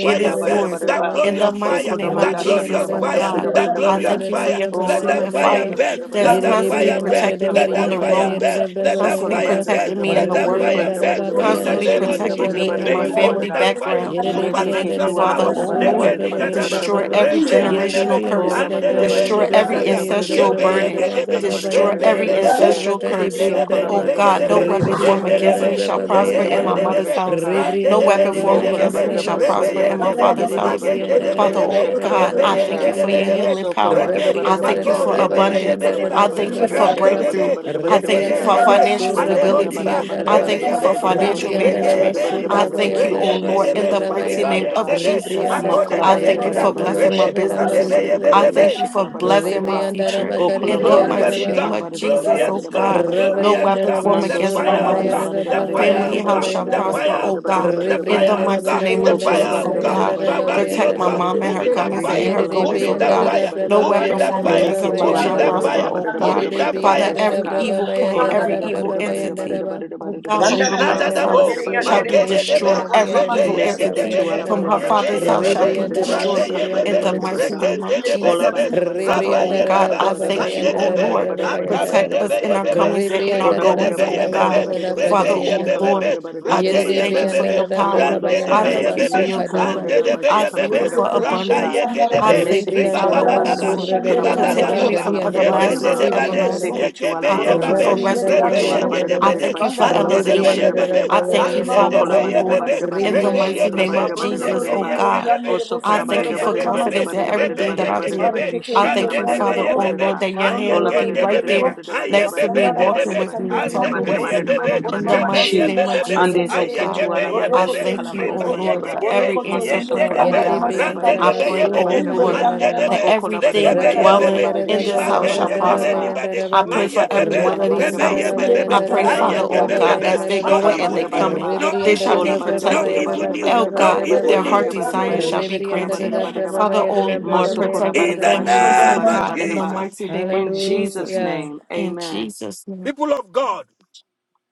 C: it is
B: raba
A: burn.
D: barada
C: yours.
D: barada
A: That
B: surra
D: ba.
C: In the
B: baya.
A: glorious
C: mighty
A: fire,
D: Okola
C: name of
A: that glorious
D: sakala
B: Rebrianda
C: Jesus, O
B: rama
D: barada
A: fire,
D: barada
C: God,
B: surri
A: that
D: barada
C: I
B: rebrianda
D: barada.
A: glorious
C: thank you
B: rada
C: for
A: fire.
C: your
B: braba
D: Oh,
A: Let
D: la ba
A: that
D: da
C: consuming
B: bayanda
D: da ba
A: fire
D: da
C: fire
B: raba.
D: da ba da
A: burn,
D: da
C: that's
A: let
D: ba
A: that
D: da da ba da da ba da
C: constantly
A: fire
D: da ba
B: Yerebrianda
A: burn,
D: she
B: rada
C: protecting
D: kala
C: me
A: let
D: ba da
C: on
A: that
D: da
C: the
D: ba da
B: bariyada
A: fire
D: da.
A: burn,
C: roads,
B: briyada
A: let
B: braba
D: So
A: that
D: kala
C: constantly
D: ba
A: fire
D: da
B: bayada.
D: da ba
A: burn,
D: da
C: protecting
D: da
C: me
D: ba da
C: in
A: let
C: the
D: da ba
A: that
D: da
A: fire
B: Rebrianda
D: da
C: workplace,
D: ba
A: burn.
D: da
B: raba
D: da ba da da ba da
A: In
D: da ba
A: the
B: bayanda
C: constantly
A: name
B: rada
A: of
D: she la ba
B: braba
D: da
C: protecting
A: Jesus,
D: da
C: me
D: ba da
C: in
D: da
A: may
C: my
D: ba
A: you
B: bayada
D: da da ba
A: walk
B: braba.
D: da
A: in
C: family
D: da.
A: that fire,
C: background. I
D: Mese ke
C: thank
B: Yerebrianda
C: you,
A: supernatural
D: tu
B: rada
D: ala ba
C: Father,
B: bro
A: power
D: da da
C: oh
D: ba da da ba
B: surra
D: da
C: Lord.
D: da
A: legeni
D: ba da da ba da
B: yada
A: gadaba
D: da ba da
C: Destroy
D: da
B: braba.
D: ba
C: every
D: she ka.
A: rebenenebe
C: generational
B: Yerebri and
D: Oh,
C: curse,
D: la ba
B: Dara
D: da da
B: Brava
D: ba
A: andenebe ni
D: she
C: destroy
B: Yereda
D: kala ba
C: every
D: da
B: Brava
A: begada
D: da ba da da
B: Yereda
D: ba
C: ancestral
D: da
A: yebe
D: da
B: Bravo
D: ba da da
C: burden,
A: yege
D: she
B: Yereda
A: debe yegedebe
D: kala
B: Brava
D: ba da
B: by
D: da ba
C: destroy
D: da da ba da
C: every
D: da
B: Andaraba
D: ba
A: rebenenebe
D: she.
B: Sura
C: ancestral curse.
B: Kadibri
D: Sho
B: and
A: yendedebe
D: kala
A: ni
D: ba
C: Oh
D: da
B: Daraba
D: da ba da
C: God,
D: da
C: no
D: ba
A: begedebe
D: da da
C: weapon
D: ba da
B: Reberi
D: da
B: and
C: formed
D: ba da da
C: against
B: Dara
D: ba
C: me
A: yendedebe
D: she
C: shall
B: Brava
D: kala
B: by
D: ba
A: yege
D: da
C: prosper
D: da ba
C: in
D: da
C: my
D: da ba
B: Andaraba
D: da da
A: yendedebe
C: mother's
D: she
C: house.
D: ka.
B: Rebri
C: No
B: and
A: randedebe
C: weapon
A: ni
B: Daraba
C: formed
B: by
D: Mokola
C: against
A: bedebebe
C: me
D: barada
C: shall
B: Andaraba
D: barada
A: rebe
C: prosper
D: barada
B: Sura
C: in my
D: barada
A: yendede
D: barada
C: father's
D: barada
C: house.
D: barada
B: Yerebri and
D: barada
C: Father,
B: Daraba
D: barada
B: by
C: oh
D: shakala
A: ye.
B: Arada
C: God,
A: Yebe
D: barada
C: I
B: Brava by
C: thank you
D: basha.
C: for your
B: Andaraba
A: yebeyendedebedebe,
C: healing
D: Sokola
C: power.
D: barada
A: reke
B: Reberi
C: I
B: and
D: barada
C: thank
D: barada
C: you
B: Dara
A: mago
C: for
D: barada
B: Brava
A: yebe
D: barada
B: by
C: abundance.
A: debe
D: shakala
A: niba
D: barada
C: I
D: barada
C: thank you
D: barada
C: for
A: rande
D: shakala
B: andara
D: barada
C: breakthrough.
A: debe
D: barada
C: I
D: barada
A: yege
C: thank you
D: barada.
C: for
A: yende
B: Rebriandaraba
A: de
C: financial
D: Ola
A: mandebo
D: barada
C: stability.
D: barada
A: niba
D: barada
C: I
A: yebe
D: barada
C: thank you for
D: barada
A: yebe niba
D: barada
C: financial
D: barada
A: rege yebe yebedebeniba, randedebe, yegeyendede,
C: management.
D: barada
A: mandeboniba,
D: barada
C: I
A: yebeyebeniba, regeyebeniba,
B: Surra
D: barada barada
C: thank
D: barada
C: you, oh
B: Bayandaraba
C: Lord,
D: bashi la
A: reyendedebe,
C: in the
B: Surra
D: barada
C: mighty
D: barada
B: Baya
C: name
D: barada
C: of
D: ba.
A: ribayendede,
C: Jesus.
B: Ribrianda
D: Makala
C: I
D: barada
C: thank
B: Rabayara
C: you
A: magodedebeniba,
D: barada
C: for
D: barada
C: blessing my
A: rebe,
B: Rabrabayara
D: shikala barada
A: adebe
C: businesses.
B: Rabasur
D: barada
A: yebe
C: I
D: barada ba
B: Reveria.
C: thank
A: adebeyebebebe.
C: you for
D: shikala barada
C: blessing
D: barada
C: my
D: ba.
B: Ribrianda
C: future
D: Okola
C: in the
D: barada
B: Rabakaribrianda
D: ba
C: mighty
A: Glorious
C: name
A: God,
D: shikala
B: Rabat.
C: of
D: barada barada
C: Jesus,
A: glorious
C: oh
D: barada
A: God,
D: barada
C: God.
D: barada ba.
C: No
A: glorious
B: Rabarianda
C: weapon
A: God,
C: formed
A: the
D: Mando
B: Rabasur
C: against my
A: fire
D: sakala
A: of
D: barida
B: Rabayara
A: God,
C: mother's
D: barida
A: the
D: barida
A: fire
C: family
D: barida
B: Rabrabayara
A: of
C: house
A: God,
D: barida
C: shall
B: Rabayara
A: the
D: barida
B: Raba.
D: barida
A: fire
C: prosper,
D: barida
C: oh
A: of God,
C: God.
A: the
D: barida barida
C: In
A: fire
C: the
D: barida
B: Ribrianda
D: ba.
A: of
C: mighty
A: God,
C: name
A: the
C: of
B: Rabagarianda
A: fire
D: Okola
C: Jesus,
A: of
C: oh
D: barida
A: God,
D: barida
B: Rababayanda
C: God.
D: barida
A: surround
D: barida
A: your
C: Protect
B: Rababayanda
C: my
D: barida
B: Raba.
A: God,
D: barida
C: mom and
A: move
C: her
D: barida
A: in that
D: barida
C: comings
A: fire,
C: and her
D: shikala
B: Yerede
A: move
C: goings,
D: barida
A: in
C: oh
A: that
B: brianda
D: barida
C: God
B: da da
D: barida
A: fire,
C: no
B: braba
D: barida.
A: move in
C: weapon
B: bayanda
A: that
B: da
C: formed
A: fire,
C: against
B: braba
D: Make
C: her
D: it to
C: life
A: move
D: ala
A: in
C: shall
B: bayanda da
A: that
D: barida
B: ba.
C: prosper,
D: barida
A: fire,
C: oh
D: barida
A: move
C: God.
D: barida
A: in
B: Yerede
A: that
D: barida
C: Father,
A: fire.
B: brianda
D: barida
B: da da
C: every
D: shika.
B: braba
C: evil plan,
B: bayanda
D: Ola
B: da
C: every
B: da
D: barida
F: you.
C: evil
B: braba
D: barida barida
B: bayanda da
D: barida
C: entity,
B: ba.
D: barida
C: oh
D: barida ba
C: God, from her
F: Yandere
D: shikala
B: Rigrianda
C: mother's
B: da
D: barida
B: ba
C: house
A: Nadadabo,
D: barida
F: masikandere
D: barida
C: shall
B: surra
F: yandere
C: be
D: barida ba
B: brianda da
F: bosundoro
A: Magedebe,
C: destroyed.
B: da
D: shika.
F: bore
C: Every
B: brianda
F: mama
B: da da
C: evil
A: Rebeye
B: braba
F: sikandere.
D: Meseke
C: entity
D: to
B: bayanda
A: Gedebebe,
D: ala
B: da
C: from
B: ba.
D: barida
C: her
D: ba
F: Mabrondo
C: father's
A: Yebeye
D: shikala
C: house shall
D: barida
A: Bebe,
C: be
F: yandere
B: Ribrianda
D: barida
B: da
D: ba
F: yandere
B: ba
F: ma.
C: destroyed
D: shikala
A: Rabeye
B: surra
D: barida
C: in
A: Bebe,
C: the
B: brianda.
D: barida
C: mighty
F: Arekete
D: barida.
C: name of
A: Regende
F: yandere
A: Debe
D: Ola
F: yandere
C: Jesus.
A: Debe,
D: barida barida
C: Father,
D: barida
C: oh
B: Ribrianda
A: Rabaye
D: barida
B: da
C: God,
B: da
A: Baba,
C: I
D: barida barida
C: thank you,
A: Ande
B: bayanda
C: oh
D: shikala
B: da da
A: Debe,
D: barida
C: Lord.
D: barida barida
B: bayanda da
A: Akabe
D: barida
C: Protect
B: ba.
C: us
D: barida
C: in
A: Debeye
C: our
D: barida ba.
A: Bebe,
C: comings and in our
B: Ribrianda
D: Ola
B: da
A: Rinde
D: ba de
B: da
D: da
C: goings,
D: ba de
C: oh
D: da
A: Debeye
D: ba de da
B: bayanda
C: God.
A: Bebe,
D: ba
B: da
D: de
B: da
D: da ba de da
C: Father,
D: ba de
A: Rebeye
D: she
B: bayanda
C: oh
B: da
D: kala
B: ba.
D: ba de
C: Lord,
A: Bebe,
D: da ba de da ba
C: I
D: de da ba
C: just
B: Yerede
D: de
A: Rageye
D: da
C: thank you
D: ba.
C: for
B: brianda da
A: Bebe,
C: your
B: da
C: power.
D: Anamondo
A: Rande
D: sa
C: I
B: bayanda
D: kala
B: da
D: ba
A: Debeye
C: thank
B: ba
D: de
C: you for
D: de
A: Bebe,
C: your
D: she
B: suka da
D: kala ba de
C: glory.
A: Ande
D: da
B: braba.
F: masikandere.
D: ba
C: I
D: she
A: Debeye
D: kala
C: thank
D: ba de
C: you
A: Bebe,
D: da
C: for
D: ba
F: Urokete
D: de de she
F: yandere
C: abundance.
D: ka.
A: Rakaye
F: yandere ma.
C: I
A: Gedebe,
D: Mese
C: thank you,
D: ke tu
C: Father,
A: Rebaba
D: ala
B: Ribriandaraba
F: Yandere
D: ba
C: oh
D: de da ba
A: Baba,
B: Surra
C: Lord,
D: she kala
F: masikandere
D: ba
C: for
D: de
A: Ribaba
D: da ba
F: yandere
C: taking
B: Gariandaraba
F: bo.
D: she
C: me
A: Baba,
C: from
D: kala ba de
A: Ye
D: da ba
B: Gariandaraba
D: de da
F: Marondo
C: everlasting
A: Bende
D: ba.
A: de
C: to
F: lolo
A: Bade,
F: yandere
D: Se
F: bo.
B: Saribriandaraba
D: ke
A: Ye
C: everlasting.
D: tu ala
A: Gebe
C: I
D: ba
A: Ye
D: de da
C: thank you
D: ma
F: Orokoto
D: da
A: Babe,
C: for
D: she
F: yandere
D: se ke
B: Rabriandaraba
A: Rebe
D: tu
F: yandere
A: Ye
D: ala
F: bo.
C: restoration.
D: ba de da
A: Gede
D: ba
C: I
D: de
B: Bayandaraba
D: da
A: Bede,
D: ba
C: thank you
D: she
C: for
F: Sandara
A: Ande
D: kala ba de
A: de
D: da ba
A: Be
D: de
A: Ye
D: da
C: elevation.
F: masikandere.
D: ba de da
A: Bebe,
D: ba.
C: I
B: Ribriandaraba
C: thank
F: Ere
C: you,
A: Ande
F: mama
D: O
C: Father,
A: de
D: kola
B: Bayandaraba
C: oh
A: Be
D: ba
A: Ye
D: de
F: masandara
D: da ba
C: Lord,
D: de
A: Bebe,
D: da ba de
C: in
D: da
C: the
A: Rege
D: ba
F: masikandere.
D: she
A: Ye
C: mighty
D: kala
B: Ribriandaraba
D: ba
C: name
D: de
A: Bebe,
C: of
D: da
B: Surra.
D: ba
F: Mabrondo
D: da
A: Ye
D: ba
C: Jesus,
F: lolo
A: Ge
D: da
C: oh
A: Ye
D: ba.
F: yandere
A: Nde
C: God.
A: de
D: O
A: Be,
F: yandere
D: so
C: I
A: Rebe
C: thank
F: bosundoro
C: you
D: da
A: Ye
D: ba
C: for
F: bore
D: da ba
A: gegebe
F: mama
D: da
C: confidence
D: ba
C: in
D: da ba
F: sikandere.
D: da
C: everything
D: ba
A: Rebe
C: that
A: Ye
B: Just,
D: da
C: I
D: ba
B: just
A: gegebe
D: da
A: Ge
C: do.
D: ba
B: try it.
D: da
F: Marekete
B: Huh?
C: I
D: she kala
F: inderi
C: thank
A: Rande
C: you,
A: de
D: da ba
A: Be
F: yandere
C: Father,
D: da
A: Ye
F: bo.
D: ba
C: oh
D: da.
A: Bebe,
C: Lord, that your
A: Aye
C: hand will
D: Ola
F: Marondororo
D: ba da
C: be
A: Gende
D: da ba
A: de
C: right
D: da
F: inderi
D: da
A: Be,
F: bo.
D: ba
C: there
D: da da ba da da
A: Aye
C: next to me,
A: Bebe
D: ba da
F: Masandara
D: da ba
A: de
D: da
C: walking
D: da
A: Be,
C: with
D: ba
C: me,
F: masikandere
D: da da ba
C: talking
D: da
F: yandere
D: da
F: bo.
A: Azeke
C: with
D: ba da da
C: me.
D: ba
F: Sindoro
D: da
A: bebe,
F: bo
D: da ba da da ba da da ba
C: In
D: da
C: the
D: da
F: mama
D: ba
A: rebe
C: mighty
A: ye
D: she.
C: name
F: masandara
C: of
A: bebe be,
D: Ande
C: Jesus,
D: se
C: oh
B: Yedidibro
F: masikandere.
A: aye
D: ke
C: God.
D: tu
B: Surra
D: ala ba da
C: I
D: she
F: Borokoto
A: bebe,
B: Bariandaraba.
D: kala
C: thank
D: ba
C: you,
B: I
F: inderi
D: da
C: oh
D: da
F: bo.
A: riba
D: ba
B: got
D: da
B: you,
A: ye
D: da
C: Lord, for
B: girl.
D: ba.
A: gegebe,
C: every
F: Borokoto
D: Mando
C: answer
D: so
F: inderi
A: yende
C: prayer,
A: de
D: kola
C: oh
D: ba da
A: be,
F: yandara
D: da
C: God.
D: ba da da ba da
A: rande
D: da
A: de
C: I
B: Yedidibriandaraba
F: masikandere.
A: be
D: she
A: ye
C: pray,
D: kala ba
C: oh
D: da
B: Surra
D: da ba da
F: Inderi
C: Lord,
D: da.
A: mande
F: yandara
A: de
B: Bariandaraba
F: mas.
C: that
D: O
A: be,
D: kola ba da da
C: everything
D: ba da
A: legebe
F: Sandara
D: da
A: ye
D: ba da da
C: dwelling
D: ba
A: bebe,
B: Hallelujah.
D: da da
C: in
F: masikandere
D: she
C: this
A: riba
D: kala
F: yandere
C: house
D: ba
F: bo.
D: da
C: shall
D: da
A: kende
D: ba
A: de
D: da da
F: Sindoro
A: be ni
F: bo.
C: prosper.
D: ba.
A: bade,
C: I
A: ma
C: pray
D: Me
A: ye
C: for
D: se
F: Borokoto
D: ke tu
A: bebe,
C: everyone
F: inderi
D: ala
F: bo.
C: in
D: ba da
C: this
D: da ba
A: rebe
D: da da
C: house.
D: ba da
F: Inderi
D: da
A: bebe
D: ba
A: be,
C: I
F: yandara
C: pray,
D: da da ba
C: Father,
D: da da
C: oh
D: ba da da ba da da
F: masikandere.
C: God,
D: ba da
A: bebe,
D: da
C: as they
A: no
F: Mata
C: go in
D: kala ba
C: and
D: da
A: evil
C: they
D: da
F: sadara
D: da
A: news,
C: come in,
D: ba.
F: inderi
A: no
C: they
F: yandara
A: evil
C: shall be
D: Ola
A: news,
D: ba da da
F: masikandere
A: no
D: da
F: bo
D: da
C: protected.
D: da
A: evil
F: mama.
D: da
A: news,
D: da
C: Oh
D: da da
A: no
D: da
C: God,
D: da
F: Abrendere
A: evil
D: da
C: their
D: da
C: heart
D: da
F: inderi
A: news.
D: da da
F: yandere
D: da
C: desires
F: bo.
D: da
C: shall be
D: kala ba da da
C: granted.
D: da ba.
C: Father,
F: Thank
C: oh Lord, protect their
A: In the
D: Masokodabareba,
C: families, oh
A: name of
F: you.
C: God, in the
D: shikalabareba.
A: Jesus,
C: mighty name of
D: In Jesus'
C: Jesus.
D: name,
C: In
D: amen.
C: Jesus' name.
A: people of God,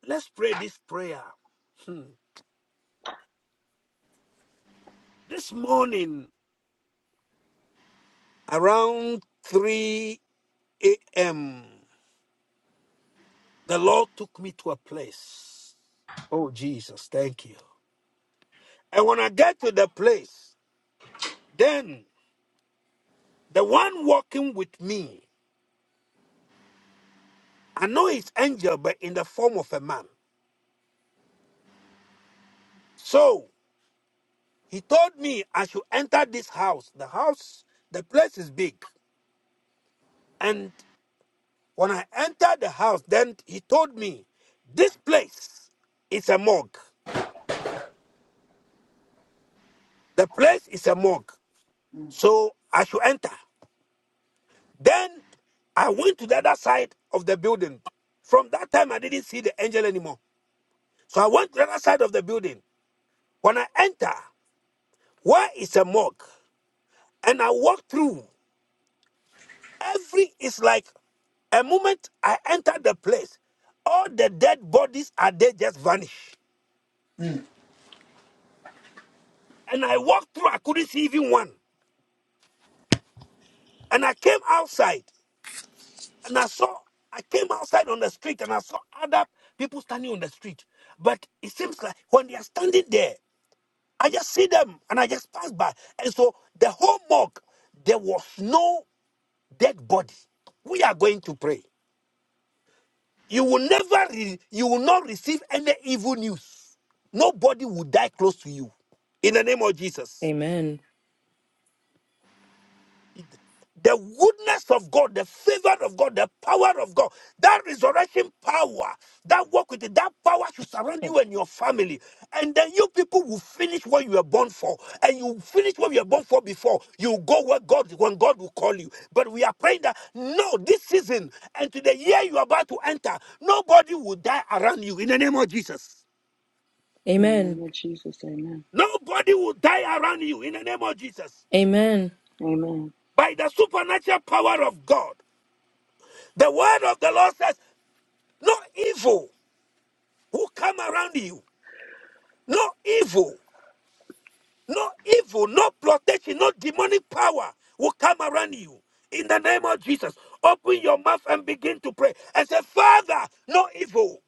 A: let's pray this prayer. Hmm. This morning, around 3 a.m., the Lord took me to a place. Oh, Jesus, thank you. And when I get to the place, then the one walking with me, I know it's angel, but in the form of a man. So he told me I should enter this house. The house, the place is big. And when I entered the house, then he told me, this place is a morgue. The place is a morgue. So I should enter. Then I went to the other side of the building. From that time, I didn't see the angel anymore. So I went to the other side of the building. When I enter, where is a morgue? And I walk through. Every is like a moment I enter the place, all the dead bodies are there, just vanish. And I walked through, I couldn't see even one. And I came outside and I saw, I came outside on the street and I saw other people standing on the street. But it seems like when they are standing there, I just see them and I just pass by. And so the whole mosque, there was no dead body. We are going to pray. You will never, re- you will not receive any evil news. Nobody will die close to you. In the name of Jesus.
B: Amen.
A: the goodness of God, the favor of God, the power of God, that resurrection power, that work with it, that power should surround you and your family. And then you people will finish what you were born for. And you finish what you were born for before. You go where God, when God will call you. But we are praying that, no, this season and to the year you are about to enter, nobody will die around you in the name of Jesus.
D: In the
B: Amen.
D: name of Jesus, amen.
A: Nobody will die around you in the name of Jesus
B: Amen.
D: Amen.
A: by the supernatural power of God. The word of the Lord says, No evil will come around you. No evil, no evil, no protection, no demonic power will come around you. In the name of Jesus, open your mouth and begin to pray and say, Father, no evil.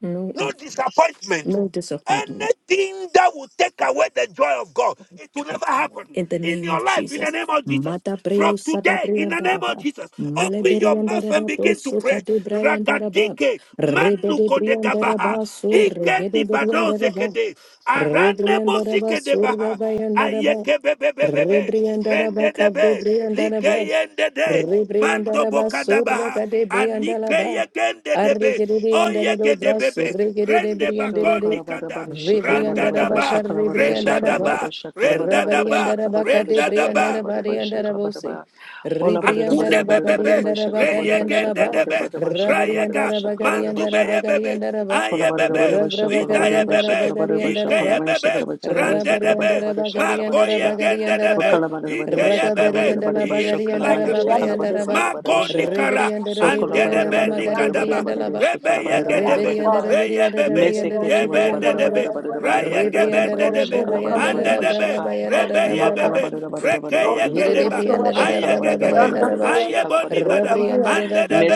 B: No,
A: no
B: e-
A: disappointment.
B: no disappointment.
A: Anything that will take away the joy of God,
B: of the
A: it will
B: Joy
A: never
B: of the Lord.
A: happen
B: In the
A: in
B: name
A: your
B: of
A: life in the
B: Jesus.
A: name of Jesus.
B: Mata
A: From
B: preo sada
A: today, in the name of
B: briandaraba.
A: Jesus, open your mouth and
B: Maleberiandarabo
A: begin to
B: soka
A: pray.
B: de briandaraba.
A: Ragadike
B: Rebede
A: manuko de gabaha,
B: briandaraba so
A: ike
B: regede
A: nibadoze
B: briandaraba.
A: kede, arande
B: Rebriandaraba
A: mosike de baha,
B: surabayandaraba.
A: ayeke bebebebebe,
B: Rebriandaraba
A: rende
B: kade
A: debe, like
B: briandaraba.
A: yende de, mando
B: Rebriandaraba sura
A: bokadabaha,
B: kade
A: anike
B: briandalaba.
A: yegende debe,
B: Arregede andarado
A: oyeke de bebe,
B: braso regede
A: rende
D: So
B: briandaraba.
A: bakoni
D: kalabareba,
A: kada, randa
D: shikalabareba,
B: Rebriandaraba
A: daba,
B: kar
D: shakalabareba,
A: renda
B: rebriandaraba.
A: daba,
D: shakalabareba,
A: renda
D: shakalabareba,
B: Rabari and
A: daba,
B: Arabaka
D: shakalabareba,
B: de
A: renda daba.
B: Brianda
D: shakalabareba,
B: Rabadi and Arabose.
D: shakalabareba.
B: Ribri
D: Olabareba,
B: and
A: Akune
B: Arabagari and
A: bebebe,
D: shakalabareba,
B: Arabagari
A: reye
B: and
D: shakalabareba,
A: gende
B: Araba.
D: shakalabareba,
A: debe,
B: Rabari and
D: shakalabareba,
A: rayega,
B: Arabagari and
D: shakalabareba, sha.
A: mandubeye
B: Arabagari
A: bebe,
B: and Araba.
A: aye bebe,
D: Kolabarabasha,
B: Rabrabagari
A: idaye
B: and
D: kolabarabasha,
A: bebe,
B: Arabagari and
D: kolabarabasha,
B: Araba.
A: ikeye
D: kolabarabasha,
A: bebe,
D: kolabarabasha,
A: rande
B: Rabarianda
A: debe,
D: kolabarabasha,
B: Rabagarianda
A: makoye
D: kolabarabasha.
A: gende
B: Rabagarianda
A: debe,
B: Raba
A: ikeye
D: Wakalabarabasha,
A: bebe,
B: Ragaberianda
A: he
D: kolabarabasha,
A: is
B: Labagarianda
A: like
F: Father,
A: a
D: kolabarabasha,
A: beast.
B: Rababayanda
D: kolabarabasha.
B: Raba
A: Mako
D: Kolabarabasha,
A: nikara,
B: Riberianda
D: So
A: and
B: Rebrianda
A: dedebe
B: Lamagade
A: nikadaba,
B: Brianda Laba
D: kolabarabarabarabarabarabarabasha,
A: rebe yegedebe,
B: Riberianda
D: kolabarabarabarabaraba.
A: reye
B: Reberianda
A: bebe,
F: that
B: Rebrianda
F: no
D: Meseketu
F: evil will
A: yebende
B: Rebrianda
F: come near
B: Laba
A: debe,
F: my dwelling place.
A: raye gebende
B: Rebrianda
F: No
D: walabarabarabarabarabarabarabarabasha,
A: debe,
F: evil will come
B: Rabrabayanda
F: near
A: ande
F: me.
D: kolabarabarabarabasha
A: debe,
D: ka.
F: No
A: rebe
B: Rabrabayanda
F: evil,
B: Rabraba
F: Lord
A: yebebe,
F: Jesus. No evil
A: reke
F: whatsoever.
D: Makalabarabarabarabarabarabarabarabasha,
A: Ayegegebe,
F: None
B: Yedidibriandarababa,
D: kolabarabarabarabarabasha,
F: whatsoever
A: ayeboni
F: will
A: bada,
F: come
D: kolabarabaraba.
F: near me.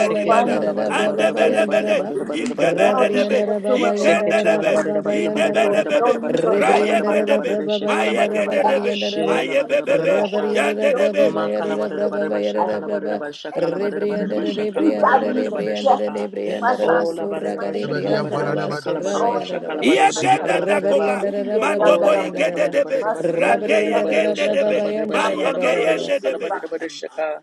F: Will find
A: bada,
F: me.
D: ala barada
F: Will
D: barada
B: Yandarababa,
F: trace
D: barada
F: me.
D: barada
A: andebedebede,
B: Yandaraba,
F: Will
D: barada
F: lead me.
D: barada barada
F: No
D: barada
F: evil
A: ikebedebe,
D: she.
B: Rabriandarababa,
F: whatsoever. My God,
D: Seketu ala
A: ikendebe,
F: I'm
D: barada
B: Yandarababa,
F: so
D: barada barada
F: There will
B: Yandaraba,
D: barada
F: be no
D: barada
A: idebedebe,
F: news of
D: barada
F: death in
D: barada
F: my
D: barada barada
F: family.
A: rayegedebe,
D: barada she
B: Ribriandarababa,
F: No
D: kala
F: news
D: barada
F: of
B: Yandaraba,
F: death
D: barada
A: mayegedebe,
B: Gariandaraba,
D: she
F: now.
D: la
F: And if
D: barada
F: you do
A: mayebebebe,
D: barada
F: not
D: sha.
A: yandedebe,
B: Rabriandarababa,
F: want
D: Ma kala
A: isha.
F: to
D: barada barada basha
F: I
D: kala
F: come
D: barada
F: against
D: basha kala
F: any
D: barada barada
F: use,
D: basha
B: Yandarababa,
F: any
D: kala barada
F: bad
B: Yandaraba,
F: news
D: barada
F: of
D: barada
F: death
D: shaka.
F: in my
B: Ribriandarababa,
D: O
F: family,
D: la
F: in
B: Surra,
D: barada
F: my
D: basha kala
F: immediate
E: Abadia,
D: barada
B: Garibriandaraba,
F: family.
D: basha kala
B: Surra,
E: Baradabados,
D: barada
F: Oh, I
D: basha
F: come
B: Yandaraba,
D: kala
F: against you
D: barada
F: right
E: Zibi,
D: basha
F: now.
A: Yegeda
D: kala barada
A: dakoba,
D: ba.
F: Inderi
D: Oh,
A: mandobo
D: la ba
F: yandarama,
D: da da ba
B: Rabriandarababa,
D: da da ba da
A: igedebe,
D: da ba da da ba
F: masikanderi
D: da da
B: Rabarianda
D: ba da da ba da da
F: yanderebu,
D: shaka la
A: rageyegendebe,
D: ba da da ba
B: Rabrabayanda
D: shaka la ba
F: mabrondo
D: da da ba
F: doro
B: Rabrabayas.
D: shaka la
F: inderi
D: ba
A: mayegendebe,
D: da
F: ba.
D: da ba da shaka.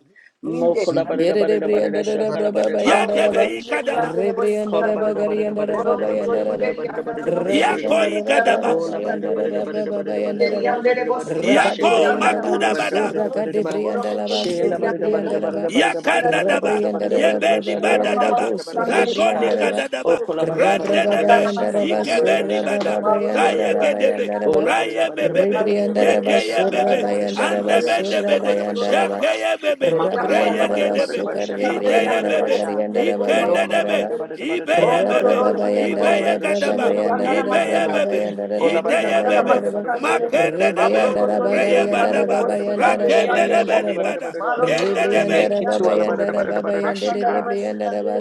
F: Inderi
D: Mokola
E: Zibadia,
D: barada barada barada
F: yandere.
D: shakala barada shakala
F: Marokoto
B: Yererebriandarababa,
A: Yadebe
D: barada
F: inderi
A: ikadaba,
D: shaka.
F: yandere
D: Kola
F: bosikandoro.
D: barada barada barada
B: Rebriandarabagariandarababa,
D: barada
F: Borokoto
D: barada barada
B: Yandaraba,
F: inderi
D: barada barada
F: yandarama.
D: barada barada
A: yako
D: barada.
B: Rebriandarababa,
F: Zandarama
A: igadaba,
D: Ola barada
F: sikandere.
D: barada barada
B: Yandarababa,
D: barada
F: Inderi
B: Yandaraba,
D: barada
F: yandere
D: barada barada barada barada
F: bosikandere
D: shakala
A: Yako
D: barada
B: Rabadebriandala,
F: yandarama
D: barada barada
A: Makudabada.
D: barada
F: sikandoro.
B: Usuraka
D: barada
A: Is
D: barada.
A: there
F: Borokoto
B: debriandalaba,
F: inderi
D: Shela barada
F: yandere bo.
D: barada barada
B: Surrebriandaraba,
D: barada barada
A: Yakanda
F: Zandarama
D: barada
A: daba,
D: barada barada
F: sikandere.
D: barada barada
B: Rebriandarababa,
A: yebeni
D: shakala
F: Eh
A: bada
D: barada
F: mama
A: daba,
B: Yarebo,
D: barada barada barada
F: sikandere
D: shika.
A: zakoni
F: yandere
B: Surrebriandaraba,
A: kada daba,
F: bosikandoro.
D: Okola barada barada
A: rande
B: Rabrababa,
D: barada barada
A: debe,
D: shakala
B: Yandaraba,
D: barada barada
A: ikebeni
D: shakala
A: bada,
B: Surrabrababa,
D: barada
F: Bondo
D: barada barada
A: zayege
D: barada.
B: Yandarababa,
A: debe,
B: Yandaraba,
D: Ola barada
A: raye
D: barada barada
A: bebebe,
D: barada barada barada
B: Rebriandaraba,
A: yegeye
D: shakala
A: bebe,
D: barada barada shakala
B: Surrabayandaraba,
A: ande
D: barada
A: bende
D: shakala
A: bede,
D: barada shakala
B: Surrabayandaraba,
D: barada.
A: yakeye bebe,
D: Makala badada
A: reyege
D: badada
B: Rabriandaraba
D: badada
A: debe,
B: suka
D: basha kala badada
A: iteye
D: badada
B: rebriandaraba
A: bebe,
D: basha
B: gariandaraba
A: ikende
D: lokala
A: debe,
B: bayandaraba.
D: badada badada badada
A: ibeye
D: badada
F: lo
B: Rebriandara
F: lo
A: bebe,
D: badada badada
F: ingeri bo,
D: badada badada
A: ibeye
D: badada
B: Baba
A: kadaba,
F: ingeri
D: shakala badada
F: andana
D: badada
B: Yandara
F: mas
A: ibeye
D: badada
B: Baba
A: bebe,
F: kandere.
D: ola badada
A: iteye
F: Sandala
D: badada
A: bebe,
D: badada
F: masikandere,
D: badada badada
A: makende
D: badada
A: debe,
D: badada
F: mabroko to
D: badada
A: reye
F: ileri
D: badada
F: yandere
A: badaba,
F: bo
D: badada badada badada badada badada
F: sikandere
D: basha
A: rakende
F: yandere
D: la
F: bo,
A: debe
D: badada badada
B: Yandere
A: nibada,
D: badada
A: yende
F: marolororo
A: debe,
F: ileri
D: make it to
F: yandere
D: ala
F: bo,
D: badada badada badada
F: masandala
D: shika
B: Rebriandara
F: masikandere,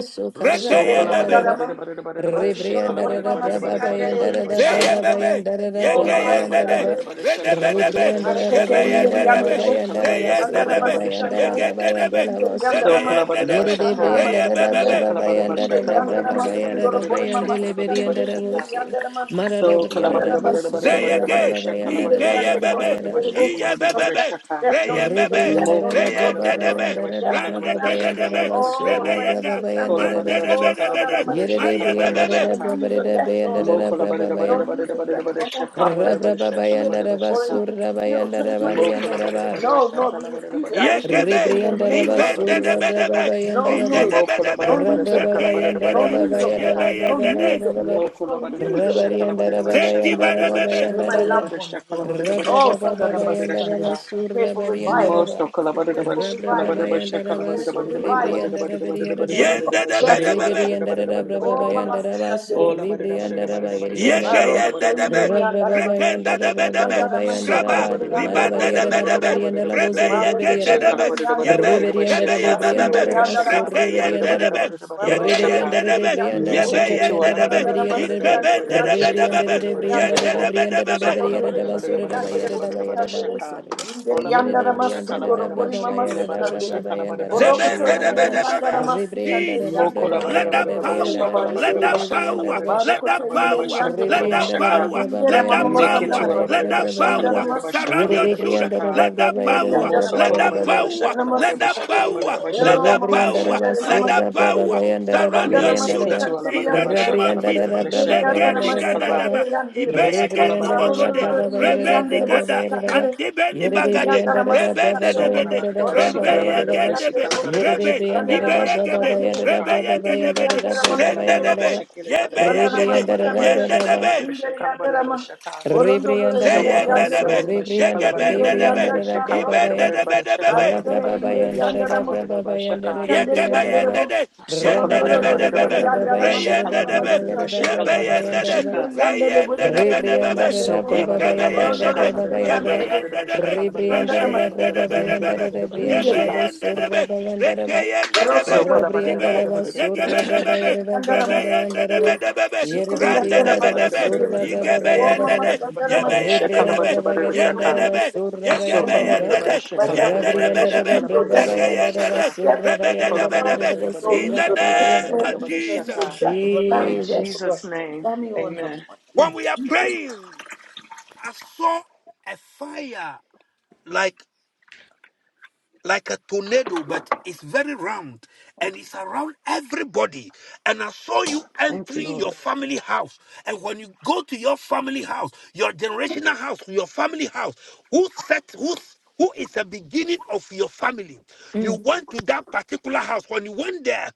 D: so
F: ileri
A: Rekeye
D: kala badada
A: bebe,
F: yandala ma,
D: badada badada badada badada
F: masutoro
D: shikala
B: Rebrianda
F: bore
D: badada
B: da
F: mama
D: badada
B: braba
D: badada
F: sikandere
D: badada
B: bayanda
D: badada
F: ileri
B: da
D: basha
A: zeye
F: yandala
B: braba
F: no,
A: bebe,
B: bayanda da
F: yo
D: ola
B: braba
F: mama
A: yegeye
D: badada
B: yanda
D: badada
B: da
A: nede,
B: ba.
F: sikandere,
D: badada badada shakala
A: redebe
D: badada
A: debe,
D: badada
B: Rebrianda da
F: Harekete
D: shakala
A: yebeye
D: badada
F: indir
B: bagarianda da Rebriandarada da
D: badada
B: Brababayandarada Brabayandaraba Rebriandara da
D: badada
A: nedebe,
F: yandere bu.
D: shakala badada
B: Babayandaraba
A: zeye
D: badada
F: Sandana
D: badada
A: nedebe,
F: bastı
D: badada
B: Surabayandara
D: shaka
F: sandere.
A: yege nedebe,
B: Babayandela
F: İndir
B: Vosi
D: so
F: yandere
A: zebeye
F: ma.
B: Yere
A: nedebe,
D: kalabadabashaka.
F: Sandana bastı
A: reye
B: Debriandarada da
F: sandere.
A: bebebe,
F: İndir yandere
B: Brababayandarada
F: ma. Sundoro borima
B: Bayandele
F: bastı sandere.
B: Beriandara
D: Shakalabadabashakalabarabarabarabarabarabashakalabarabashaka.
F: İndir
B: Vosi
F: yandere ma.
D: So
B: Marada Briarada
F: Sandana bastı
B: Busu da
A: zeye
F: sandere.
A: ge,
F: İndir
B: Brababayandarada
A: ikeye
F: yandere bu.
A: bebe,
B: Brababayanda Oh
F: Sundoro bu.
A: iye
B: Jesus
F: No sign
A: bebebe,
D: kalabadabarabarabarabarabashakalabarabashakalabarabashakalabarabashaka.
F: of death, no
A: reye
F: news of
A: bebe,
D: Mo
F: death, no
B: Rebriandara
F: news
A: reye
F: of
B: braba
F: death, no news
A: nedebe,
F: of
B: bayandara
F: death in my
B: braba
A: ranneke
F: family.
B: bayandara
A: nedebe,
F: Oh,
D: kalabadabarabarabarabarabashakalabarabashakalabarabashaka.
F: in
B: basura
F: my
B: braba
A: rebeyega,
F: immediate family.
B: bayandara
F: Oh,
B: braba
A: mandedebe debe de,
F: Sandana bastı
B: yere
A: maye
F: sandere.
B: rebriandara
A: bebebe,
F: No
D: Kolabadabashakalabarabarabarabashakalabarabashaka.
B: braba
F: news of
B: reda
F: death, Lord
D: Mo
B: bayandara
F: Jesus.
B: braba
F: No
B: bayan
F: news of death. no more heartbreak
B: rabra
F: in this year
B: bayandara
F: or
D: kalabadabarabarabarabarabashakalabarabashakalabarabashaka.
F: into this
B: basura
F: year of 2026.
D: Mokola
B: bayandara
D: barada barada
F: No,
D: shaka
F: Lord,
D: la
F: we
D: barada
F: refuse it.
D: barada
F: I
D: barada
F: refuse
D: shaka
F: it
D: la
A: Yegebe,
F: in the
D: barada barada
F: name
B: Rebriandaraba
D: barada
F: of
A: libende
D: barada
A: de
F: Jesus.
B: Sura
D: barada
B: Brava
D: shaka.
A: bedebe,
F: No
A: rinde
B: Bayandaraba
A: de
F: news,
D: Mokola
F: no
A: bedebe,
D: barada barada
F: news of
B: Rabraba
D: shaka
F: death,
D: la barada
A: rekeyende
F: no
D: barada
A: de,
B: Bayandaraba
F: news
D: barada
F: of death,
D: shaka.
F: no
B: Bayandaraba
A: yebeyende de,
F: news of death,
B: Bayandaraba
F: no
D: Mokola barada
F: news
D: barada
F: of death.
D: shaka la
F: Come
D: barada
F: near
B: Rabariandaraba
D: barada
F: my
D: shaka
A: zeti
F: dwelling
D: la
F: place.
B: Bayandaraba
A: bedebebe,
F: May my
D: barada
B: Bayandaraba
F: loved
D: barada
F: ones,
D: shaka la barada barada shaka la
F: Lord.
D: barada barada
F: Oh,
D: shaka la
B: Rabraba
F: Sandana
D: barada barada
F: Masikandere.
B: Bayandaraba
D: shaka.
F: We pray
B: Sura
F: for revival.
B: Bariandaraba
D: Mosto kola
F: We
D: barada
F: pray
D: barada
F: for
D: shaka la
B: Rabraba
F: revival.
D: barada barada shaka
F: We
D: la
B: Bayandaraba
F: pray
D: barada
F: for
D: barada
B: Suri
D: barada barada
F: revival. We pray for
D: barada barada barada
B: Briandarabarianda
F: revival.
D: barada
A: yende
D: barada
A: de
F: Yes,
D: she
F: Lord.
D: la
A: bedebebe,
D: barada barada barada
B: Rigariandaraba
D: barada
F: Oh,
D: barada.
F: Mama
B: Bayandaraba
F: Sikandere.
D: Ola
B: Suri
D: barada barada barada barada barada
B: Briandaraba
D: shaka
F: Maroko
D: la
F: to
A: yegeyende
D: barada
B: Rebriandara
A: de
D: barada
A: be,
F: ileri
D: barada.
F: andarama,
A: rekende de bedebe,
F: Sandarama
D: So
A: raba,
F: şikandere yandere
A: ribande de
F: boşun dorobu.
A: bedebe, rebe
F: Maroko to
A: yegende de be,
F: ileri yandere bu.
A: yebe, rebe yebebebe,
F: Asindere yandarama
A: rekeyende
F: şikandere.
A: de be,
F: Mamrondoro
A: yegeyende de
F: ileri
A: be,
F: yandere bu.
D: Meseketu
A: yebeyende
D: ala
A: de
D: bara
A: be,
D: bara
F: Sandarama
D: bara bara bara
F: şikandere
D: bara
A: ikebende
D: bara
A: de
F: yandere
D: shakala
F: boşun
A: bedebebe,
D: bara
F: ileri
D: bara bara
F: yandere
A: yende
D: shaka
F: bu.
A: de bedebebe,
D: sokola
F: Marondoro
D: bara bara bara
F: ileri yandere boşun
D: bara bara
F: şikandere.
D: shaka
F: İleri
D: ola bara bara
F: yandarama
D: shakala
F: sundoro
D: bara bara
F: bolimama
D: shakele bara bara
F: şikandere.
D: shakala bara bara
F: Boroko to
D: shakala bara
F: ileri
D: bara shaka
A: Zebendebedebebe.
F: yandarama şikandere
A: Jesus,
F: yandere
D: Mokola bara
A: let
F: boşun
A: that
D: bara bara
F: doro
D: bara
A: power,
F: bolimama
D: shakala bara
A: let
F: ileri
D: bara
A: that
F: ma.
D: shakala
A: power,
D: bara bara
A: let
F: Barokote
D: shakala
A: that
D: bara bara
F: ileri
A: power,
D: shakala
F: yandere
A: let
F: boş.
D: bara
B: Rebriandarabra,
A: that
D: shaka
A: power,
F: İndere
A: let
F: mama
A: that power,
F: masandara ma.
D: Meketuala
A: let
D: barada
A: that
D: bashaka la
F: Sandara
A: power
D: barada
F: masti
D: bashaka
A: surround
D: la
A: your
F: kandere.
D: barada
A: children.
D: bashaka.
A: Let that
F: Masindere
A: power,
F: yandara
D: Moso
F: ma.
A: let
D: kola
A: that
D: barada
A: power,
F: Endara
D: bashaka la barada
A: let
F: masti
A: that
D: bashaka
F: kandere.
D: la
A: power,
D: barada
A: let
F: Eo
D: bashaka la
A: that
F: mama
D: barada
A: power,
D: bashaka la
F: sindere
D: ba.
A: let
F: mama
A: that
F: kandere.
A: power surround your
F: Vandara
D: Mese
F: masti
A: children.
D: ketuala
F: kandere
A: In
D: barada
A: the
F: yandere
A: name
F: boş.
D: bashaka
A: of
D: la barada
A: Jesus,
F: İndere
D: bashaka la barada
F: yandara masti
D: shaka la ba.
F: kandere
A: Legenigadadaba,
F: yandere boş.
D: Mese kola
A: Ibeyagenu
D: barada
A: Bogode,
F: Baronuru
D: bashaka.
F: inderi yandere boş
A: Rebenigada, and
F: kandere.
A: Debeni
F: İnderi
A: bagade,
F: yandara masti
D: So
F: kandere.
D: kola
A: Rebe
D: barada bashika
F: Baronuru
D: la barada
F: inderi
D: bashika
F: yandere
A: Rebeyegendebe,
D: la
F: boş.
D: barada
A: Rebe,
D: bashaka la
A: yege yege
D: barada
A: yege
D: bashaka la
A: de,
D: barada
F: Sandanamasitandere,
A: rebe
D: shaka.
A: yege
F: Inderi
A: nebe, nebe, nebe, rebe rebe libe
D: So kola
A: zende
D: barada
F: Yandaramasundurubo,
A: nebe,
D: bashika la
A: yebe
D: barada
A: yege
D: bashika
A: de,
D: la barada
F: Asandanamasitandere,
A: yende Libeyegede,
D: bashaka la
A: Rebeyegedebede,
D: barada
A: Zendebe,
F: Inderi
D: bashaka la barada
F: Yandarama,
D: bashaka.
F: Borondoro
D: So
F: Inderi
A: Yebeyegede,
D: collaborated
B: Rebriandarabraso,
D: about
F: Yandarabo,
D: it
A: nebe,
D: about she
B: Rebriandar,
A: Zeyendebe,
D: collaborated about
F: Inderi
D: it about
A: nebe
D: it, she
F: Yandarama,
D: collaborated
F: Brokoto,
D: about
B: Rebriandarababaya,
D: it about it, she
A: Ibendebedebebe,
D: collaborated
F: Barindere
D: about it about
F: Inderi
D: it, she
F: Yandarama,
D: collaborated about
B: Rabrababayandarabababaya,
D: Shaka.
F: Masikandere
A: Yekebe
B: Rebriandaraba,
F: Yandarabo,
A: yendede,
D: So collaborated
F: Borondoro
D: about it about
F: Inderi
D: it
A: yendedebedebebe,
D: about it about
B: Rabariandarabababaya,
F: Yandarama,
D: she collaborated
A: reyendedebe,
D: about it about she
F: Sandanamasitandere,
A: yebe
D: collaborated about it
A: yendede,
B: Rabrababayandarababaya,
F: Inderi
D: Shaka.
F: Yandarabo, Inderi
B: Rebrianda
A: reyendedebedebebe,
B: da
D: So
B: da
F: Yandarabo,
B: braba
D: collaborated
A: ikebe
D: about
B: bayanda
D: it,
B: da
D: she
B: da
F: Borondoro
A: yendede,
B: braba
D: collaborated about it
F: Inderi
B: bayanda da
D: about it about
A: yebe
B: ba.
F: Yandarabo,
D: it about she
A: yendedebe,
D: collaborated about
B: Rebrianda
A: rebe
D: she
B: da da
D: collaborated
B: braba
D: about it
F: Sandanamasitandere,
D: about it
B: bayanda
D: about
B: da
A: yendedebedebebe,
D: it
B: da
D: about it
B: brianda
F: Inderi
B: da
A: yebe
F: Yandarama.
D: Shika.
B: bo surra
A: yendedebe,
B: bayanda da
A: reke
B: ba.
F: Therefore,
D: So
A: yendedebe,
F: you
D: collaborated
B: Rebrianda
D: about
A: zibe,
D: it
B: da
F: can do
B: ba
D: about
F: it.
D: it.
B: surra braba
F: You can
A: yegebedebebe,
B: bayanda da
F: under a
A: rebe
B: braba
F: master.
B: bayanda da ba.
A: yendedebedebebe,
F: You
D: So
B: Yere
F: can
B: de
F: be
D: collaborated
F: under
D: about
F: a
B: brianda
D: it
B: da
D: about
B: ba
D: it
A: randedebedebe,
D: about it
F: master.
D: about
B: surra
D: it
B: braba
A: ikebe
D: about it
F: Oh,
B: bayanda
D: about it about it
B: da
F: Mamma,
B: ba.
A: yendede,
D: about it about
F: under
D: it
F: a
D: about
A: yebe
D: it
F: master.
D: Shaka
B: Rebrianda
D: about
A: yendedebe,
D: it
B: da
D: about
B: ba
F: Because
D: it
F: we
B: da
F: don't
D: Shaka.
B: ba
F: need
A: yendedebe,
F: it.
D: So
A: yegebe
F: Don't
B: bayanda da
F: need
B: ba.
F: your
D: kolabadidabada
A: yendede,
F: death my
D: shakalabadidabada
B: Rebrianda da da
A: yendedebedebe,
B: braba
A: zeke
D: shakalabadidabada
B: bayanda da ba
A: yendede,
D: shaka.
B: bayanda da bayanda da
A: Rebedebedebe.
B: bo
D: Kolabadidabadidabada
A: In
B: surra
A: the name
B: da
A: of
B: ba.
D: shakalabadidabada
A: Jesus.
D: shaka. In
B: Jesus.
D: Jesus' name,
F: Family on the
D: amen.
F: point
A: When
F: in
A: we are
F: Jesus.
A: praying, I saw a fire like like a tornado, but it's very round and it's around everybody. And I saw you entering your family house. And when you go to your family house, your generational house, your family house, who set who who is the beginning of your family? You
B: Mm,
A: went to that particular house. When you went there,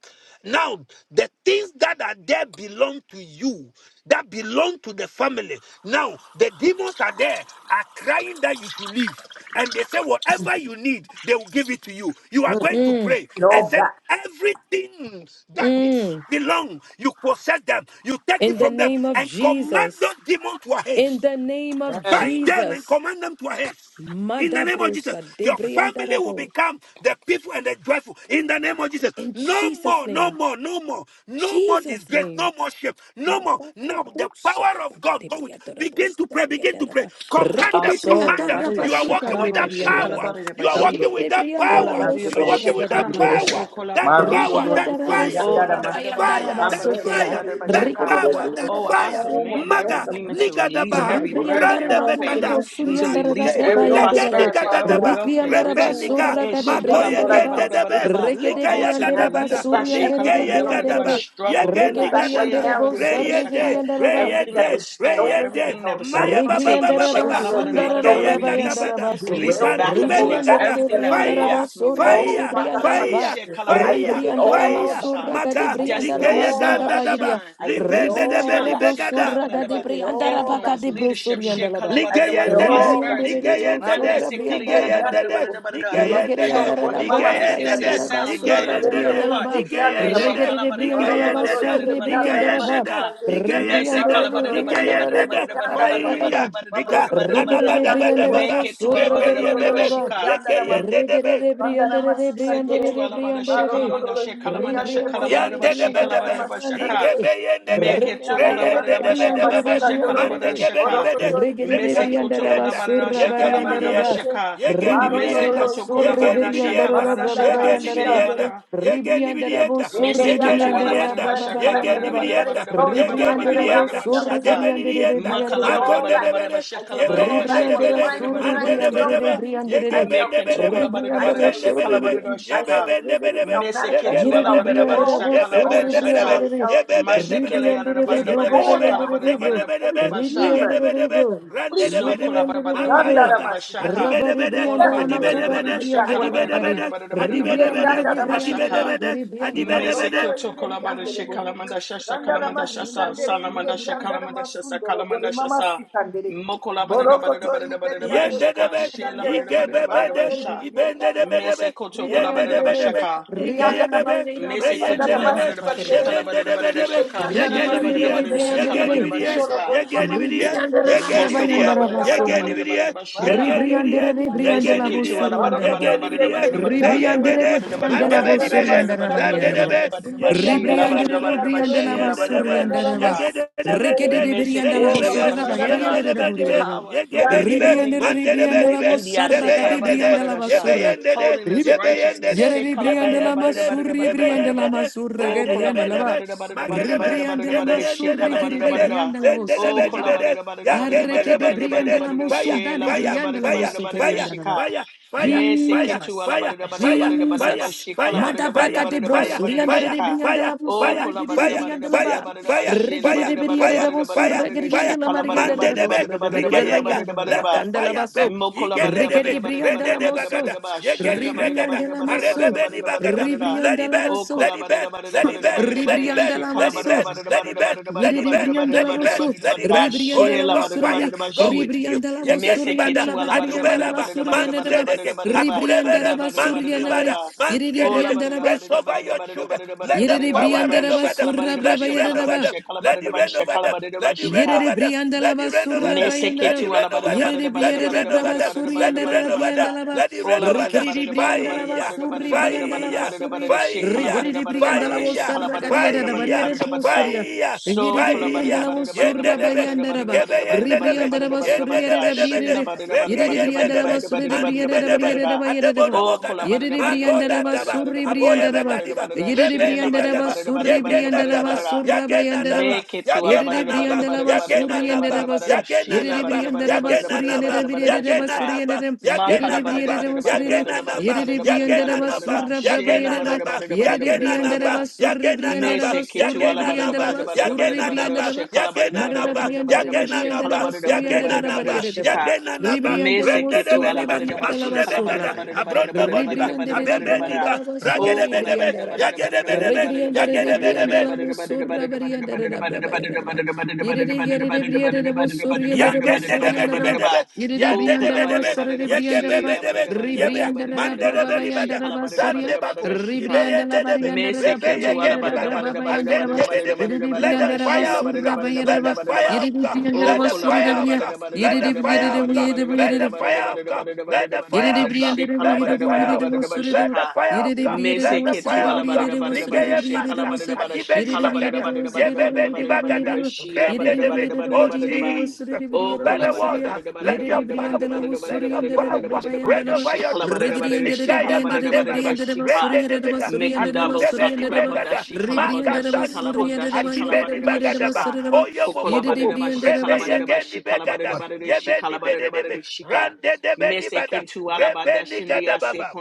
A: now the things that are there belong to you that belong to the family. Now, the demons are there, are crying that you should leave. And they say, whatever you need, they will give it to you. You are
F: Mm.
A: going to
B: mm,
A: pray and
F: No, God.
A: said, everything that
B: mm.
A: is belong, you possess them, you take it
B: In the
A: from them,
B: name of
A: and command
B: Jesus.
A: those demons to ahead.
B: In the name of
A: Bind them and
B: Jesus.
A: command them to a haste. In the name of Jesus,
B: Madabrosa
A: your family will
B: debriandarabo.
A: become the people and the joyful. In the name of Jesus,
B: In
A: no
B: Jesus'
A: more, no
B: name.
A: more, no more, no more
B: Jesus'
A: disgrace,
B: name.
A: no more shame, no more.
B: Mataka
A: Now the
B: busa
A: power of
B: Rekede
A: God, go with.
B: briandera
A: Begin to
B: basuri
A: pray,
B: andere de
A: begin to
B: briandara
A: pray.
B: ba.
A: Command
B: Reke de
A: them,
D: Also,
A: command them.
B: briandara
D: Labadia
B: ba
A: You are
B: suka
A: walking with
D: Shikalabo,
B: de
A: that
F: Marundo
B: briandara
A: power.
B: ba.
D: Shikalabada
A: You are
D: Bashi.
A: walking
B: Reke de
A: with that
D: Oh,
B: briandara
A: power.
D: Labadia
A: You are
B: mosorra
A: walking with
B: de
A: that
D: Bashikana Manda
B: briandara ba.
A: power.
D: Shoko
A: That
D: Labadari
B: Reke
A: power,
D: Shika.
A: that
B: briandara
A: fire.
F: the
D: Oh, la
B: boserra
A: That
D: bada da bada da
B: bayandara
D: bada
A: fire,
B: ba
D: da
A: that
D: Labadia da Badada da
B: sotera.
A: fire,
D: Badada Badada
A: that
B: Reke de
D: Bashika.
A: power, that
D: Oh,
B: briandara ba
D: I
A: fire.
F: home
B: serra
F: of
D: command
F: the
D: every
A: Maga,
B: bayandara
D: demon
F: lesser
B: ba.
D: to release
A: nigadabaha,
F: I
D: every
F: go to the
D: merge in
B: Ribriandara
A: rande
D: my
B: ba
F: home of
B: kadi
A: bekada,
D: family,
F: the mercy,
D: to
B: bosuriandara ba
D: release
A: makude,
F: where
D: every
F: it all
A: lege
B: brabayandara bo.
F: began,
D: prosperity,
F: Father
D: oh,
F: God.
A: nigadadaba,
D: wealth and
F: The
B: Rikriandara
A: rebe
B: ba
D: riches.
F: home of
A: niga,
B: sorra
F: mercy.
D: Eh,
B: kadi
D: shikala
F: Yes,
D: da
A: magoye
F: Lord,
B: briandara
F: I
B: ba.
F: come
D: badada da bada
F: straight
D: da
A: gendedebe,
F: to this
D: ba.
B: Reke
F: cross.
B: de
D: Oh,
A: ligaya
D: to
F: And I
B: briandara ba
A: gadabada,
D: release
F: take
D: eh,
F: back
D: she
B: suriandere
D: kala
B: de
F: everything
D: bada
A: ligaya
D: da badada
F: belonging
D: da ba,
F: to me.
A: gadaba,
B: briandere
F: I
D: struggle
A: yege
D: and
F: claim it
D: lack.
F: back right
A: nigadada,
D: She la
F: now
B: Rikibirianderebo
F: in
D: badada badada
F: Jesus'
D: shaka.
F: name.
A: reyede,
B: sarrigiriandaraba.
F: Everything
D: Everything
F: that
D: that
F: has
A: reyede,
D: was
F: been
D: stolen,
F: stolen and
A: reyede,
D: everything that
F: held
D: was
F: back
A: maye
F: from me.
A: baba
D: taken.
A: baba
B: Rigriandaraba
A: baba,
F: Everything that has been
D: Shekalabadadabadadabada.
A: rigeye
F: stolen
D: Release it.
A: gagabada,
B: sandarabrabayandaraba.
F: to
D: Release it
F: derail me,
D: back
F: to
A: ribantube
D: unto
F: hold me
D: us.
F: back, to
A: nigada,
D: Everything
F: set
D: that
F: me back.
B: Ribriandaraba
A: fire,
D: belongs to me,
F: Oh,
D: release it
A: fire,
D: back
F: Father God, I'm
D: unto me.
B: sorragadibriandalaba.
A: fire,
F: I
A: Fire,
F: take it
B: Ribriandalama
F: all
D: Shekalabadadabadadabadadabadada.
A: fire,
F: back.
D: Shine.
A: maga,
F: I take it
D: Destiny,
B: sorragadibriandalama
A: ligeye
F: all
D: stars,
F: back.
A: ganda daba,
B: zandabagiria.
D: shine,
F: I take it
A: libene
D: gifts,
A: de
F: all
A: beni
D: talent,
F: back.
B: Ribrianderebo
A: begada,
F: I
D: Shekalabadadaba.
F: take it all back
D: influence,
F: in
B: sorragadibriandarabakadibro
F: Jesus'
D: leadership,
F: name.
B: soriandalaba.
F: I take it
D: Shekalabadadabada.
A: ligeyende de,
F: all back.
D: prosperity,
B: Ribrianderebro
A: ligeyende
F: Mane
D: Mande
A: de,
F: kete ingeri
B: sorrabriandalaba.
A: ligeyende de,
F: yandere bo.
D: Shekalabadadabadadabadada.
A: ligeyende
B: Rigeri
F: Masundo
A: de,
F: no
D: health
B: andara
D: and
F: bori
B: la
F: mama
B: brapa ba
D: wholeness. It
A: ligeyende de,
D: says
F: sikandere.
B: yandara ba
D: sound
B: surra
D: minds,
B: beri
A: ligeyende
D: pure
F: Derendere
A: de,
B: andala
D: hearts.
B: ba.
F: ingeri
D: Eh,
F: yandere
A: ligeyende
F: ma.
A: de,
B: Rigeri de bri
F: Marondo
B: andala ba
A: ligeyende
F: no
A: de,
B: surri
F: ingeri
B: bri
F: yandere
D: Shekalabadadabadadabadadabadadabadada.
B: andara
F: ma
A: ligeyende
B: ba.
A: de,
D: Sheka.
F: sikandere.
B: Ribri
D: Mese
A: ligeyende de,
B: andara
D: kala
F: Marondo
B: de
F: no
D: bada da
B: bri
D: bada da
F: ingeri
B: andara
D: bada da
B: la
A: ligeyende
F: ingeri
D: bada
A: de,
D: da
B: brapa ba
D: bada da
F: yandere
D: bada
F: ma.
D: da
B: yandara
D: bada da
A: fire,
B: ba.
D: bada da bada
A: liga,
D: da
F: Mabroko to
A: nana
B: Rigeri
F: ingeri
B: de
A: bada
B: bri
F: yandere
A: bada
F: bo.
B: andara
A: baba,
B: bo
D: Make it to ala
B: surra
D: bada da
F: Marondo
B: beri
A: rebeye
D: bada
F: no
D: da
A: bebe,
B: andala ba.
F: ingeri
D: shika.
F: yandere ma.
A: yegeyende de be,
B: Regere
F: Vandana
B: briandere de
D: Sek it
F: Masikandere,
B: briandere
D: to
B: de
D: ala bada
B: briandere
D: shekala
F: Marondo
B: de
D: manda shekala
F: Yere Yanderebo,
B: Ribriandere de briandere
F: Vandana
B: de
A: Yandedebedebe,
B: briandere
D: shaka.
F: Masikandere,
B: de
A: Igebeyendede,
D: Make
F: Yere
D: it to
F: Yandana
D: kala
B: Regeriandere
D: bada da
B: de
D: bada
F: Masikandana
B: briandere
D: shekala
B: de
A: Reyendedebedebebe,
F: Masikandoro,
B: briandere de
D: shaka.
F: Moroko
A: Mandegebedibede,
F: Tori
B: Regere
F: Yere
B: de
D: Mese
F: Yanderebo,
D: koto
B: briandere ba
D: kala
A: Rekelibidienda,
B: surra
F: Vandana
B: bariandere ba
A: Yegenibidienda,
F: Mabrekete,
D: shaka.
F: Marondo
D: Mese
B: Ribriandera
A: Yegenibidienda,
F: Yere
D: koto kala
B: surre
F: Yanderebo,
B: beriandere
A: Yegenibidienda,
B: da braba
F: Masandara
D: shaka.
B: bayandere
D: Shela
B: ba
F: Masikandere,
A: Yegenibidienda,
B: Ribriandere bo
A: Yegenibidienda,
F: then they
B: surre
F: are that I
D: Meseketu
B: beriandere
F: must
B: da
A: Yegenibidienda,
D: alabaraba
B: braba
F: take
D: shaka
F: back
B: bariandere
D: labaraba
B: ba
F: everything
D: baraba
F: that is
A: Yegenibidienda,
D: baraba baraba
F: stolen from
D: baraba
F: I and I
B: Ribriandere
D: baraba
B: bo
F: have
A: Yegenibidienda,
F: with
D: baraba
F: your
B: surre
D: shaka.
F: merciful.
A: Adebelienda,
F: I take
D: Makala
B: beriandere
F: it
D: baraba
F: all
D: baraba
F: back.
D: baraba
A: Magondedebede,
F: I
D: shaka
F: take it all
D: labaraba
F: back.
D: shaka
F: What's
B: Ribriandera
A: Yebeyendedebede,
F: mine
D: labaraba
F: is
B: sorri
D: baraba
F: mine. It
D: baraba
B: briandere
F: belongs
B: de
F: to
A: Andedebedebe,
D: baraba.
F: me.
B: briandere
F: I
B: de.
F: shall keep
D: Meketu
F: it.
A: Yegebendebedebe,
D: kolabaraba
F: I shall
D: baraba
B: Ribriandera
D: shaka
B: sorri
F: receive
A: Yebendebedebe,
F: it.
D: labaraba
B: briandere.
F: I shall
D: shaka.
F: live it. It shall manifest.
D: Meseketu
F: It
B: Yere de
F: shall
D: alabaraba
A: Yebebendebedebe,
D: baraba
B: briandera
F: grow.
B: bo
A: Ye
D: shaka
A: ye be be
F: Oh
D: labaraba
B: sorri
A: ne
F: yes,
A: be ne be,
F: Lord.
D: shaka.
B: briandere
F: It
B: de.
A: Ye
F: shall
A: be be ne
F: increase.
A: be ne
D: Mashekele
A: be,
D: yada
B: Ribriandere de
F: Is
D: baraba
A: Zege
B: bro
A: ne
D: baraba
B: bo
A: be ne
F: before
A: be,
F: their
D: shaka
B: briandere
F: eyes.
B: de
D: labaraba
A: Zege
B: bro.
A: ne
D: baraba
A: be ne
F: Every
A: be,
D: basha.
A: Nege ne
F: demon
B: Ribriandere
A: be ne
B: de
A: be.
B: bro.
F: shall
A: Rande
F: flee
A: ne
B: Ye
A: be
D: So
F: from
A: ne be.
F: you.
D: kolabara
B: briandere
D: barada
B: de
F: None
D: barada
F: that
B: bro.
F: I
D: barada
A: Makayanga.
F: must seek under
A: Adibe
D: bashaka.
F: me.
A: ne
B: Rabari
A: be ne
D: Ola
B: briandala
D: barada
A: Adibe ne
D: barada
B: masoda
F: Everywhere
A: be ne
D: barada
F: take
D: shaka,
F: back what
B: ribriandera
F: is
A: Adibe ne
F: mine.
A: be
B: bakare.
A: ne
D: kolabadabadabadabadabadabashaka.
F: In the
A: Adibe
F: end,
A: ne
B: Ribriandere
A: Yebebendebedebe, yebebendebedebe, ne, zegedebedebe,
F: that
A: negedebedebe, randedebedebe,
B: de
A: makayanga, adibedebede,
F: I must
B: briandera
F: seek.
D: Olabadabadabadabadabashaka.
B: bakore
A: adibedebede,
B: briandera
A: adibedebede,
B: bo.
A: ne be
D: Mese
A: ne.
F: Abrondoro
D: kyoto
F: inderi
D: kolabada
F: yandere bo.
B: Ribriandere de bro
D: shekalamanda shasa
B: sorri
F: Sandara
D: kalamanda
B: briandere
D: shasa
F: masikandere
D: salamanda
F: inderi
B: de
F: yandara
B: bro.
D: shakalamanda shasa
F: masundoro bore
D: kalamanda
F: mama
D: shasa
F: sikandere.
B: Ribriandere,
F: Borokoto inderi
D: mokolabadabadabadabadabadabada
F: yandere bo
D: shaka
A: Yendedebe,
F: sikandere.
A: igebebede,
F: Manendere
D: shelabadabadabadabadabasha
F: inderi yandere bo.
D: mese
A: ibendedebedebe,
D: koto
F: Borokoto
A: yendedebedebe,
D: kolabadabashaka
F: inderi yandara mas.
A: igeyebebe,
D: mese
F: Sandara
D: kyoto
A: reyendedebe,
F: masikandere.
D: alabadabadabashaka
A: yebendedebedebe,
F: Inderi
D: labadabadabashaka shelabadabadabashaka shaka.
F: yandara
D: Shela barada
A: yegenibidiye,
D: barada
F: masikandere.
D: shakala barada barada
A: yegenibidiye,
F: Sundoro
D: shaka.
F: bore mama
A: yegenibidiye,
F: sikandere.
D: Moso
A: yegenibidiye,
D: kola ba
F: Inderi
D: da da ba da
F: yandara
D: da ba
F: mas.
D: da
A: yegenibidiye,
F: Marandere
A: yegenibidiye,
B: Ribriandere
F: inderi yandere bo.
B: ribriande la
A: yegenibidiye,
D: ala ba da
B: vosoriande
D: da ba
F: Barokoto
D: da
B: raba.
D: da ba da da
F: inderi
D: ba
A: yegenibidiye,
D: da
F: inderi
D: da ba da da
F: yandere
D: ba
F: bo.
D: da
B: Ribriandere
D: da ba
A: zeyendede,
D: da da
B: ribriande
D: ba
B: la
F: Basandara
A: mandebedibede,
B: vosoriande raba
F: masikan dulu,
B: riere raba.
A: zandedebe,
F: indirian
D: la
F: dada
D: ba da da
B: Ribriandere
A: yegendedebenibe,
F: masikan dulu.
B: ribriande la
D: la ba da
A: zeyendedebe,
B: vosoriande
F: Basandara
B: raba.
D: shika.
F: masikan dulu,
B: Rikede
A: yegededebenibe,
B: de
D: Mese
B: brianda la
F: oh
D: ketiri ya
F: mama
B: vosore
A: zeyebebe,
D: ba da
B: raba
F: basandara
B: geriande
A: Yende de
B: de
F: masikan
A: be ni
F: dulu,
B: boriere
A: be,
B: raba.
D: Power,
A: yende be
D: authority,
A: ni be,
F: indirabo
B: Ribriandere
D: dominion.
A: mande de be
B: ribriande
A: ni
F: indir.
B: la
A: be,
D: India
B: vosarra
A: zebe
D: say
B: cade
A: yende de,
B: brianda la
D: kalabadadabadadasha.
A: yebe
B: vasorra.
A: yende de,
D: Holiness,
A: yebe yende
D: righteousness,
A: de,
D: she
B: Yereri
A: yebe
B: briandela
A: yende de,
B: masurri
A: yebe
B: briandela
A: yende
D: kalabadadabadadabadadabadadabadadaba.
A: de,
B: masurra
D: Oh
A: zande de be
B: geriandela
A: de
B: ba.
A: be, mage de be,
B: Ribriandela
A: yebe
D: kolabadadabadadabadadabadadabadadabadadabadada, she
A: yende de
B: masurri
A: be ni be
B: gereri
A: de,
D: kalabadadabadada.
B: briandela bo
A: zende de
D: Oh
B: sandi
A: be ni be
B: ba.
A: de, yagende de
B: Arreke de
A: be ni be de,
B: briandela
D: kolabadadabadadabadadabadadabadadabadadabadada, she
A: fire,
B: mosunda de
A: fire,
B: briandela bo
A: fire,
D: labadadabadadabadadabadadabadada,
A: fire,
D: she
B: sokeriandela ba.
D: ka.
A: fire, fire,
D: Me se
A: fire,
D: ketu
B: Jesus,
A: fire, fire,
D: alabadadabadadabadadabadadabadadaba,
A: fire,
B: Jesus,
D: she
A: fire, fire,
B: Da braca
A: fire,
B: de bros,
A: fire,
D: kalabadadabadadabadadabadadabadadabadada,
B: rianda
D: she
A: fire,
B: de
D: ka.
B: brianda
A: fire,
B: la
D: Oh
B: bosor,
A: fire,
B: regidi de
A: fire,
B: brianda la
A: fire,
B: ba,
D: kolabadadabadadabadadabadadabadadaba,
A: fire,
D: she
B: regidi
A: fire,
B: de brianda
A: fire,
B: la bosor,
A: fire,
D: labadadabadadabadadabadadabadadabadada,
A: fire.
D: she
B: regrianda la marianda
A: Mande
B: de
A: debe,
B: bosor, de bada de
A: rigeyega,
B: bayana de
A: let
B: ba,
A: the
D: kalabadadabadadabadadabadadabadadabadadabadadaba.
B: candela
A: fire burn.
B: basso,
D: Mokola
A: Igende
D: barada
B: regidi
A: debe,
D: barada barada
B: brianda
A: rende
B: la
D: barada
A: de
D: barada
B: mosso,
A: bagada,
D: barada ba
A: yegeni
D: shela barada
A: bregada,
B: ribrianda
D: barada
B: la
D: barada
B: masso,
D: barada
A: arebebe ni
D: barada barada
A: bagada.
D: barada
A: Let
B: ribrianda
A: it
B: la
A: burn,
D: o
B: masso,
A: let
D: kola
A: it burn,
D: barada barada
A: let it
D: barada
A: burn,
D: barada
A: let it
D: barada
A: burn,
B: ribrianda la
D: shekala
A: let it burn,
D: barada
B: masso,
D: barada
A: let it
D: barada
A: burn,
D: barada
A: let
B: yedi
A: it
B: de
A: burn,
D: barada
B: brianda
D: barada
A: let
B: la
A: it
D: barada
A: burn,
B: bosso,
D: barada
A: let
D: barada
A: it
D: barada
A: burn, Yes,
B: ribrianda
A: Holy
B: la
D: shela
A: Ghost
D: barada
A: fire,
B: bosore,
D: barada ba
A: go
D: she
A: with you.
B: ribrianda la
A: Yegeni
D: meseke
B: bosorianda
A: bada,
B: la
D: tu ala barada
B: bagarianda la
D: barada
A: atuberaba,
D: barada barada
B: basorianda de
D: barada
B: ba,
D: barada
A: manzedeke,
D: barada ba
B: ribrianda
A: akurebere,
B: la
D: handa barada barada
B: basorianda,
D: barada
A: manzibada,
D: ba
B: yedi de
D: ola
A: mangerebe.
B: brianda
D: barada
B: la
A: Rest
D: barada
A: over
D: barada
A: your
D: barada
A: children.
D: barada barada
A: Let the
B: Yere
D: barada barada
A: power
B: brianda
A: reign
D: barada
B: raba
A: over them.
D: shekala
B: surra
D: barada ba
A: Let
B: braba
A: it rain
D: shekala
A: over
D: barada
A: them.
D: shekala
A: Let
D: barada
A: it
D: ba
A: rain over
D: shekala
A: them.
D: barada ba
A: Let it rain
D: shika
B: Yerere
A: over them.
B: briandala
A: Let it rain over
B: basura
A: them. Let
B: bayandara.
A: it
D: Meseketu
A: rain
D: ala
A: over
D: barada
A: them.
D: barada
B: Yerere
A: Let
D: barada
A: it
B: briandala
A: rain
D: barada
A: over
B: braba
D: barada
A: them.
D: barada
A: Let
D: barada
A: it rain
D: barada
B: suriandara
A: over them.
D: barada.
B: briandala ba.
A: Let it rain
D: Ola
A: over
D: barada
A: them.
B: Rikiri
D: barada barada
B: briandala
D: barada
A: Fire,
D: barada
B: basuri
D: barada barada
B: briandala
A: fire,
D: barada barada
B: basuri.
D: barada shekala
A: fire,
D: barada
B: Rikiri
D: barada
B: briandala
D: barada
A: fire,
D: shekala
B: basara
D: barada
B: gadiada
D: barada
B: da
D: barada
A: fire,
B: bariere
D: barada barada.
B: musuria.
A: fire,
D: So
B: Yerere
D: kola barada
A: Fire!
B: briandala
D: barada barada
A: Yende
B: basura
D: barada
A: debe,
B: bayandara
D: barada barada
B: ba.
A: yigebe yende
D: barada barada barada
A: debe,
B: Ribriandala
D: barada barada
A: yende
B: basuria
D: barada
A: debe
B: da
A: debe
D: shela
A: de,
B: briere.
D: barada
A: rege
D: barada
B: Yerere
D: barada
A: yende
B: briandala
A: debe,
D: barada barada
B: basura
D: barada
B: de
A: mandi
B: briere
A: be
B: da
D: barada
A: debe,
D: barada
B: bariere da
D: barada.
B: bariere da ba.
A: adebono
D: Oh kola
A: mogada,
D: barada
B: Yerere
D: barada barada
B: briandala
A: magoda
D: barada
A: daba,
D: barada
B: basuri
D: barada
A: aboye
B: briandala
A: be
D: barada
B: ba.
D: barada
A: gadiba,
D: barada
B: Yerere
D: shela
A: rebendi
B: briandala
D: barada
A: gadaba,
D: barada barada
B: basuri
D: barada
A: yegena
B: briandala
D: barada
A: daba,
D: barada.
B: basura
A: yagena
B: bayandara ba.
A: daba,
D: Make it to
A: yagena
D: Alabada
B: Yerere
D: Bada
A: naba,
B: briandala
D: Bada Bada
A: yagena
B: basuri
D: Bada
B: endere
A: naba,
D: Bada
B: basur.
A: yagena
D: Sheila
B: Yerere
D: Bada
A: naba,
D: Bada
B: briandala
D: Bada
A: yagena
D: Bada
B: basuri endere
A: naba,
D: Bada
B: briandere
A: yagena
D: Shaka
B: basuri
A: naba,
B: endere.
A: yagena
B: Yerere
D: Makala Bada
B: briandere
D: Bada
B: basuri
D: Bada
B: endere.
D: Bada Bada
A: Yagenanaba,
B: Yerere
D: Bada
B: briandala
A: Yagenanaba,
B: basura braba
D: Sheila
B: yerere
D: Bada
B: ba.
A: Yagenanaba,
D: Bada Bada
B: Yerere
D: Bada
B: briandala
A: Yagenanaba,
D: Bada
B: was surri briandala
A: Yagenanaba,
D: Mesekitu
B: basuri
D: alabada
B: briandala
A: Yagenanaba,
D: bada
A: Yagenanaba,
D: bada
B: basuri
D: bada bada bada
A: Yagenanaba,
B: briandala ba.
D: bada bada
B: Marara briandala Marada
A: Yagenanaba,
D: bada bada
B: Brianda
D: bada
B: de briandala
A: Yagenanaba,
B: basuri
D: bada bada
B: endere da
D: bada
B: bari
D: bada
A: Yagenanaba,
B: yerere ba.
D: shika
A: Yagenanaba,
D: me
B: Ribriandala
D: se
A: Rende de
D: kito ala
B: basura
A: Beniba,
D: bara
B: bari
D: bara
B: endala
D: she
A: Masude
D: kala bara
B: basura
D: bara
A: Becada,
B: ba.
D: bara bara
A: Abronda Boniba,
B: Ribrianda
D: bara
B: de
D: bara
A: Abebe
B: Brianda
D: bara
A: Niba,
B: la
D: oh
B: Basuri,
D: kala bara
A: Ragedebedebe,
B: Brianda
D: bara
B: Raba,
D: bara bara bara
A: Yagedebedebe,
D: bara bara
B: Regrianda
D: bara
B: de
D: bara bara
B: Brianda
D: bara
A: Yagedebedebe,
B: la Busura, Brianda de Brabayadaba, Yedidi yere Brianda de Busuri and the Basuri and
D: bara bara
B: the
A: Yandedebelibedebe,
D: bara
B: Yedidi
D: oh
B: Brianda
D: kala
B: la
D: bara
A: yandedebedebe,
B: Basara de
D: bara bara
B: Brianda
D: she
B: Raba,
D: la bara
A: yegebebedebe,
D: bara
A: yebe,
D: bara
B: Ribrianda
D: bara
B: de
D: bara bara she
B: Brabayanda
A: mandedebelibada,
D: kala
B: Raba
D: bara bara
B: Suria,
D: bara
A: zandebako,
D: bara she kala
B: Ribrianda la
A: ibeyendedebe,
B: Barianda
D: me
B: de
D: se kito ala
B: Brabayada
D: bara
A: rebeyegenibada,
D: bara bara bara
B: Brabayanda Raba,
D: bara
A: azentebedebe.
D: bara
B: Yedidi
A: Let
D: bara
A: the
B: Brianda
D: bara
B: Raba
D: she
A: fire
D: la
A: of
D: bara bara
B: Sura
A: God,
D: bara
A: let
D: bara
B: Bayadaba,
A: the
D: bara
A: fire
D: bara
B: yere
A: of God,
B: Brianda
A: let
D: Oh,
A: the
D: kolabada
A: fire
D: bada
A: of
B: Raba
D: bada
A: God.
D: bada
A: Let
B: yere
A: the
D: bada bada bada
A: fire of
D: bada
A: God.
B: Yedidi
D: bada
A: Let
B: Brianda
D: bada bada
A: the fire
D: bada
A: of God.
D: bada
A: Let
D: bada
A: the
D: bada
B: Yere
A: fire
B: de
A: of
D: bada
B: brianda
A: God.
D: shekala
A: Let the
D: bada bada
A: fire of
D: bada
A: God.
D: bada
A: Let the
D: shaka.
A: fire of God.
D: Mese
A: Let the
D: ketu
A: fire
D: ala
A: of God.
D: bada bada bada
A: Nigeye
D: shekala
A: manda.
D: bada bada
A: adibeni ni
D: shekala bada
A: bagada.
D: bada bada bada
A: Yebebe
D: bada
A: ni
D: bada
A: bagada.
D: bada shila bada
A: Rende
D: bada
A: debe.
D: bada
A: Oh
D: bada bada.
A: Jesus.
D: Oh,
A: Let the
D: kolabada
A: water.
D: bada bada bada
A: Let your
D: bada bada bada
A: power. Let
D: bada bada
A: your power
D: bada
A: power.
D: bada bada
A: Reign
D: bada
A: over your
D: shikala bada
A: children.
D: bada shikala
A: Nikaye
D: bada bada bada
A: mandebaga.
D: shika.
A: Rende debega.
D: Mekandabo
A: Aduzebeni
D: sakalabada
A: bregada.
D: shikala bada shikala
A: Makazanito.
D: bada shikala
A: Adibeni
D: bada
A: bagadaba.
D: shika.
A: Oyo momomomo.
B: da
D: Kokolabadabashika
A: Rebe
B: basa,
A: yegeni begada. Yebeni bededebe. Rande debeni bada. Rebeni gadababa.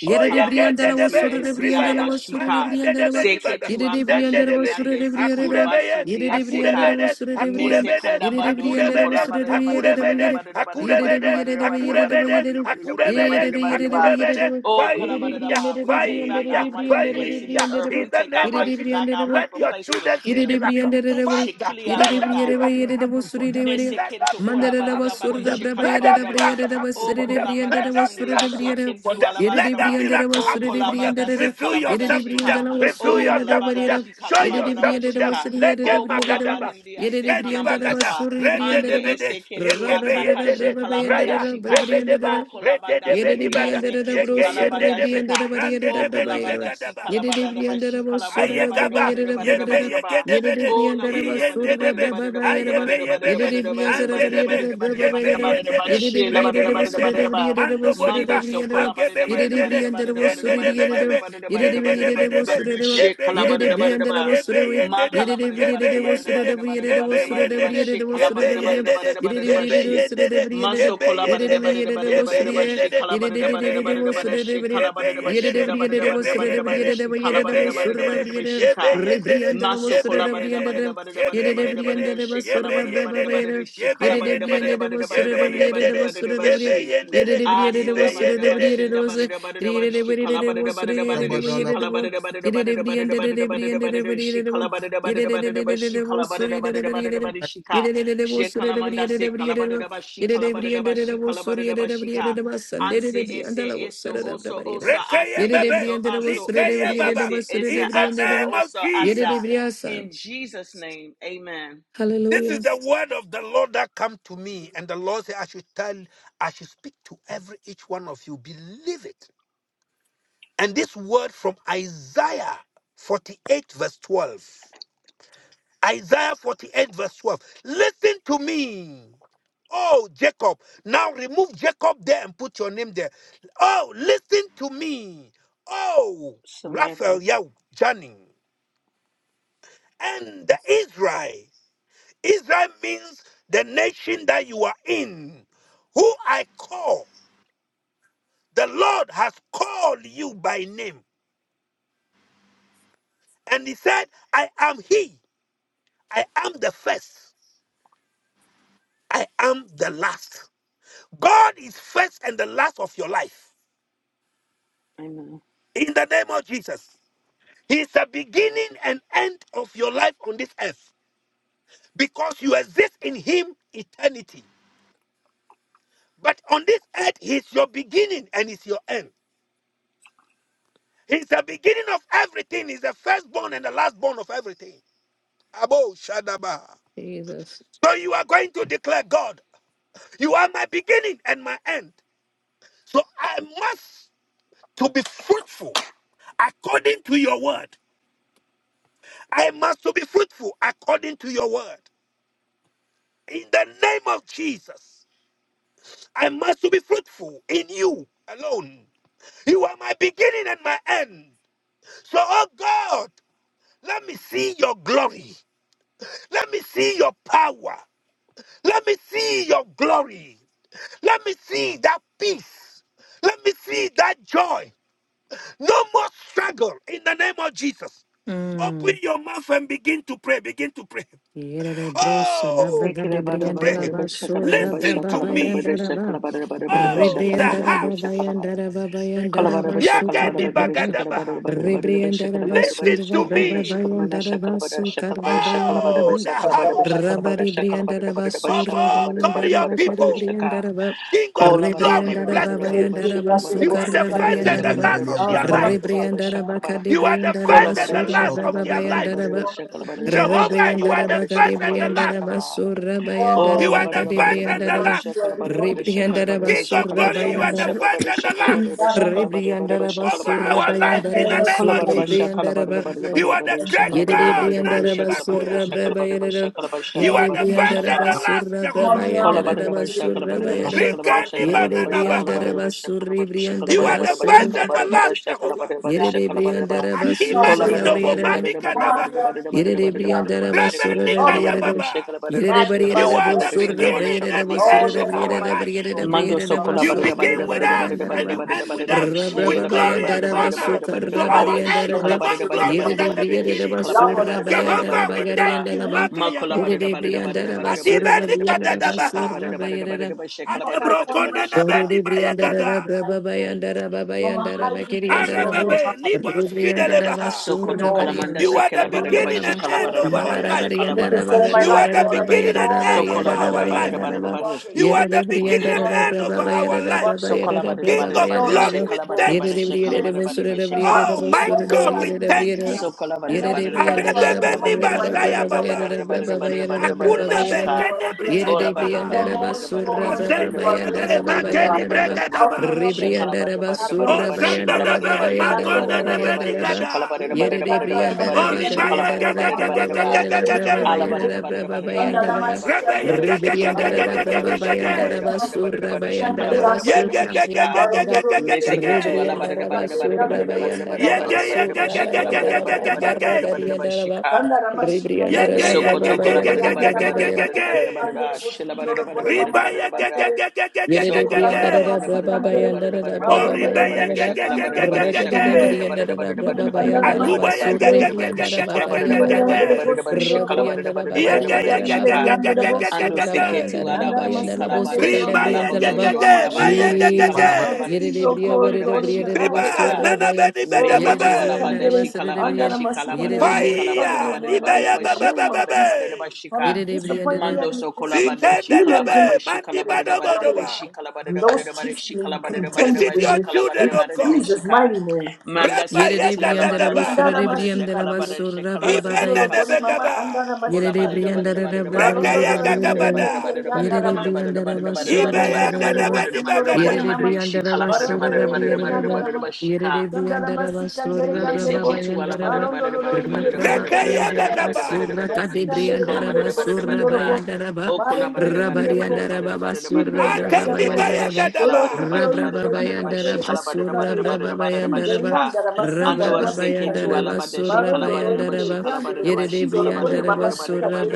B: Yere de briandela was
A: Oyekendedebe,
B: sura de briandela
A: ribaya,
B: was sura de briandela
A: makandedebe
B: was
A: nibada,
B: yere de briandela was
A: zendedebedi,
B: sura de briandela was
A: akurebeye,
B: yere de briandela
A: akurebede,
B: was sura de briam
D: Mese
A: akurebede,
B: yere de
D: Kandabado so
B: briandela was
A: akurebede,
B: sura de
D: collaborated about it
B: yere de
D: about it
A: akurebede,
B: yere
D: about it about it
B: yere
D: about
B: de
D: it
A: akurebede,
D: about
B: yere
D: it
B: de yere
D: about
B: de
D: it about
A: akurebede,
D: it about it
B: yere
D: about it about it about
B: de yere
A: akurebede,
D: it
B: de
D: about it
B: yere de
D: about
B: yere
A: akurebede,
B: de
D: Oh
B: yere de
A: fire,
D: Kalabadaba,
B: briandela
D: we
B: de
D: take back
A: fire,
D: our rightful
B: briandela de briandela de
D: place in the
A: fire,
B: briandela
D: earth.
A: in
D: We
A: the
B: was
D: take our
A: name
B: yere
A: of
D: right
B: de
A: Jesus,
D: back
B: briandela
D: our
A: let
D: rightful
B: was
A: your
D: place in the
A: children see
D: kingdom.
A: miracle.
B: Yedidibriyandadadabari,
A: Father,
D: Shekili
A: let that
D: arota,
B: yedidibriyadabari,
A: miracle happen for them. Let that
D: meseketo
A: miracle happen
D: kolabadadaba,
A: for them. Let that
D: dishekalabadadaba,
A: miracle happen
D: o
A: for them.
D: kolabada
A: Let that
D: sindia
A: miracle happen for
D: sekentu
A: them. Let that
D: alabadadaba,
A: miracle
D: o
A: happen for them.
D: kolabada si
A: Reveal
D: kalabada
A: yourself to them.
D: shika,
A: Reveal
D: o
A: yourself to
D: kolabada
A: them.
D: shi
A: Show
D: kalabadadaba
A: yourself to them.
D: shika,
A: Let them
D: o
A: magadaba.
D: kolabarindia
A: Ikendi
E: Patabadala,
A: bagada.
D: sekanamandasa,
A: Rende
D: andi
A: de bede.
D: eseketu
A: Yegebe
D: ataka
A: yende
D: shi
A: de.
D: kalabada
A: Raya.
D: shika,
A: Rebedeba.
D: o
A: Rende
D: kolabada
A: de
B: Yedidi
D: sindia
A: benibada.
B: briandara da bro
D: sekentu
A: Yege yende
B: surri
D: alabada
A: de be.
D: shika,
B: briandara bariyada
A: Rande
B: da
D: o
A: de
B: da bayada.
D: kolabada si
A: benibekadaba.
B: Yedidi
D: kalabadadaba
B: briandara
D: shi
B: bo surra da
A: Ayekaba,
B: bayada da da
A: yebe
B: bayada.
A: yege
D: kalabadadaba,
B: Yedidi
A: yegedebede,
D: Oh, la ba
B: briandara
D: da
B: ba
D: da ba da da ba
B: surra
D: da da
A: iyendedebe,
B: da
D: ba da
B: ba
D: da ba da da
B: bayada ba.
A: ayebe
D: ba da da
A: yebebe,
D: ba da
B: Yedidi
D: da ba da da
B: briandara
D: ba da da
A: andedebe,
D: ba da da
B: bariyada
D: ba
B: da da
D: da da
B: ba
D: ba da
A: yebe
D: da ba da da
B: bayada
D: ba
B: ba.
D: da da ba
A: yendede,
B: Yedidi
D: she la ba da
A: rege
B: briyada
D: da ba
B: bo
D: da da ba
B: surra
D: da
B: da
D: da
A: yendede,
D: ba
B: briyada da bo
A: mando
B: surra da
D: Mando
A: bodiba,
D: so
B: ba.
A: magebe
D: colabada
B: Yedidi
A: yendede,
B: briandara bo surri briyada da.
A: yendedebedebe,
B: Yedidi briyada bo
A: yendedebedebe,
B: surra da ba.
A: yebe
B: Yedidi
A: yendede,
B: briandara bo
A: yebe
B: surra we.
A: yendede,
B: Yedidi
A: yebe
B: briyada bo surra da
A: yendede,
B: briyada da bo
A: yebe
B: surra da
A: yendede,
B: briyada da bo
A: yebe
B: surra da briyada.
A: yendede,
B: Yedidi
A: yebe
B: briyada bo surra da
A: yendede,
B: briyada da.
D: Maso
A: yebe
D: colabada de
B: Yere
D: ba
A: yendede,
D: de bada de bada de ba da
A: yebe
D: da ba she
A: yendede,
D: colabada de ba
A: yebe
D: de bada de bada
A: yendede,
D: she
A: yebe
D: colabada de
A: yendede,
D: bashunda bada de ba de
A: yebe
D: bada de bada
A: yendede,
D: she colabada de bada de ba de
A: Yebeyendede,
D: bashika.
A: yebeyendede,
D: Maso kolabada bada
A: yebeyendede,
D: bada bada bada bada
A: yebeyendede,
D: bada she kolabada bada
A: yebeyendede,
D: bada she kolabada bada
A: yebeyendede,
D: bada bada bada
A: yebeyendede,
D: bada bada she.
A: yebeyendede,
D: Ah, so la ba da da ba
A: ibeyendede.
D: shin da ba da da ba da da ba shi kala ba da da ba da da ba da da shi kala ba da da ba da da ba da da ba da da ba da da ba da da ba da da shi kala ba da da ba da da ba da da ba shi kala ba da da ba da da ba da da ba da shi ka she kala manda se kala ba da da ba shi kala ba da da ba shi
B: Hallelujah.
D: kala ba da da ba shi ka an se ese ese oso osa
A: Rekeye
D: ase
A: bebe,
D: eso aso ese
A: likeye baba.
D: ese ese
A: In the
D: aso
A: name of
D: osa asa
A: Jesus.
D: in Jesus name amen
A: This is the word of the Lord that come to me, and the Lord said, I should tell, I should speak to every each one of you. Believe it. And this word from Isaiah 48, verse 12. Isaiah 48, verse 12. Listen to me. Oh, Jacob. Now remove Jacob there and put your name there. Oh, listen to me. Oh, Raphael,
D: Samantha
A: Yahweh, Johnny. And the Israel. Israel means the nation that you are in, who I call. The Lord has called you by name. And he said, I am he. I am the first. I am the last. God is first and the last of your life.
D: amen
A: In the name of Jesus, He is the beginning and end of your life on this earth because you exist in Him eternity. But on this earth, He is your beginning and He's your end. He is the beginning of everything. He's the firstborn and the lastborn of everything. Abo Shadaba.
B: Jesus.
A: So you are going to declare, God, you are my beginning and my end. So I must to be fruitful according to your word. I must to be fruitful according to your word. In the name of Jesus, I must to be fruitful in you alone. You are my beginning and my end. So, oh God, let me see your glory. Let me see your power. Let me see your glory. Let me see that peace. Let me see that joy. No more struggle in the name of Jesus. Open your mouth and begin to pray. Begin to pray. Oh,
D: Sekala
B: Yosebrebasura,
A: to
D: bara bara
A: pray.
D: bara bara Shakala
A: Listen to me. Oh, the
B: Rianda
A: house.
B: Bayandara
D: Kola
B: Babayandara
D: bara shakala
B: Basuka
D: bara
A: Yakani
D: bara
B: dabraba,
A: bagadabaha.
D: badada bara bara bara bara shakala bara bara shakala bara kala bara bara shakala bara bara bara shakala bara bara bara bara shakala bara bara
A: Listen to
D: shakala mina
A: me.
D: shakala mina shakala bara shakala bara shakala bara bara
A: Oh,
B: Rebriandarabasurabababayandarabasukarrabayandaraba.
A: the
D: shakala bara
F: Basandara
A: house
D: bara
F: masikan
D: shakala bara
A: of
D: shakala
A: all God, your people. King of glory, bless
F: dulu,
A: them.
F: indirian
A: You
F: dabo
A: are the
F: masikan
A: first and
F: dulu.
A: the
B: Rabaribriandarabasurabayandarabakarribriandaraba. Rebriandarabababasukarabayandaraba.
A: last
E: Belebelebelia,
A: of
F: Ah,
A: their
E: Baradabad,
A: life. You are the first and the last of their life.
B: Rebriandarabakadibriandarabasurabababayandaraba.
A: Jehovah, you
D: bara
A: are
D: bara
A: the
B: Rebriandaraba
A: first and the
D: bara
A: last.
D: shakala
B: Caribriandaraba
D: ba.
B: Surra
D: Oh,
A: You
D: la
A: are
B: Bayandaraba
D: ba da
A: the
D: da ba da da
A: first
D: ba da
A: and
D: da
A: the
D: ba da
B: Caribriandaraba
A: last.
D: shaka la ba da ba da shaka la ba da
B: Rebriandaraba
D: ba
A: King of
D: shaka la
B: Surra
D: ba
A: glory, you
D: shaka
A: are
D: la
A: the
D: shaka
B: Bayandaraba
D: la ba
A: first
D: da
A: and the
D: shaka la ba
A: last.
D: da ba shaka la ba da ba da ba
B: Rebriandaraba
D: shaka la
A: over
D: ba da ba
B: Surra
A: our
D: shaka
A: life in the
B: Bayandaraba
A: name
D: la
A: of
D: ba da
B: Surra
D: ba
A: Jesus.
D: shaka la ba da da
B: Briandaraba
D: ba da da ba
A: You
D: da da
A: are
D: ba
A: the
D: da
A: great
D: shaka la ba da da ba da
A: God,
D: da ba da
A: Nani
B: Yerebriandaraba
D: shaka la ba da ba
A: Bakoya.
B: Surra
F: far.
D: shaka la ba da ba
B: Brabayaraba
D: shaka la ba shaka
A: You
D: la
A: are
D: ba
A: the
D: da da
F: Sovereign,
D: ba
A: first
D: shaka
A: and
D: la
B: Yerebriandaraba
A: the
D: ba
A: last,
B: Surra
A: Jehovah.
B: Brabayandaraba Surra Bayaraba
A: Rikani Bananabaha.
B: Yerebriandaraba Surri
A: You are
B: Briandaraba
A: the
B: Surra
A: first and the last, Jehovah.
B: Yerebriandaraba
A: Akima
B: Susara
A: Kidobo
B: Briandaraba
A: Mami Kadabaha.
B: Yere de brianda rabasura
A: Rebeni
B: brianda
A: Kayababa.
F: Magnify
A: You
F: and
A: are
F: bless
A: the
F: your name.
A: beginning and the
F: Oh,
A: end of
F: yes,
D: Kola
F: you're
A: our
F: my
A: life.
F: resource. You
D: Mando so
F: are my
A: You
D: collaborated
A: begin
F: everything.
A: with us and you end with us
F: You're
A: with
F: with us.
A: glory and
F: You're with
A: honor.
F: us. You
A: So
F: guide
A: our
F: us. You
A: end will
F: send
A: be
F: your
A: more
F: spirit. You
A: glorious
F: watch over
A: than the
F: us. You
A: beginning.
F: love on
B: rabasura
F: us, Lord.
A: Jehovah, we
F: You
A: thank
F: care
A: you.
F: for us. You
A: Magayaba.
F: care. for us, You
A: Adibeni kadadabaha.
B: bayanda
F: You are my one
A: Adebrokonda
F: refuge.
B: Sorry,
A: nabeni
B: Brianda,
F: You
A: bayagada.
F: are my hiding
B: Baba, Bayanda, Baba,
F: place. You are my
B: Bayanda,
F: hiding
B: Bakiri, and
F: place, Lord. You are
B: Labo,
F: my
A: Arabebe
F: hiding
A: nibo
F: place.
B: Rubrianda,
F: I come
A: shidelebaha.
F: to you in
D: Sokoto
B: Basura,
F: all
D: Kalamanda
F: things.
A: You
B: Barianda,
A: are the
D: Shikala
F: Run
D: Badada
B: Barianda,
F: to
A: beginning
B: Lava,
A: and
F: you
D: Bashikala
F: in
A: end
F: all
D: Badada
A: of
F: things.
A: our
D: Badada
B: Malara,
A: life.
D: Shikala
B: Barianda,
F: Everything
D: Badada
F: concerning my
A: You
D: Basha
A: are
F: life,
A: the
B: Bagarianda,
F: Lord, I
B: Baba,
F: give
A: beginning
F: it
B: Yara,
A: and
F: all
A: end
F: into
A: of
D: Sokola
F: your
B: Bayara,
D: Badada
A: our
F: holy
A: life.
D: Badada
F: hands.
B: Bayanda,
D: Badada
B: Lava,
F: You are
D: Badada
A: You are
B: Yara,
F: capable.
B: de
A: the beginning
F: You
B: Brianda,
A: and
F: are
A: end of
B: Baba,
F: faithful.
B: Bayara,
A: our
F: You
A: life.
F: are
B: Baba, Yara,
D: Sokola
F: faithful.
D: Badada
A: King
B: Baba,
D: Badada
A: of
F: Lord,
D: Badada
B: Bayanda,
A: glory,
B: Lava,
A: we
D: Shikala
F: unshakable.
B: Yara,
A: thank
D: Badada
A: you.
D: she
F: And do
D: Shikala
B: Brianda,
D: Badada
B: Bosura,
F: exceeding
D: Badada
F: and
D: Shika
B: Brianda,
A: Oh
F: abundantly
A: my
B: Bosura,
F: above all
A: God,
F: I
A: we
F: can
B: Brianda,
F: do
A: thank
F: to
B: Brianda,
A: you.
F: ask.
D: So kala
F: I
D: barada
B: Yere de
D: barada
F: magnify you,
B: brianda
D: barada
B: da
D: she
B: da
F: I
D: kala
A: Arebebe
B: ba ba
A: ni
F: adore
D: barada
B: yere
F: you, I
B: da
D: barada
F: lift
B: ba
A: basaya
B: ba
D: barada
F: you
B: ba
F: up,
D: barada
B: yere
A: baba.
F: I
D: barada
B: da ba
F: praise
D: barada
B: ba ba
F: you.
D: barada
B: yere da
D: barada
B: ba
F: I
D: barada
B: ba ba
A: Akuna
F: bless
B: yere
F: you,
D: bashika.
B: da.
F: Lord,
A: bekene
F: I bless
A: brigada
D: Ola barada
F: you. You
A: baha.
F: are
D: barada
B: Yerebriandaraba
F: holy,
D: barada
F: you
D: barada
F: are
B: surra
D: barada
F: wonderful,
B: brava
D: barada
F: you
A: Azende
F: are
D: barada
F: great
A: debe
B: bayandaraba
F: Jehovah
D: barada barada
F: God.
A: mageni
D: barada
B: bayandaraba
A: brigada
D: barada barada
F: Alpha
D: barada
F: and
A: ba.
D: bashe kala
F: Omega.
D: barada
B: Ribriandaraba
F: Have
D: barada
F: your
D: barada
F: way,
B: surra
D: barada
F: Lord
D: she
A: Ozende
F: Jesus.
D: kala
B: bayandaraba
D: barada
A: debe
D: barada
F: Have
D: barada
F: your
A: magonde
B: bayandaraba
F: way,
D: barada
F: Lord
D: barada
A: nebe
D: barada
F: Jesus.
B: bayandaraba
D: she kala
A: nigada.
F: We
D: barada
F: lift
D: barada
F: up
D: barada
F: our
D: barada
F: hands
D: barada
B: Yerebriandaraba
F: and
D: she
F: we
D: kala
A: Oribaye
D: barada
A: ge ge
B: gariandaraba
D: barada
A: ge
F: offer
A: ge
B: brava
F: to
D: barada
A: ge
D: ba.
F: God
A: ge
F: the
A: ge
B: bayarada
A: ge
B: brava
D: Shika.
F: praise
A: ge.
F: and worship.
B: bayarada brava
F: Under the You hand of the glory. Come, my
B: bayandaraba
A: Rebeye
F: Savior.
A: ge ge ge ge
F: My
A: ge
F: Lord,
B: Ribriandaraba
F: by the
A: ge
B: brava
A: ge
F: grace
A: ge ge.
F: of the
B: bayandaraba
F: glory.
B: surra
F: Come, Lord, under the
B: bayandaraba
F: hand of
A: Ye
F: the glory. Come, Lord.
A: ge
B: surra
A: ge ge ge ge
F: Marondo
A: ge
B: bayandaraba
F: do
A: ge
F: Rio de
A: ge ge ge.
F: Janeiro,
B: Ribriandaraba
F: Sandro de
B: surra
F: Janeiro,
A: Ye
B: bayandaraba
F: Sandro,
A: ge ye ge
B: surra
A: ge ge
F: Berende
A: ge
F: de
A: ge ge
F: Rio
B: bayandaraba
F: de
A: ge ge
B: marra
A: ge.
F: Janeiro,
A: Jesus.
B: gariandaraba
A: Ye
F: Sandaramashikandere,
A: ge
B: Ribriandaraba
A: ye
B: brava
A: ge
D: Sokoto
A: ge ge
D: kolabarada
B: bayarada
A: ge ge
D: barada
A: ge
B: brava
A: ge
D: barada
B: Bayarada
A: ge
D: barada
F: Yandaramashikandere,
D: barada
A: ge.
F: Andere
D: barada shila
F: Bosundoro
D: barada
F: Boy
D: barada
F: Mama
D: barada barada barada
F: Sikandere,
D: Sokola
B: Yeredebri and
D: barada
A: Ribayegegegegegegegege,
B: Dada
D: barada barada
B: Braba
A: Jehovah.
B: by
F: Yandaramashikandere,
D: barada
B: and
D: barada
B: Dada
D: barada
A: Oh,
B: Braba by
F: Maurondoro,
D: barada barada
B: and
D: barada
B: Dalaba,
D: shakala barada barada shakala
F: Yandaramashikandere,
B: Rekedebri
D: barada
B: and
A: ribayegegegegegegege.
D: barada
B: Dada
D: barada
B: Braba
D: barada
B: by
D: barada
B: and Dalaba,
D: barada barada
F: Yandaramashikandere,
D: barada barada
B: Surrebri and
D: barada
B: Dada
D: shikala
B: Bakari
D: barada
B: and
D: barada
B: daraba
F: Yandaramashikandere,
D: barada
A: Atubayegegegegegegegege.
D: barada barada
F: Bosundoro
D: shikala
F: Boy,
B: Rabri and
D: barada
B: Dada
D: barada barada
B: Bakari and
D: barada
B: daraba by
D: shika
B: and daraba
F: Yandaramashikandere,
D: Ando
B: Surrabai and
D: seketu
A: Yegeyegegegegegegege.
F: and
B: Dada by
F: Andara
D: alaba
B: and Dalabo,
D: shikalabada
F: masikandere, you are my
B: Sukadebri and
F: liquidity,
D: shikalabado
B: Dalaba,
F: you are my
A: Ribayegegege,
D: shokolabada
F: end, Lord
D: daba
F: Jesus.
B: Jesus.
A: mayegegege.
D: shikalabada
E: Barabad,
F: God, to
D: daba daba
F: see your
B: Yeredebriya,
F: glory,
D: shikalabada daba
F: Lord, in
B: weredebriya,
F: the
B: dedebo,
F: land of
D: shikalabada
F: the
A: Riba,
D: daba.
F: living.
B: surabaya.
F: Oh, Mama
D: Meketu
B: Yeredebriya,
A: nanabedibedebebe.
D: alabada
B: dedebo,
F: Sikandere,
D: shikalabada
B: suredebriya.
F: Andara
D: shikalabada
F: Masikandere, no
B: Yeredebriya,
D: shikalabada
F: struggles
D: daba
A: Fire,
F: of my
D: daba
F: life
A: nibaya
D: daba
F: in the
A: bebe bebe.
F: name of
D: shikalabada
F: Jesus.
D: daba daba
F: Father,
D: shika.
F: we
B: yeredebriya,
F: disappoint the
B: dede-
D: Mando
F: enemy, disappoint the
D: sokolabada
A: Zikende
F: demons in my
D: shikalabada
A: nibeyebebebebe. Zikendedebe,
F: in
D: shikalabada daba
F: my family, in
D: daba
A: mandibadobodoba.
D: shikalabada daba
F: those
D: daba
F: chasing and
D: shikalabada daba
F: contending
A: Visit
D: daba
F: with
A: your
F: me,
D: shikalabada
A: children,
F: in
A: O
D: daba
A: God.
D: daba
F: Jesus'
D: shika.
F: mighty name.
A: Reba yeka
B: yeredebriya, daraba
A: gadaba.
F: Indara
B: suredebriya, dedebo,
F: masikandere. Masundoro
A: Ibene
B: surabrababaya.
F: bori mama
A: nebegaba.
F: andara
B: Yere de
F: masikandere.
B: brianda da da bra bra
A: Reke
F: Barondoro la
A: yeka
B: yere
F: ingeri
B: de
A: gabada.
F: yangeri
B: yere de yere
F: yandara
B: de
F: ma.
B: brianda da ba sura
A: Ibe
B: da
F: Sikandere
B: bra ba
A: yende
F: yandere
B: yere ba
A: nebe
F: bosundoro
B: yere
F: bori
B: de
F: mama.
B: brianda da ba sura
F: Barondere
B: da bra
F: yangeri
B: yere da ba
F: yandara ma.
B: yere de
F: Sandara
B: brianda da ba sura
D: Meseketu
F: masikandere
B: da bra
F: yandere
B: ba
F: bo.
B: ba
D: ala
B: yanda da ba
F: Barondoro la
B: rna
F: ingeri
B: bra ba
F: yangeri
A: Reke
B: yanda
A: yeka
F: yandara
B: da
F: ma.
B: ba
A: gaba.
B: sura ka de
F: Masikandere
B: brianda da
F: yandere
B: ba sura
F: bosundoro
B: ba
F: bo.
B: yanda da ba
F: Marendere
B: ra ba
F: ingeri bo.
B: yanda da ba ba sura
F: Birileri
B: bra ba ba
A: Akeni
F: yandarama.
B: yanda da
A: bayeka
B: ba
F: Bora
A: daba.
F: kotoyu yeri
B: Rabrababayandaraba
F: yandarama sikanları. Birileri
B: surabrababayandaraba
F: yandarama
D: Shikala
F: sandarama sikanları.
B: rabrababayandaraba
F: Baron doloyu
B: surabayandaraba
F: yeri yandarama sindoro bori
B: yeredebriyandaraba
F: mama sikanları.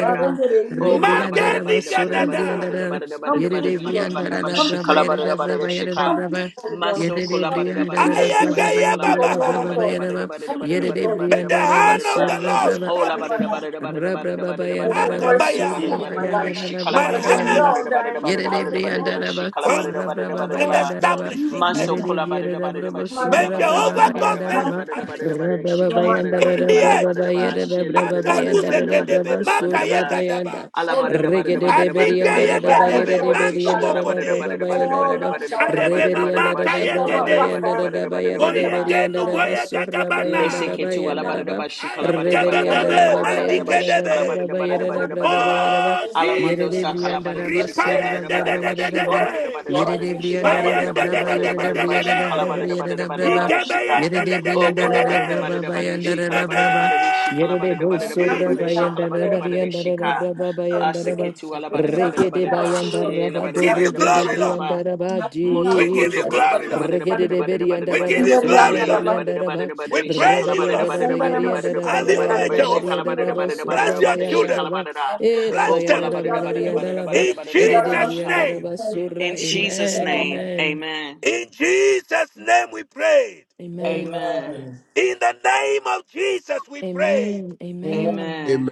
F: Baron dereyi yeri yandarama.
B: rebriyandaraba
A: Magani
F: Jesus,
A: gadada.
B: surabriyandaraba
F: come through to your God.
B: yeredebriyandaraba
F: Come through to your
B: brabayandaraba
F: Jesus. Come
B: brabayandaraba
F: through, Holy One.
D: Maso
F: Come
D: kolabada
F: through to
D: bada
B: yeredebriyandaraba
F: your
D: bada
F: King.
D: bada
A: Ayeke
D: she
F: Come through,
D: kolabada
F: O
D: bada
B: brababayandaraba
F: Lord
D: bada
A: yebabaha.
F: of
D: bada
F: Lords.
B: brababayandaraba
D: bada bada
F: Come
D: bada
F: through,
D: bada
F: Lord
A: May
F: Jesus.
D: bada
A: the
D: bada
B: yeredebriyandaraba
A: hand
D: bada
A: of
D: ba.
A: the
F: That's the
A: Lord
F: way you
D: Oh
F: got
D: la
F: in
A: establish
D: bada
F: my
D: bada
A: you.
F: life.
D: bada bada bada bada
F: Let
D: bada bada
F: your
D: bada
F: word be
A: Akabaya.
F: seen
D: bada
F: in
D: bada
F: my
D: bada
F: life.
D: she
A: My
D: kolabada
F: Let them
D: bada bada
A: hand
F: know
D: bada
F: that I
D: bada
F: am a
D: bada
F: child
D: bada
F: of the
D: bada
F: Most
D: ba she
F: High God,
A: found
D: kolabada bada
F: and
D: bada
F: Lord,
A: and
D: ba.
F: I serve
A: established
F: you
A: the
F: and you
D: Maso
F: alone.
A: earth.
D: kolabada bada ba
F: You
D: she
F: are
A: May
F: the
D: kolabada bada
F: only
A: Jehovah
F: one
D: bada
A: God
F: the
D: bada bada
F: runs.
A: establish
D: bada bada she
F: You are my
D: kolabada
F: only
D: bada bada
A: you.
D: bada ba
F: one.
D: she la bada bada
A: akaruze
D: bada bada
A: kedebe
D: bada
A: maka
D: bada ba.
A: yegadaba
B: Yere
F: Oh,
D: Alabada
F: the
B: Regede
F: goodness
B: de
A: anike
B: berianda
F: of
B: da da
F: God, the
B: bagere
A: yegedebe
B: de
F: Jehovah
B: berianda da
F: Shalom.
B: da
A: manubokode
B: braba bayanda da
F: Oh, Lord, Lord, I see
A: arebe
F: you.
B: Reberianda da
A: mamaka
B: da braba
F: Jehovah
A: yegede
B: bayanda da
F: Rapha,
B: da
F: and
B: bayada de
F: nothing is
A: oyege
B: berianda da
A: nubo
F: fine
B: ba
F: here.
B: surra
A: yegagabana
B: bayanda da
F: This
D: Meseketu
F: is
B: bayanda
F: not
B: da
F: my sister.
B: ba.
D: alabadadaba
B: Reberianda
A: ayegebebebe
F: Jehovah
B: la ba
F: Jireh,
D: shikalabadadabadadabadadabadadabadadaba
A: madikedebe
B: da
F: I
B: Babayanda da
F: worship
B: braba bayada da braba
D: shikalabadadabadadabadadabadadaba.
B: bayada ba.
F: you.
A: oh
F: I worship
D: Alamondo
B: Yere
F: you.
A: jesus
B: de brianda da
D: sakalabadadi
F: I
B: ba
F: praise
B: surra
A: ripayende
F: you. I
A: de
B: braba
A: de
D: shikalabadadabadadaba
F: thank
B: yada
A: de
F: you,
B: da
A: de
B: bra.
F: Lord.
A: de
F: I thank you, Lord.
B: Yere
F: I
B: de
D: shikalabadadabadadabadadi
F: thank you, Lord.
B: brianda
F: I
B: da da
F: thank
A: mayende
F: you,
A: de
B: braba
F: Lord.
A: de de
B: yada
A: de
B: da
F: You
A: de
D: shikalabadadabadadabadadabadadaba
F: are
A: de
F: my
B: brianda
A: de
B: da
F: one and
B: braba
F: only.
B: yada da
F: You
B: braba.
F: are
D: shikalabadadabadadabadadabadadaba shika.
F: everything
B: Yere
A: igebeyende
F: to me.
A: de
B: de
A: de de
D: Oh,
F: You
B: brianda
A: de
B: da
A: de
F: are
B: da
F: everything
A: de
B: braba
F: to me. You are everything
D: kolabadadabadadabadadi
B: bayanda
A: in
B: da
A: the
B: da braba.
D: shikalabadadabadadi
B: Yerebe
A: name of
F: and
B: bosura
F: nothing
D: shikalabadadabadadabadadabadadabadadi
A: jesus
F: without
B: bayanda
F: you,
B: raba
D: shikalabadadabadadabadadi
B: rianda
F: And
D: shika.
B: raba
F: nothing
B: raba
F: without
B: bayanda
F: you,
B: raba
D: Aseketu
F: And nothing
B: rekede
F: without
D: alabadadabadadabadadaba
F: you,
B: bayanda raba
A: we give
B: doro
A: you
F: Nothing
B: de
D: shilabadadabadadaba
A: glory
F: without
A: lord
F: you.
D: shikalaba.
B: brianda raba
F: Nothing
A: We
F: without you.
A: give you
D: Mosokoto
B: Jesus
D: kolabada
A: glory,
D: bada
F: Sandarama
A: Lord.
D: bada
B: regede
D: bada
B: de
F: Sikandere.
D: bada bada
B: berianda
A: We give
D: bada
B: raba
A: you
F: Inderi
D: bada
B: surre
A: glory,
D: she
A: Lord.
D: la
F: Andarama.
D: bada
B: berianda
D: bada
B: raba
A: We
D: bada she
A: praise you,
D: kolabada
F: And
A: Lord.
B: rabarianda rianda
D: bada bada
B: raba
F: Sandarama
B: gerianda
D: bada
B: raba
A: Have
D: bada
F: Sikandere
A: your
D: bada bada
B: bayara
A: way,
D: bada
F: Andere.
B: raba
D: she
A: Jehovah.
B: rianda
D: kolabada
F: Sindoro
D: bada
F: Bolivara
A: Bless
D: bada
B: surra
A: your
D: bada she
F: Bindere.
B: bayanda
A: children.
B: raba
D: kolabada
B: e
F: Mabroko
D: oh
A: Bless them.
B: rabayanda yara
F: Inderi
D: kolabada
B: raba
D: bada bada
F: Andere.
B: garianda
D: bada
B: raba
D: bada
A: In
D: bada
B: ere
D: bada
B: de
D: bada
A: Jesus'
B: brianda
D: sha.
A: name.
B: raba surra
D: In Jesus'
B: amen
D: name,
B: amen
D: Amen,
A: In Jesus' name we prayed.
F: Amen.
B: amen
D: Amen,
A: In the name of Jesus we prayed.
B: amen
F: Amen.
E: Amen.
D: Amen.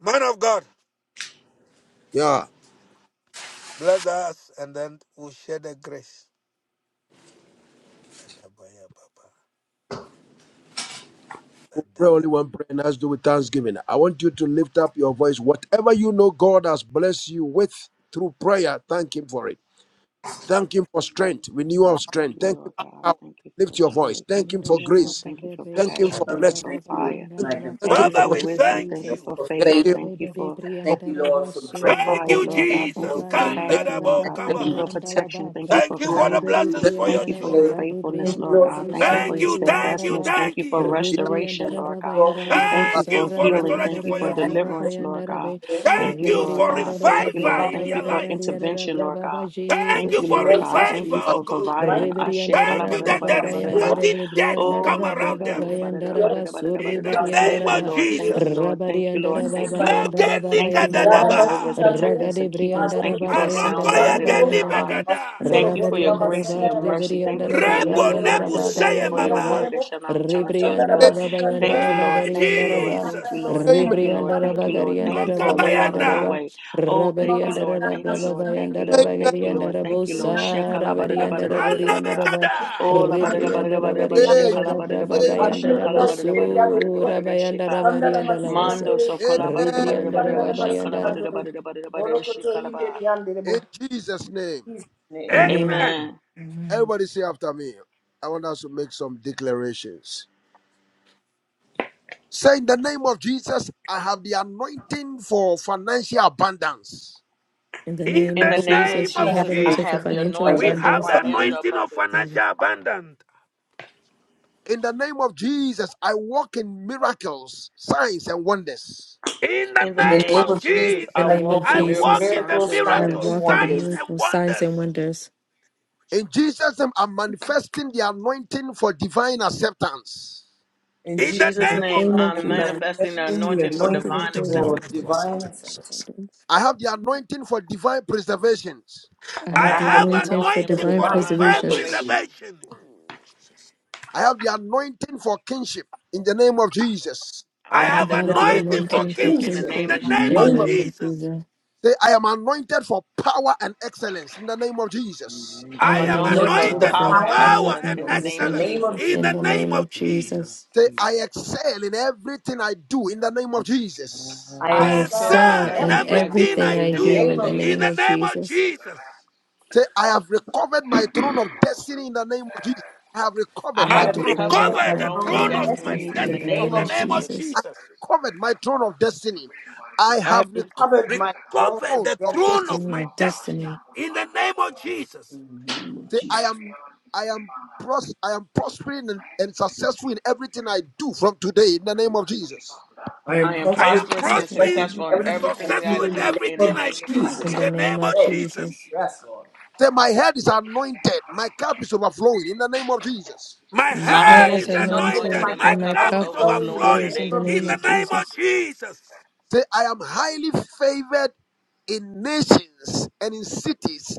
A: Man of God,
E: Yeah.
A: bless us and then we'll share the grace. Adabaya baba.
E: We pray only
A: Adadaba-
E: one prayer and that's do with thanksgiving. I want you to lift up your voice. Whatever you know God has blessed you with through prayer, thank Him for it. Thank Him
A: adaba-
E: for strength,
B: amen
E: renewal of
D: Thank
E: strength.
D: you,
E: Thank Him
D: Lord God.
E: for power.
D: Thank you
E: Lift
D: for
E: your voice.
D: joy.
E: Thank
D: Thank you
E: Him
D: for
E: for
D: strength.
E: grace.
D: Thank you for
E: Thank Him
D: passion.
E: for
D: Thank
A: kadaba.
F: Father,
D: you
E: blessing.
D: for
F: Thank you,
D: fire.
E: Thank Him.
F: magnify
E: Thank
D: Thank
E: Him
F: you
D: you
E: for
A: Father,
D: for
A: we
E: opportunity.
D: wisdom.
A: thank
D: Thank you
B: Jesus.
A: you.
D: for
F: for
E: Thank
D: favor.
E: Him
F: favor.
D: Thank you
B: Rebede
D: for
F: I Thank
E: for
F: you,
B: Briandara
F: Lord, for
D: for
F: grace.
E: Lord.
B: Basura
A: Thank
E: For
D: fire,
A: you,
B: Bada
D: Lord
F: Thank
D: God.
F: you,
B: Braba
D: Thank
A: Jesus.
F: Lord, for
D: you for
F: your
E: blessing.
D: passion,
B: Bayandara
D: Lord
A: Kandadabo
D: God.
B: Bada
E: Thank
D: Thank you
A: Kabaha.
F: love.
D: for protection.
B: Bayandalaba.
D: Thank you
F: Thank you,
A: Thank
D: for
A: you
F: for
A: for the
D: covering.
F: your
B: Rebede
A: blessings
E: Him.
F: mercy.
A: for your
D: Thank you
B: Briandara
D: for your
A: children.
F: Thank you, Lord, for
B: Baka de,
F: the day.
D: faithfulness,
F: Thank you,
D: Lord
B: Briandara
F: Lord, for
D: God.
F: the
D: Thank you
F: family.
D: for
A: Thank
B: Boseri
D: your
F: Thank
A: you, thank
B: Briandara
A: you,
D: steadfastness.
B: Ba.
D: Thank
A: thank
D: you for
F: you, have
A: you.
F: built.
E: Thank
B: Rebede
D: restoration,
B: Andara
D: Lord
B: Baba
D: God.
F: Lord, for this
B: Yadara
D: Thank you
A: Thank you
D: for
B: Bosara
A: for
D: healing.
A: restoration
D: Thank you
A: for
D: for
B: Briandara
A: your
B: Braba
A: children.
D: deliverance, Lord
B: Bayandara
D: God.
B: Bay.
D: Thank
A: Thank
D: you,
A: you
D: Lord
A: for
D: God.
B: Rebriandara
D: Thank you,
A: revival
B: Braba
D: Lord.
A: in
D: Thank
A: their
D: you for
A: life.
B: Bayadara
D: intervention,
F: gift.
D: Lord God.
B: Braba
A: Thank
B: Jesus,
D: Thank
A: you
D: you,
A: for
D: Lord
F: Lord,
D: God.
B: Jesus,
F: God,
D: Thank
A: revival,
D: you
B: Jesus.
A: oh
D: for
F: you
A: God.
D: providing.
F: invite
D: Ashe
A: Thank
B: Reberiandara
A: you
F: us to
A: that
B: Braba
A: there
F: our
A: is
D: kalabadadabadadabadadaba.
B: Bayandere
A: nothing dead will
B: Briandara
D: Oh,
A: come around
B: Braba
A: them.
B: Bayandara
F: school,
B: Basur
A: In the
F: our
D: labadadabadadabadadabadadabadadabadadabadadabada.
F: school,
A: name
B: Reberiandara
D: thank you,
A: of
B: Ba
D: Lord.
F: our
D: Thank
F: school,
D: you,
A: Jesus.
D: Lord. Thank you, Lord.
B: Rabariandara
F: This Jesus
D: Thank you,
F: mighty
D: Lord.
B: Babayandara
D: Thank you
F: name.
D: for
B: Babayandara
F: Jana
B: Ba
D: watching over
A: Nagenikadadabaha.
D: us,
F: masitandere,
D: protecting us,
B: Ragade
D: and keeping us.
B: Briandara
F: maboko
D: Thank you for a sound
B: Babayandara
D: mind and a
F: yandere,
D: pure
B: Babayandara
D: heart.
B: Ba
A: Arokoyegenibegada.
F: masindoro
D: Thank you
F: bori
D: for your
F: mama
B: Rabariandara
D: grace and
B: Ba
D: your
F: sandara
D: mercy. Thank you
F: masitandere,
B: Reberiandara
D: for your love
A: Rebo
D: and
B: Bagariandara
A: nebu
F: borokoto
D: kindness. Thank you
A: seye
F: ingeri
D: for your
B: Babayandara Ba
F: yandere,
A: mama.
D: word that shall not return unto us
F: asandara
B: Rebriandara
D: void.
F: masitandere,
D: Thank
B: Babayandara
D: you, Lord.
A: Hey,
D: Thank you,
B: Bagariandara
F: ingeri
D: Lord.
B: Ba
D: Thank
A: Jesus.
F: yandara
D: you, Lord.
E: Amen.
D: Thank you,
F: masitandere,
D: Lord.
B: Rebriandara
D: Thank
F: yandere
D: you, Lord. Thank
F: masindoro
D: you
B: Bagariandara
D: for
F: bori
D: a
F: mama
D: way out of
B: Babayandara
D: no
A: Okabayana.
B: Ba
D: way. Oh, thank
B: Rabari
F: mama
D: you,
B: and
D: Lord.
F: sandara
D: Thank you,
B: Rababa
D: Lord.
B: and
F: masitandere,
D: Thank you,
E: Amen.
D: Lord. Thank
B: Rabagari
D: you,
B: and
D: Lord.
F: borokoto
D: Thank you,
F: ingeri
D: Lord.
F: yandere
B: Rabosa,
D: Shekala badada
B: Rabari and
D: badada badada
B: Rabori and
F: masitandere,
D: badada.
B: Rabba,
A: Ranabekada.
D: Oh, la badada
B: Ribri and
D: badada badada ba
B: Rabari and
E: Amen.
D: shekala badada badada ba
E: Amen.
B: Rababa and
D: shekala badada badada badada
B: Rabosu,
D: badada
B: Rabai and
D: sheka.
B: Rabari and Ravosa,
D: Mando so kola badada
E: Amen.
B: Ribri
D: badada
B: and
D: badada ba
B: Rababa and
D: shekala
B: Rab-
D: badada badada badada badada shekala ba.
E: In Jesus' name.
F: Jesus' name.
B: Amen.
A: Amen.
D: Amen.
E: Everybody say after me. I want us to make some declarations. Say in the name of Jesus, I have the anointing for financial abundance.
B: In the
A: In
B: name
D: In
B: of
A: the
D: the name of
A: name
B: Jesus, we
A: of
B: have
D: Jesus,
B: an
D: I
F: Thank
B: answer for
A: Jesus,
D: have
F: you
D: the
F: for
B: financial
A: we
D: anointing
F: Financial
D: for
A: have
B: abundance.
A: the
D: financial
F: abundance.
A: anointing of
D: abundance.
B: In
A: financial abundance.
E: In the name of Jesus, I walk in miracles, signs, and wonders.
A: In the
D: In the
F: In the
A: name
F: name
D: name
A: of
D: of
F: of
D: Jesus,
F: Jesus,
B: the
D: I
A: Jesus,
F: I
B: name of
D: walk
F: walk
A: I
D: in
F: in
D: miracles,
B: Jesus,
A: walk in the
D: signs,
F: miracles,
D: and
F: signs,
B: I
A: miracles,
F: and
D: wonders.
B: walk in the
F: wonders.
A: signs, and
B: miracles, signs,
A: wonders.
B: and wonders.
E: In Jesus' name, I'm manifesting the anointing for divine acceptance.
F: In
A: In
D: In
A: the
F: Jesus'
D: Jesus'
A: name
F: name,
B: In the
A: of
D: name,
F: I
B: name of
D: I'm
F: am
B: Jesus,
D: manifesting the
A: Jesus,
F: manifesting the
D: anointing
B: we
D: for
B: want to
F: anointing
D: divine
F: for
B: enjoy
D: acceptance.
F: divine insight.
B: abundance.
E: I have the anointing for divine preservation.
B: I
F: I
A: I
B: have
F: have
D: I
B: the
F: the
A: have
D: have the
F: anointing
B: anointing for
D: anointing
F: for
D: for
A: anointing
B: divine
A: for
F: divine
D: divine
A: divine
B: preservation.
F: revelation.
D: preservation.
A: preservation. In the name of Jesus.
E: I have the anointing for kingship in the name of Jesus.
D: I
A: I
F: I
B: I
F: have
D: have
A: have
D: the
B: have
F: the
B: the
D: anointing for
A: anointing
F: anointing for
A: for
B: anointing for
D: kingship in
A: kingship
D: the
F: kingship.
A: in
D: name
B: kingship
A: the
F: In
D: of
F: the
A: name
B: in the
A: of
F: name of
B: name
D: Jesus.
B: of
A: Jesus.
B: Jesus.
E: Say, I am anointed for power and excellence in the name of Jesus.
G: and
B: I
D: I'm
A: I
B: am
G: thank
A: am
G: you for
D: anointed
F: anointing
D: for
B: anointed
A: anointed
F: for
G: power
B: for
A: for
D: power and
F: power and
B: power
A: power
D: excellence
A: and
B: and
D: in the
F: excellence in
D: name
F: the
D: of
A: excellence
B: excellence
F: name of
D: Jesus.
A: in
B: in
F: Jesus.
A: the
B: the
A: name
B: name
A: of
B: of
G: in the name of
B: Jesus.
A: Jesus.
E: Say,
G: Jesus.
E: I excel in everything I do in the name of
G: Power, everything I
E: Jesus.
F: I
G: do.
D: I
B: I
G: In the name I can
A: I
G: get,
F: excel
D: excel
F: in
D: in
B: excel
A: excel
G: because
A: in
B: in
D: everything I
F: everything I
A: everything
D: do
B: everything
A: I
D: in
F: do
B: I
D: the
F: in the
B: do
A: do
D: name
F: name
D: of
B: in the
F: of Jesus.
A: in
B: name
A: the
B: of
D: Jesus.
A: name of
B: Jesus.
A: Jesus.
E: Say, I have recovered my throne of destiny in the name of Jesus. I have
B: I
E: recovered
D: I
E: my
F: I
D: have
B: have
F: have
A: I've
E: throne. of
D: recovered
B: recovered
F: recovered
D: my
F: my
A: recovered the
B: my
D: throne
F: throne
D: of
F: of
A: throne
B: throne
A: of
B: of
A: my
F: destiny
D: destiny
F: in
B: destiny
D: in
B: in
D: the
F: the
B: the
A: destiny
E: of
A: in
D: name
F: name
B: name
A: the
D: of
B: of
F: of
A: name
E: destiny.
F: Jesus.
A: of
D: Jesus.
E: I
B: Jesus.
E: have
A: Jesus.
E: recovered my throne of destiny. I
F: I have
E: have the
F: recovered my throne
A: Recovered
F: of
E: throne
A: the
E: of
F: destiny
A: throne
E: destiny.
A: of
B: Throne
A: my
B: of
A: destiny
B: destiny.
A: in the name of Jesus.
F: in the name of
E: Say, I
F: Jesus.
E: am, I am, pros- I am prospering and, and successful in everything I do from today in the name of Jesus.
B: I
F: I am
D: I
B: am
D: am
A: I am
F: prosperous and
D: prosperous and
B: prosperous in
F: successful
A: prospering
D: successful
F: in
D: in
F: everything
A: and
B: everything I do.
F: I
D: everything that I
A: successful
F: do in
A: in
F: the
D: do
F: name
D: in the
A: everything
F: of
A: I
D: name of
A: do
B: in
F: Jesus.
A: in
B: the
D: Jesus.
A: the
B: name
A: name
B: of
A: of
F: Today,
A: Jesus.
B: Jesus.
F: yes, Lord.
E: Say, my head is anointed, my cup is overflowing in the name of Jesus.
A: My
B: My
D: My
F: My
B: head
A: head
F: head
D: head
B: is
A: is
F: is
D: is
F: anointed and
D: anointed
B: anointed
A: anointed.
F: my
D: and my
A: My
B: and
F: cup is
B: my
D: cup
A: cup
D: is
B: cup
A: is
F: overflowing in the
D: overflowing in the
A: overflowing
B: overflows in
F: name
B: the
D: name of
F: of
A: in
B: name
F: Jesus.
A: the
B: of
A: name
D: Jesus.
A: of
B: Jesus.
A: Jesus.
E: Say, I am highly favored in nations and in cities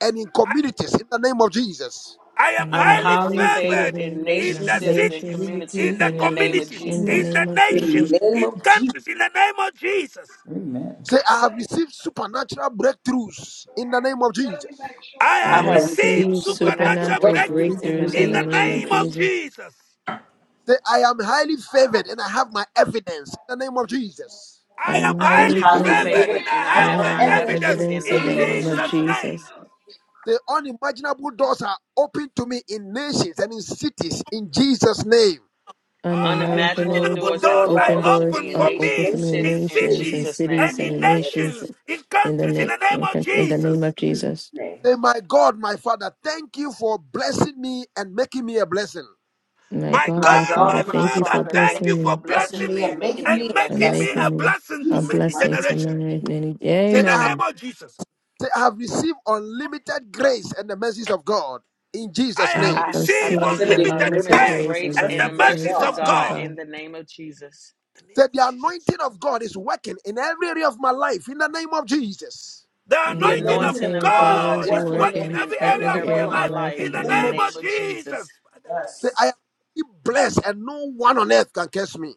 E: and in
A: I,
E: communities in the name of Jesus.
A: I
B: I
A: am
D: I'm
F: I am
B: am
A: highly
D: highly
B: highly
F: highly
D: favored
A: favored
F: favored in
D: in
B: favored
A: in
D: nations,
B: in
A: the
F: nations and
D: cities, and
A: cities,
B: nations,
D: communities
A: in
F: communities
A: the
D: in the name
F: and
D: of
B: communities,
A: communities,
B: in the
F: cities.
A: in
D: Jesus.
B: name
A: the
B: of
F: In
B: Jesus.
A: nations,
F: the name
A: in
F: of Jesus,
A: countries, in the name of Jesus.
E: Say, I have received supernatural breakthroughs in the name of Jesus.
A: I
B: I
D: I
A: have
D: have
A: received
D: received
B: receive
D: supernatural
A: supernatural
B: supernatural
F: it
D: breakthroughs
F: is
A: breakthrough
F: in
D: in the
F: the
B: breakthroughs in
A: in
B: the
F: name
D: name
A: the
D: of
B: name of
A: name of
D: Jesus.
B: Jesus.
A: Jesus.
E: Say, I am highly favored and I have my evidence in the name of Jesus.
B: I
A: I am
B: am
D: I
F: I
D: am
F: am
B: highly
A: highly
D: highly
F: highly
B: favored
A: favored
F: favored
D: favored
A: and I
D: and I
B: and
A: have
B: I
D: have
A: my
F: and
B: have
D: my
B: my
F: evidence in
A: evidence
D: evidence in
B: evidence
F: the
D: the
A: in
B: in the
F: name
D: name
F: of
D: of
B: name
F: Jesus.
G: I
B: of
A: Jesus'
D: Jesus.
A: name.
B: Jesus.
G: want to eat too.
E: The unimaginable doors are open to me in nations and in cities in Jesus' name.
D: Unimaginable
B: Unimaginable
A: Unimaginable
F: Multiple
D: doors have
A: doors
F: doors
A: I
F: are
D: opened
B: open
D: unto
F: open to
B: doors
A: open
D: me in
A: for
F: me
B: are
F: in
D: nations
B: open
A: me
D: and
B: for me in
F: nations'
A: in
D: cities in
B: nations and
A: cities
D: Jesus'
A: and
B: cities
D: name.
B: and
A: in
B: in nations
A: nations, in
B: in the,
A: countries, in the
B: na-
A: name of
B: in the name
A: Jesus.
B: of Jesus.
F: name.
E: Say, my God, my Father, thank you for blessing me and making me a blessing.
B: My
A: My
B: God,
D: My
B: my
A: God,
F: God
A: my
B: Father,
D: God,
F: is
D: my
B: thank you
A: Father,
B: for
D: Father,
A: thank
D: thank
A: you
D: you
B: blessing
A: for
D: for
B: me
F: blessing
D: blessing
A: blessing
F: me
D: me
A: me
F: and
D: and making
F: making
D: me
A: and
D: a
F: me a
B: and
A: making
D: blessing.
A: me
F: blessing.
A: a
B: making me
A: blessing to
B: a
F: Jesus,
A: many
F: my
B: blessing to
A: generations.
B: many. and many.
E: Say,
A: In
E: I
A: the
E: have,
A: name
B: Amen.
A: of Jesus,
E: say, I have received unlimited grace and the mercies of God in
A: I
E: Jesus'
B: I
A: have
E: name.
D: I,
B: have
D: I
A: received
B: seen
D: receive
F: unlimited
A: unlimited
B: unlimited
D: unlimited
F: grace and
A: grace
F: the
B: grace in
D: grace
B: the
A: and
D: and
A: the
D: the
B: land
F: mercies of
D: mercies
A: mercies
D: of
A: of
F: God.
B: of
D: God
A: God.
D: in
B: God.
D: the name of Jesus.
A: In the name
E: Say,
A: of
E: the anointing
A: Jesus.
E: of God is working in every area of my life in the name of Jesus.
A: The
B: And
F: The
D: The
B: The
A: anointing
F: anointing
D: anointing
A: of
B: anointing
F: of
D: of
B: of
F: God
B: God
F: is
D: God
B: is
A: God is
D: is
F: working in
A: working
D: working
B: working
F: every
D: in
A: every
B: in
F: area
D: every
A: area
F: of
A: of
B: every
F: my
D: area
B: area
A: my
D: of
B: of my
F: life.
D: my
A: life.
B: life
D: life
B: in
A: In
F: In
B: the
A: the
F: the
D: in the
F: name
B: name
F: of
B: of
A: name of
D: name of Jesus.
A: Jesus.
E: Say, I
F: Jesus,
E: am blessed and no one on earth can curse me.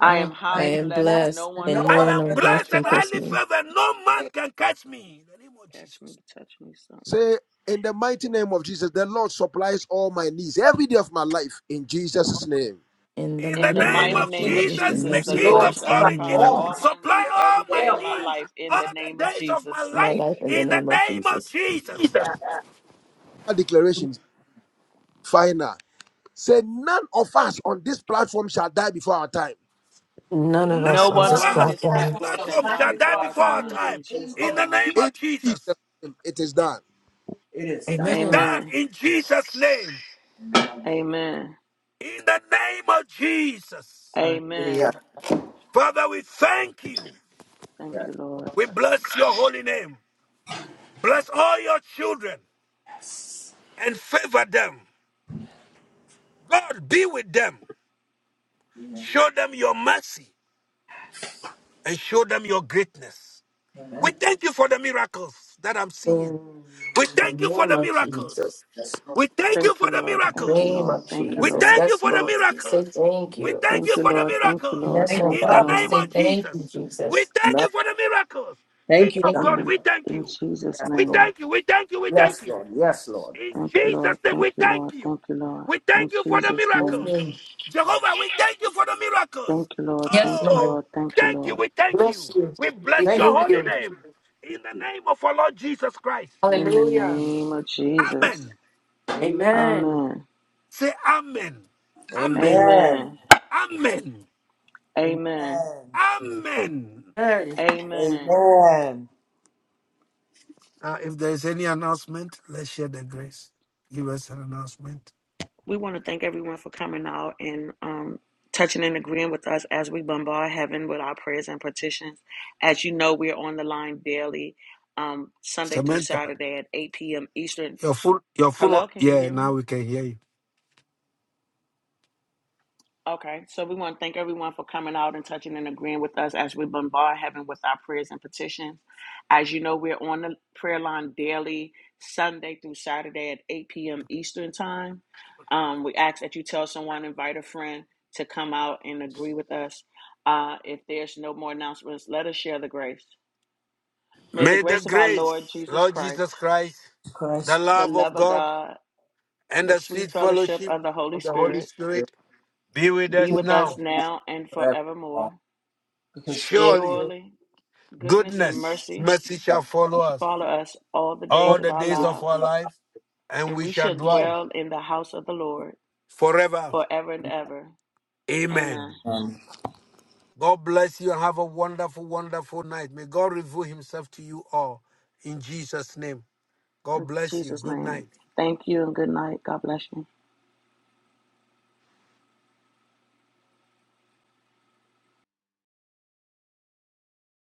D: I am
F: I
B: I
D: highly
F: am
B: am
D: blessed
F: blessed.
D: and
B: blessed,
D: no
F: and
D: one
F: No
B: and
D: on
A: I
B: no
D: earth
F: one
B: one
A: am
B: on
D: can
B: earth
A: blessed
D: touch
A: and
D: me.
B: can curse
A: highly
B: me.
A: favored. No man can catch me. In the name of
D: Catch
A: Jesus.
D: me, touch me, son.
E: Say, in the mighty name of Jesus, the Lord supplies all my needs every day of my life in Jesus' name.
B: In the
A: In the
D: In
F: In
B: mighty
D: the
F: the
A: name
B: name
F: mighty
D: mighty
B: of
A: of
F: name
D: name
F: of
D: of
B: Jesus, the
A: Jesus,
D: Jesus,
A: the
F: Jesus,
B: Lord
D: the
F: the
A: King
D: Lord
F: Lord
B: supplies
A: of
D: shall
F: supply
B: all
A: glory,
B: my
D: supply
A: Jesus,
F: all
D: all
F: my
B: needs
D: my
A: supply
D: needs
F: needs every
A: all
D: every
F: day
D: day
A: my
D: of
F: of
D: my
F: my
A: needs
F: life.
D: life in
A: all
D: the
A: the
D: name of
A: days of my
D: Jesus.
B: in my
A: life
F: Amen.
B: life in the
A: in the
B: name of
A: name of
B: Jesus.
A: Jesus.
F: God,
E: That declaration, is final. Say, none of us on this platform shall die before our time.
B: None of
F: None
B: us
A: None
D: No
B: on
F: of
A: of
D: one
B: this
F: us on
D: on
F: this
A: us
D: this
A: in this
B: platform.
F: platform
D: platform
F: shall
D: shall
A: platform
F: die
D: die
A: shall
F: before
A: die
D: before
F: our
D: our
A: before our
F: time in
D: time
F: the
A: time.
D: in
F: name
A: In
D: Jesus'
F: of
A: the
D: name.
A: name
F: Jesus.
E: In
A: of
E: Jesus'
A: Jesus.
E: name, it is done.
F: It is
A: It
F: done.
A: is
B: Amen
A: done
D: Amen.
A: in Jesus' name.
D: Amen.
A: In the name of Jesus.
F: Hallelujah.
D: Amen.
A: Father, we thank you.
D: Thank
F: Yes.
D: you, Lord.
A: We bless your holy name. Bless all your children and favor them. God, be with them.
F: Amen.
A: Show them your mercy and show them your greatness. We
F: Amen.
A: thank you for the miracles that I'm seeing.
B: Mm,
A: We
B: In the
A: thank you for
B: name
A: the
B: of
A: miracles.
B: Jesus.
F: Yes, Lord.
A: We thank you
D: Thank you,
A: for the
D: Lord.
B: In the
D: Thank you,
B: name
A: miracles.
D: Lord.
B: of
D: Thank you,
A: We
B: Jesus.
D: Lord.
A: thank you
B: Yes,
A: for the
B: Lord. We say
A: miracles.
B: thank
A: We
B: you.
A: thank
D: Thank
A: you
D: you,
A: for the
D: Lord. Thank you,
A: miracles.
D: Lord.
B: Yes,
F: Thank
B: Lord
D: Thank
F: you,
A: In
D: you,
A: the
F: God.
B: God. We
A: name
D: Lord.
B: say
A: of
B: thank you,
A: Jesus. We
B: Jesus.
A: thank
F: Amen.
A: you for the miracles. King
F: Thank you,
B: Thank
A: of
F: God.
A: glory,
B: you.
D: In
A: we thank
D: in
A: you.
D: Jesus'
F: Yes,
A: We
F: Lord.
D: name.
A: thank you. We thank you. We thank
F: Yes,
A: you.
F: Lord. Yes, Lord.
A: In
D: Thank you,
A: Jesus'
D: Lord.
A: name,
D: Thank
A: we
D: you,
A: thank
D: Lord.
A: you.
D: Thank you, Lord.
A: We
D: In
A: thank you for the
D: Jesus'
A: miracles.
D: name.
B: Amen.
A: Jehovah, we thank you for the miracles.
D: Thank you, Lord.
B: Yes,
D: Thank you,
A: Oh,
B: Lord.
D: Lord. Thank you,
A: thank you.
D: Lord.
A: We thank
B: Bless
A: you.
B: you.
A: We bless
B: We
F: Thank
A: your
B: thank
A: holy
B: you.
A: name. In the
F: you.
A: name of our Lord Jesus Christ.
D: In the
B: Hallelujah.
D: name of Jesus.
A: Amen.
F: Amen.
B: Amen.
D: Amen.
A: Say amen. Amen.
F: Amen.
D: Amen.
A: Amen.
D: Amen.
F: Amen.
A: Amen.
B: Amen.
D: Amen.
F: Amen.
A: Now, if there is any announcement, let's share the grace. Give us an announcement.
D: We want to thank everyone for coming out and um, touching and agreeing with us as we bombard heaven with our prayers and petitions. As you know, we're on the line daily, um, Sunday through
A: Samantha,
D: Saturday at 8 p.m. Eastern.
A: your phone, your phone.
D: Hello, can you
A: Yeah,
D: hear me?
A: now we can hear you.
D: Okay, so we want to thank everyone for coming out and touching and agreeing with us as we bombard heaven with our prayers and petitions. As you know, we're on the prayer line daily, Sunday through Saturday at 8 p.m. Eastern Time. Um, we ask that you tell someone, invite a friend to come out and agree with us. Uh, if there's no more announcements, let us share the grace. May the
A: May the
D: grace of our
A: grace,
D: Lord Jesus
A: Lord
D: Christ,
A: Jesus Christ, the
F: That's
D: the
A: love of
D: love of
A: God,
D: God,
A: and
D: the
A: the
D: sweet
A: sweet
D: fellowship
A: fellowship
D: of the Holy
A: of the Holy
D: Spirit
F: true
A: Spirit be with
D: be
A: us
D: with us
A: now.
D: now and
F: forever.
D: forevermore.
F: Because surely
A: Surely,
D: Surely. Goodness and
A: goodness,
D: mercy
A: mercy
F: you
A: shall
F: shall
A: follow
D: shall
A: us
D: follow us all the days
A: all
D: of
A: the
D: our
A: days of
F: fall.
D: lives,
A: our life, and
D: and
A: we
D: we
A: shall
D: shall
A: dwell
D: dwell in the house of the Lord
A: forever.
D: forever and ever.
A: Amen.
D: Amen.
A: God bless you and have a wonderful, wonderful night. May God reveal himself to you all in Jesus' name. God
D: In
A: bless you.
D: Jesus'
A: Good
D: name.
A: night.
D: Thank you and good night. God bless you.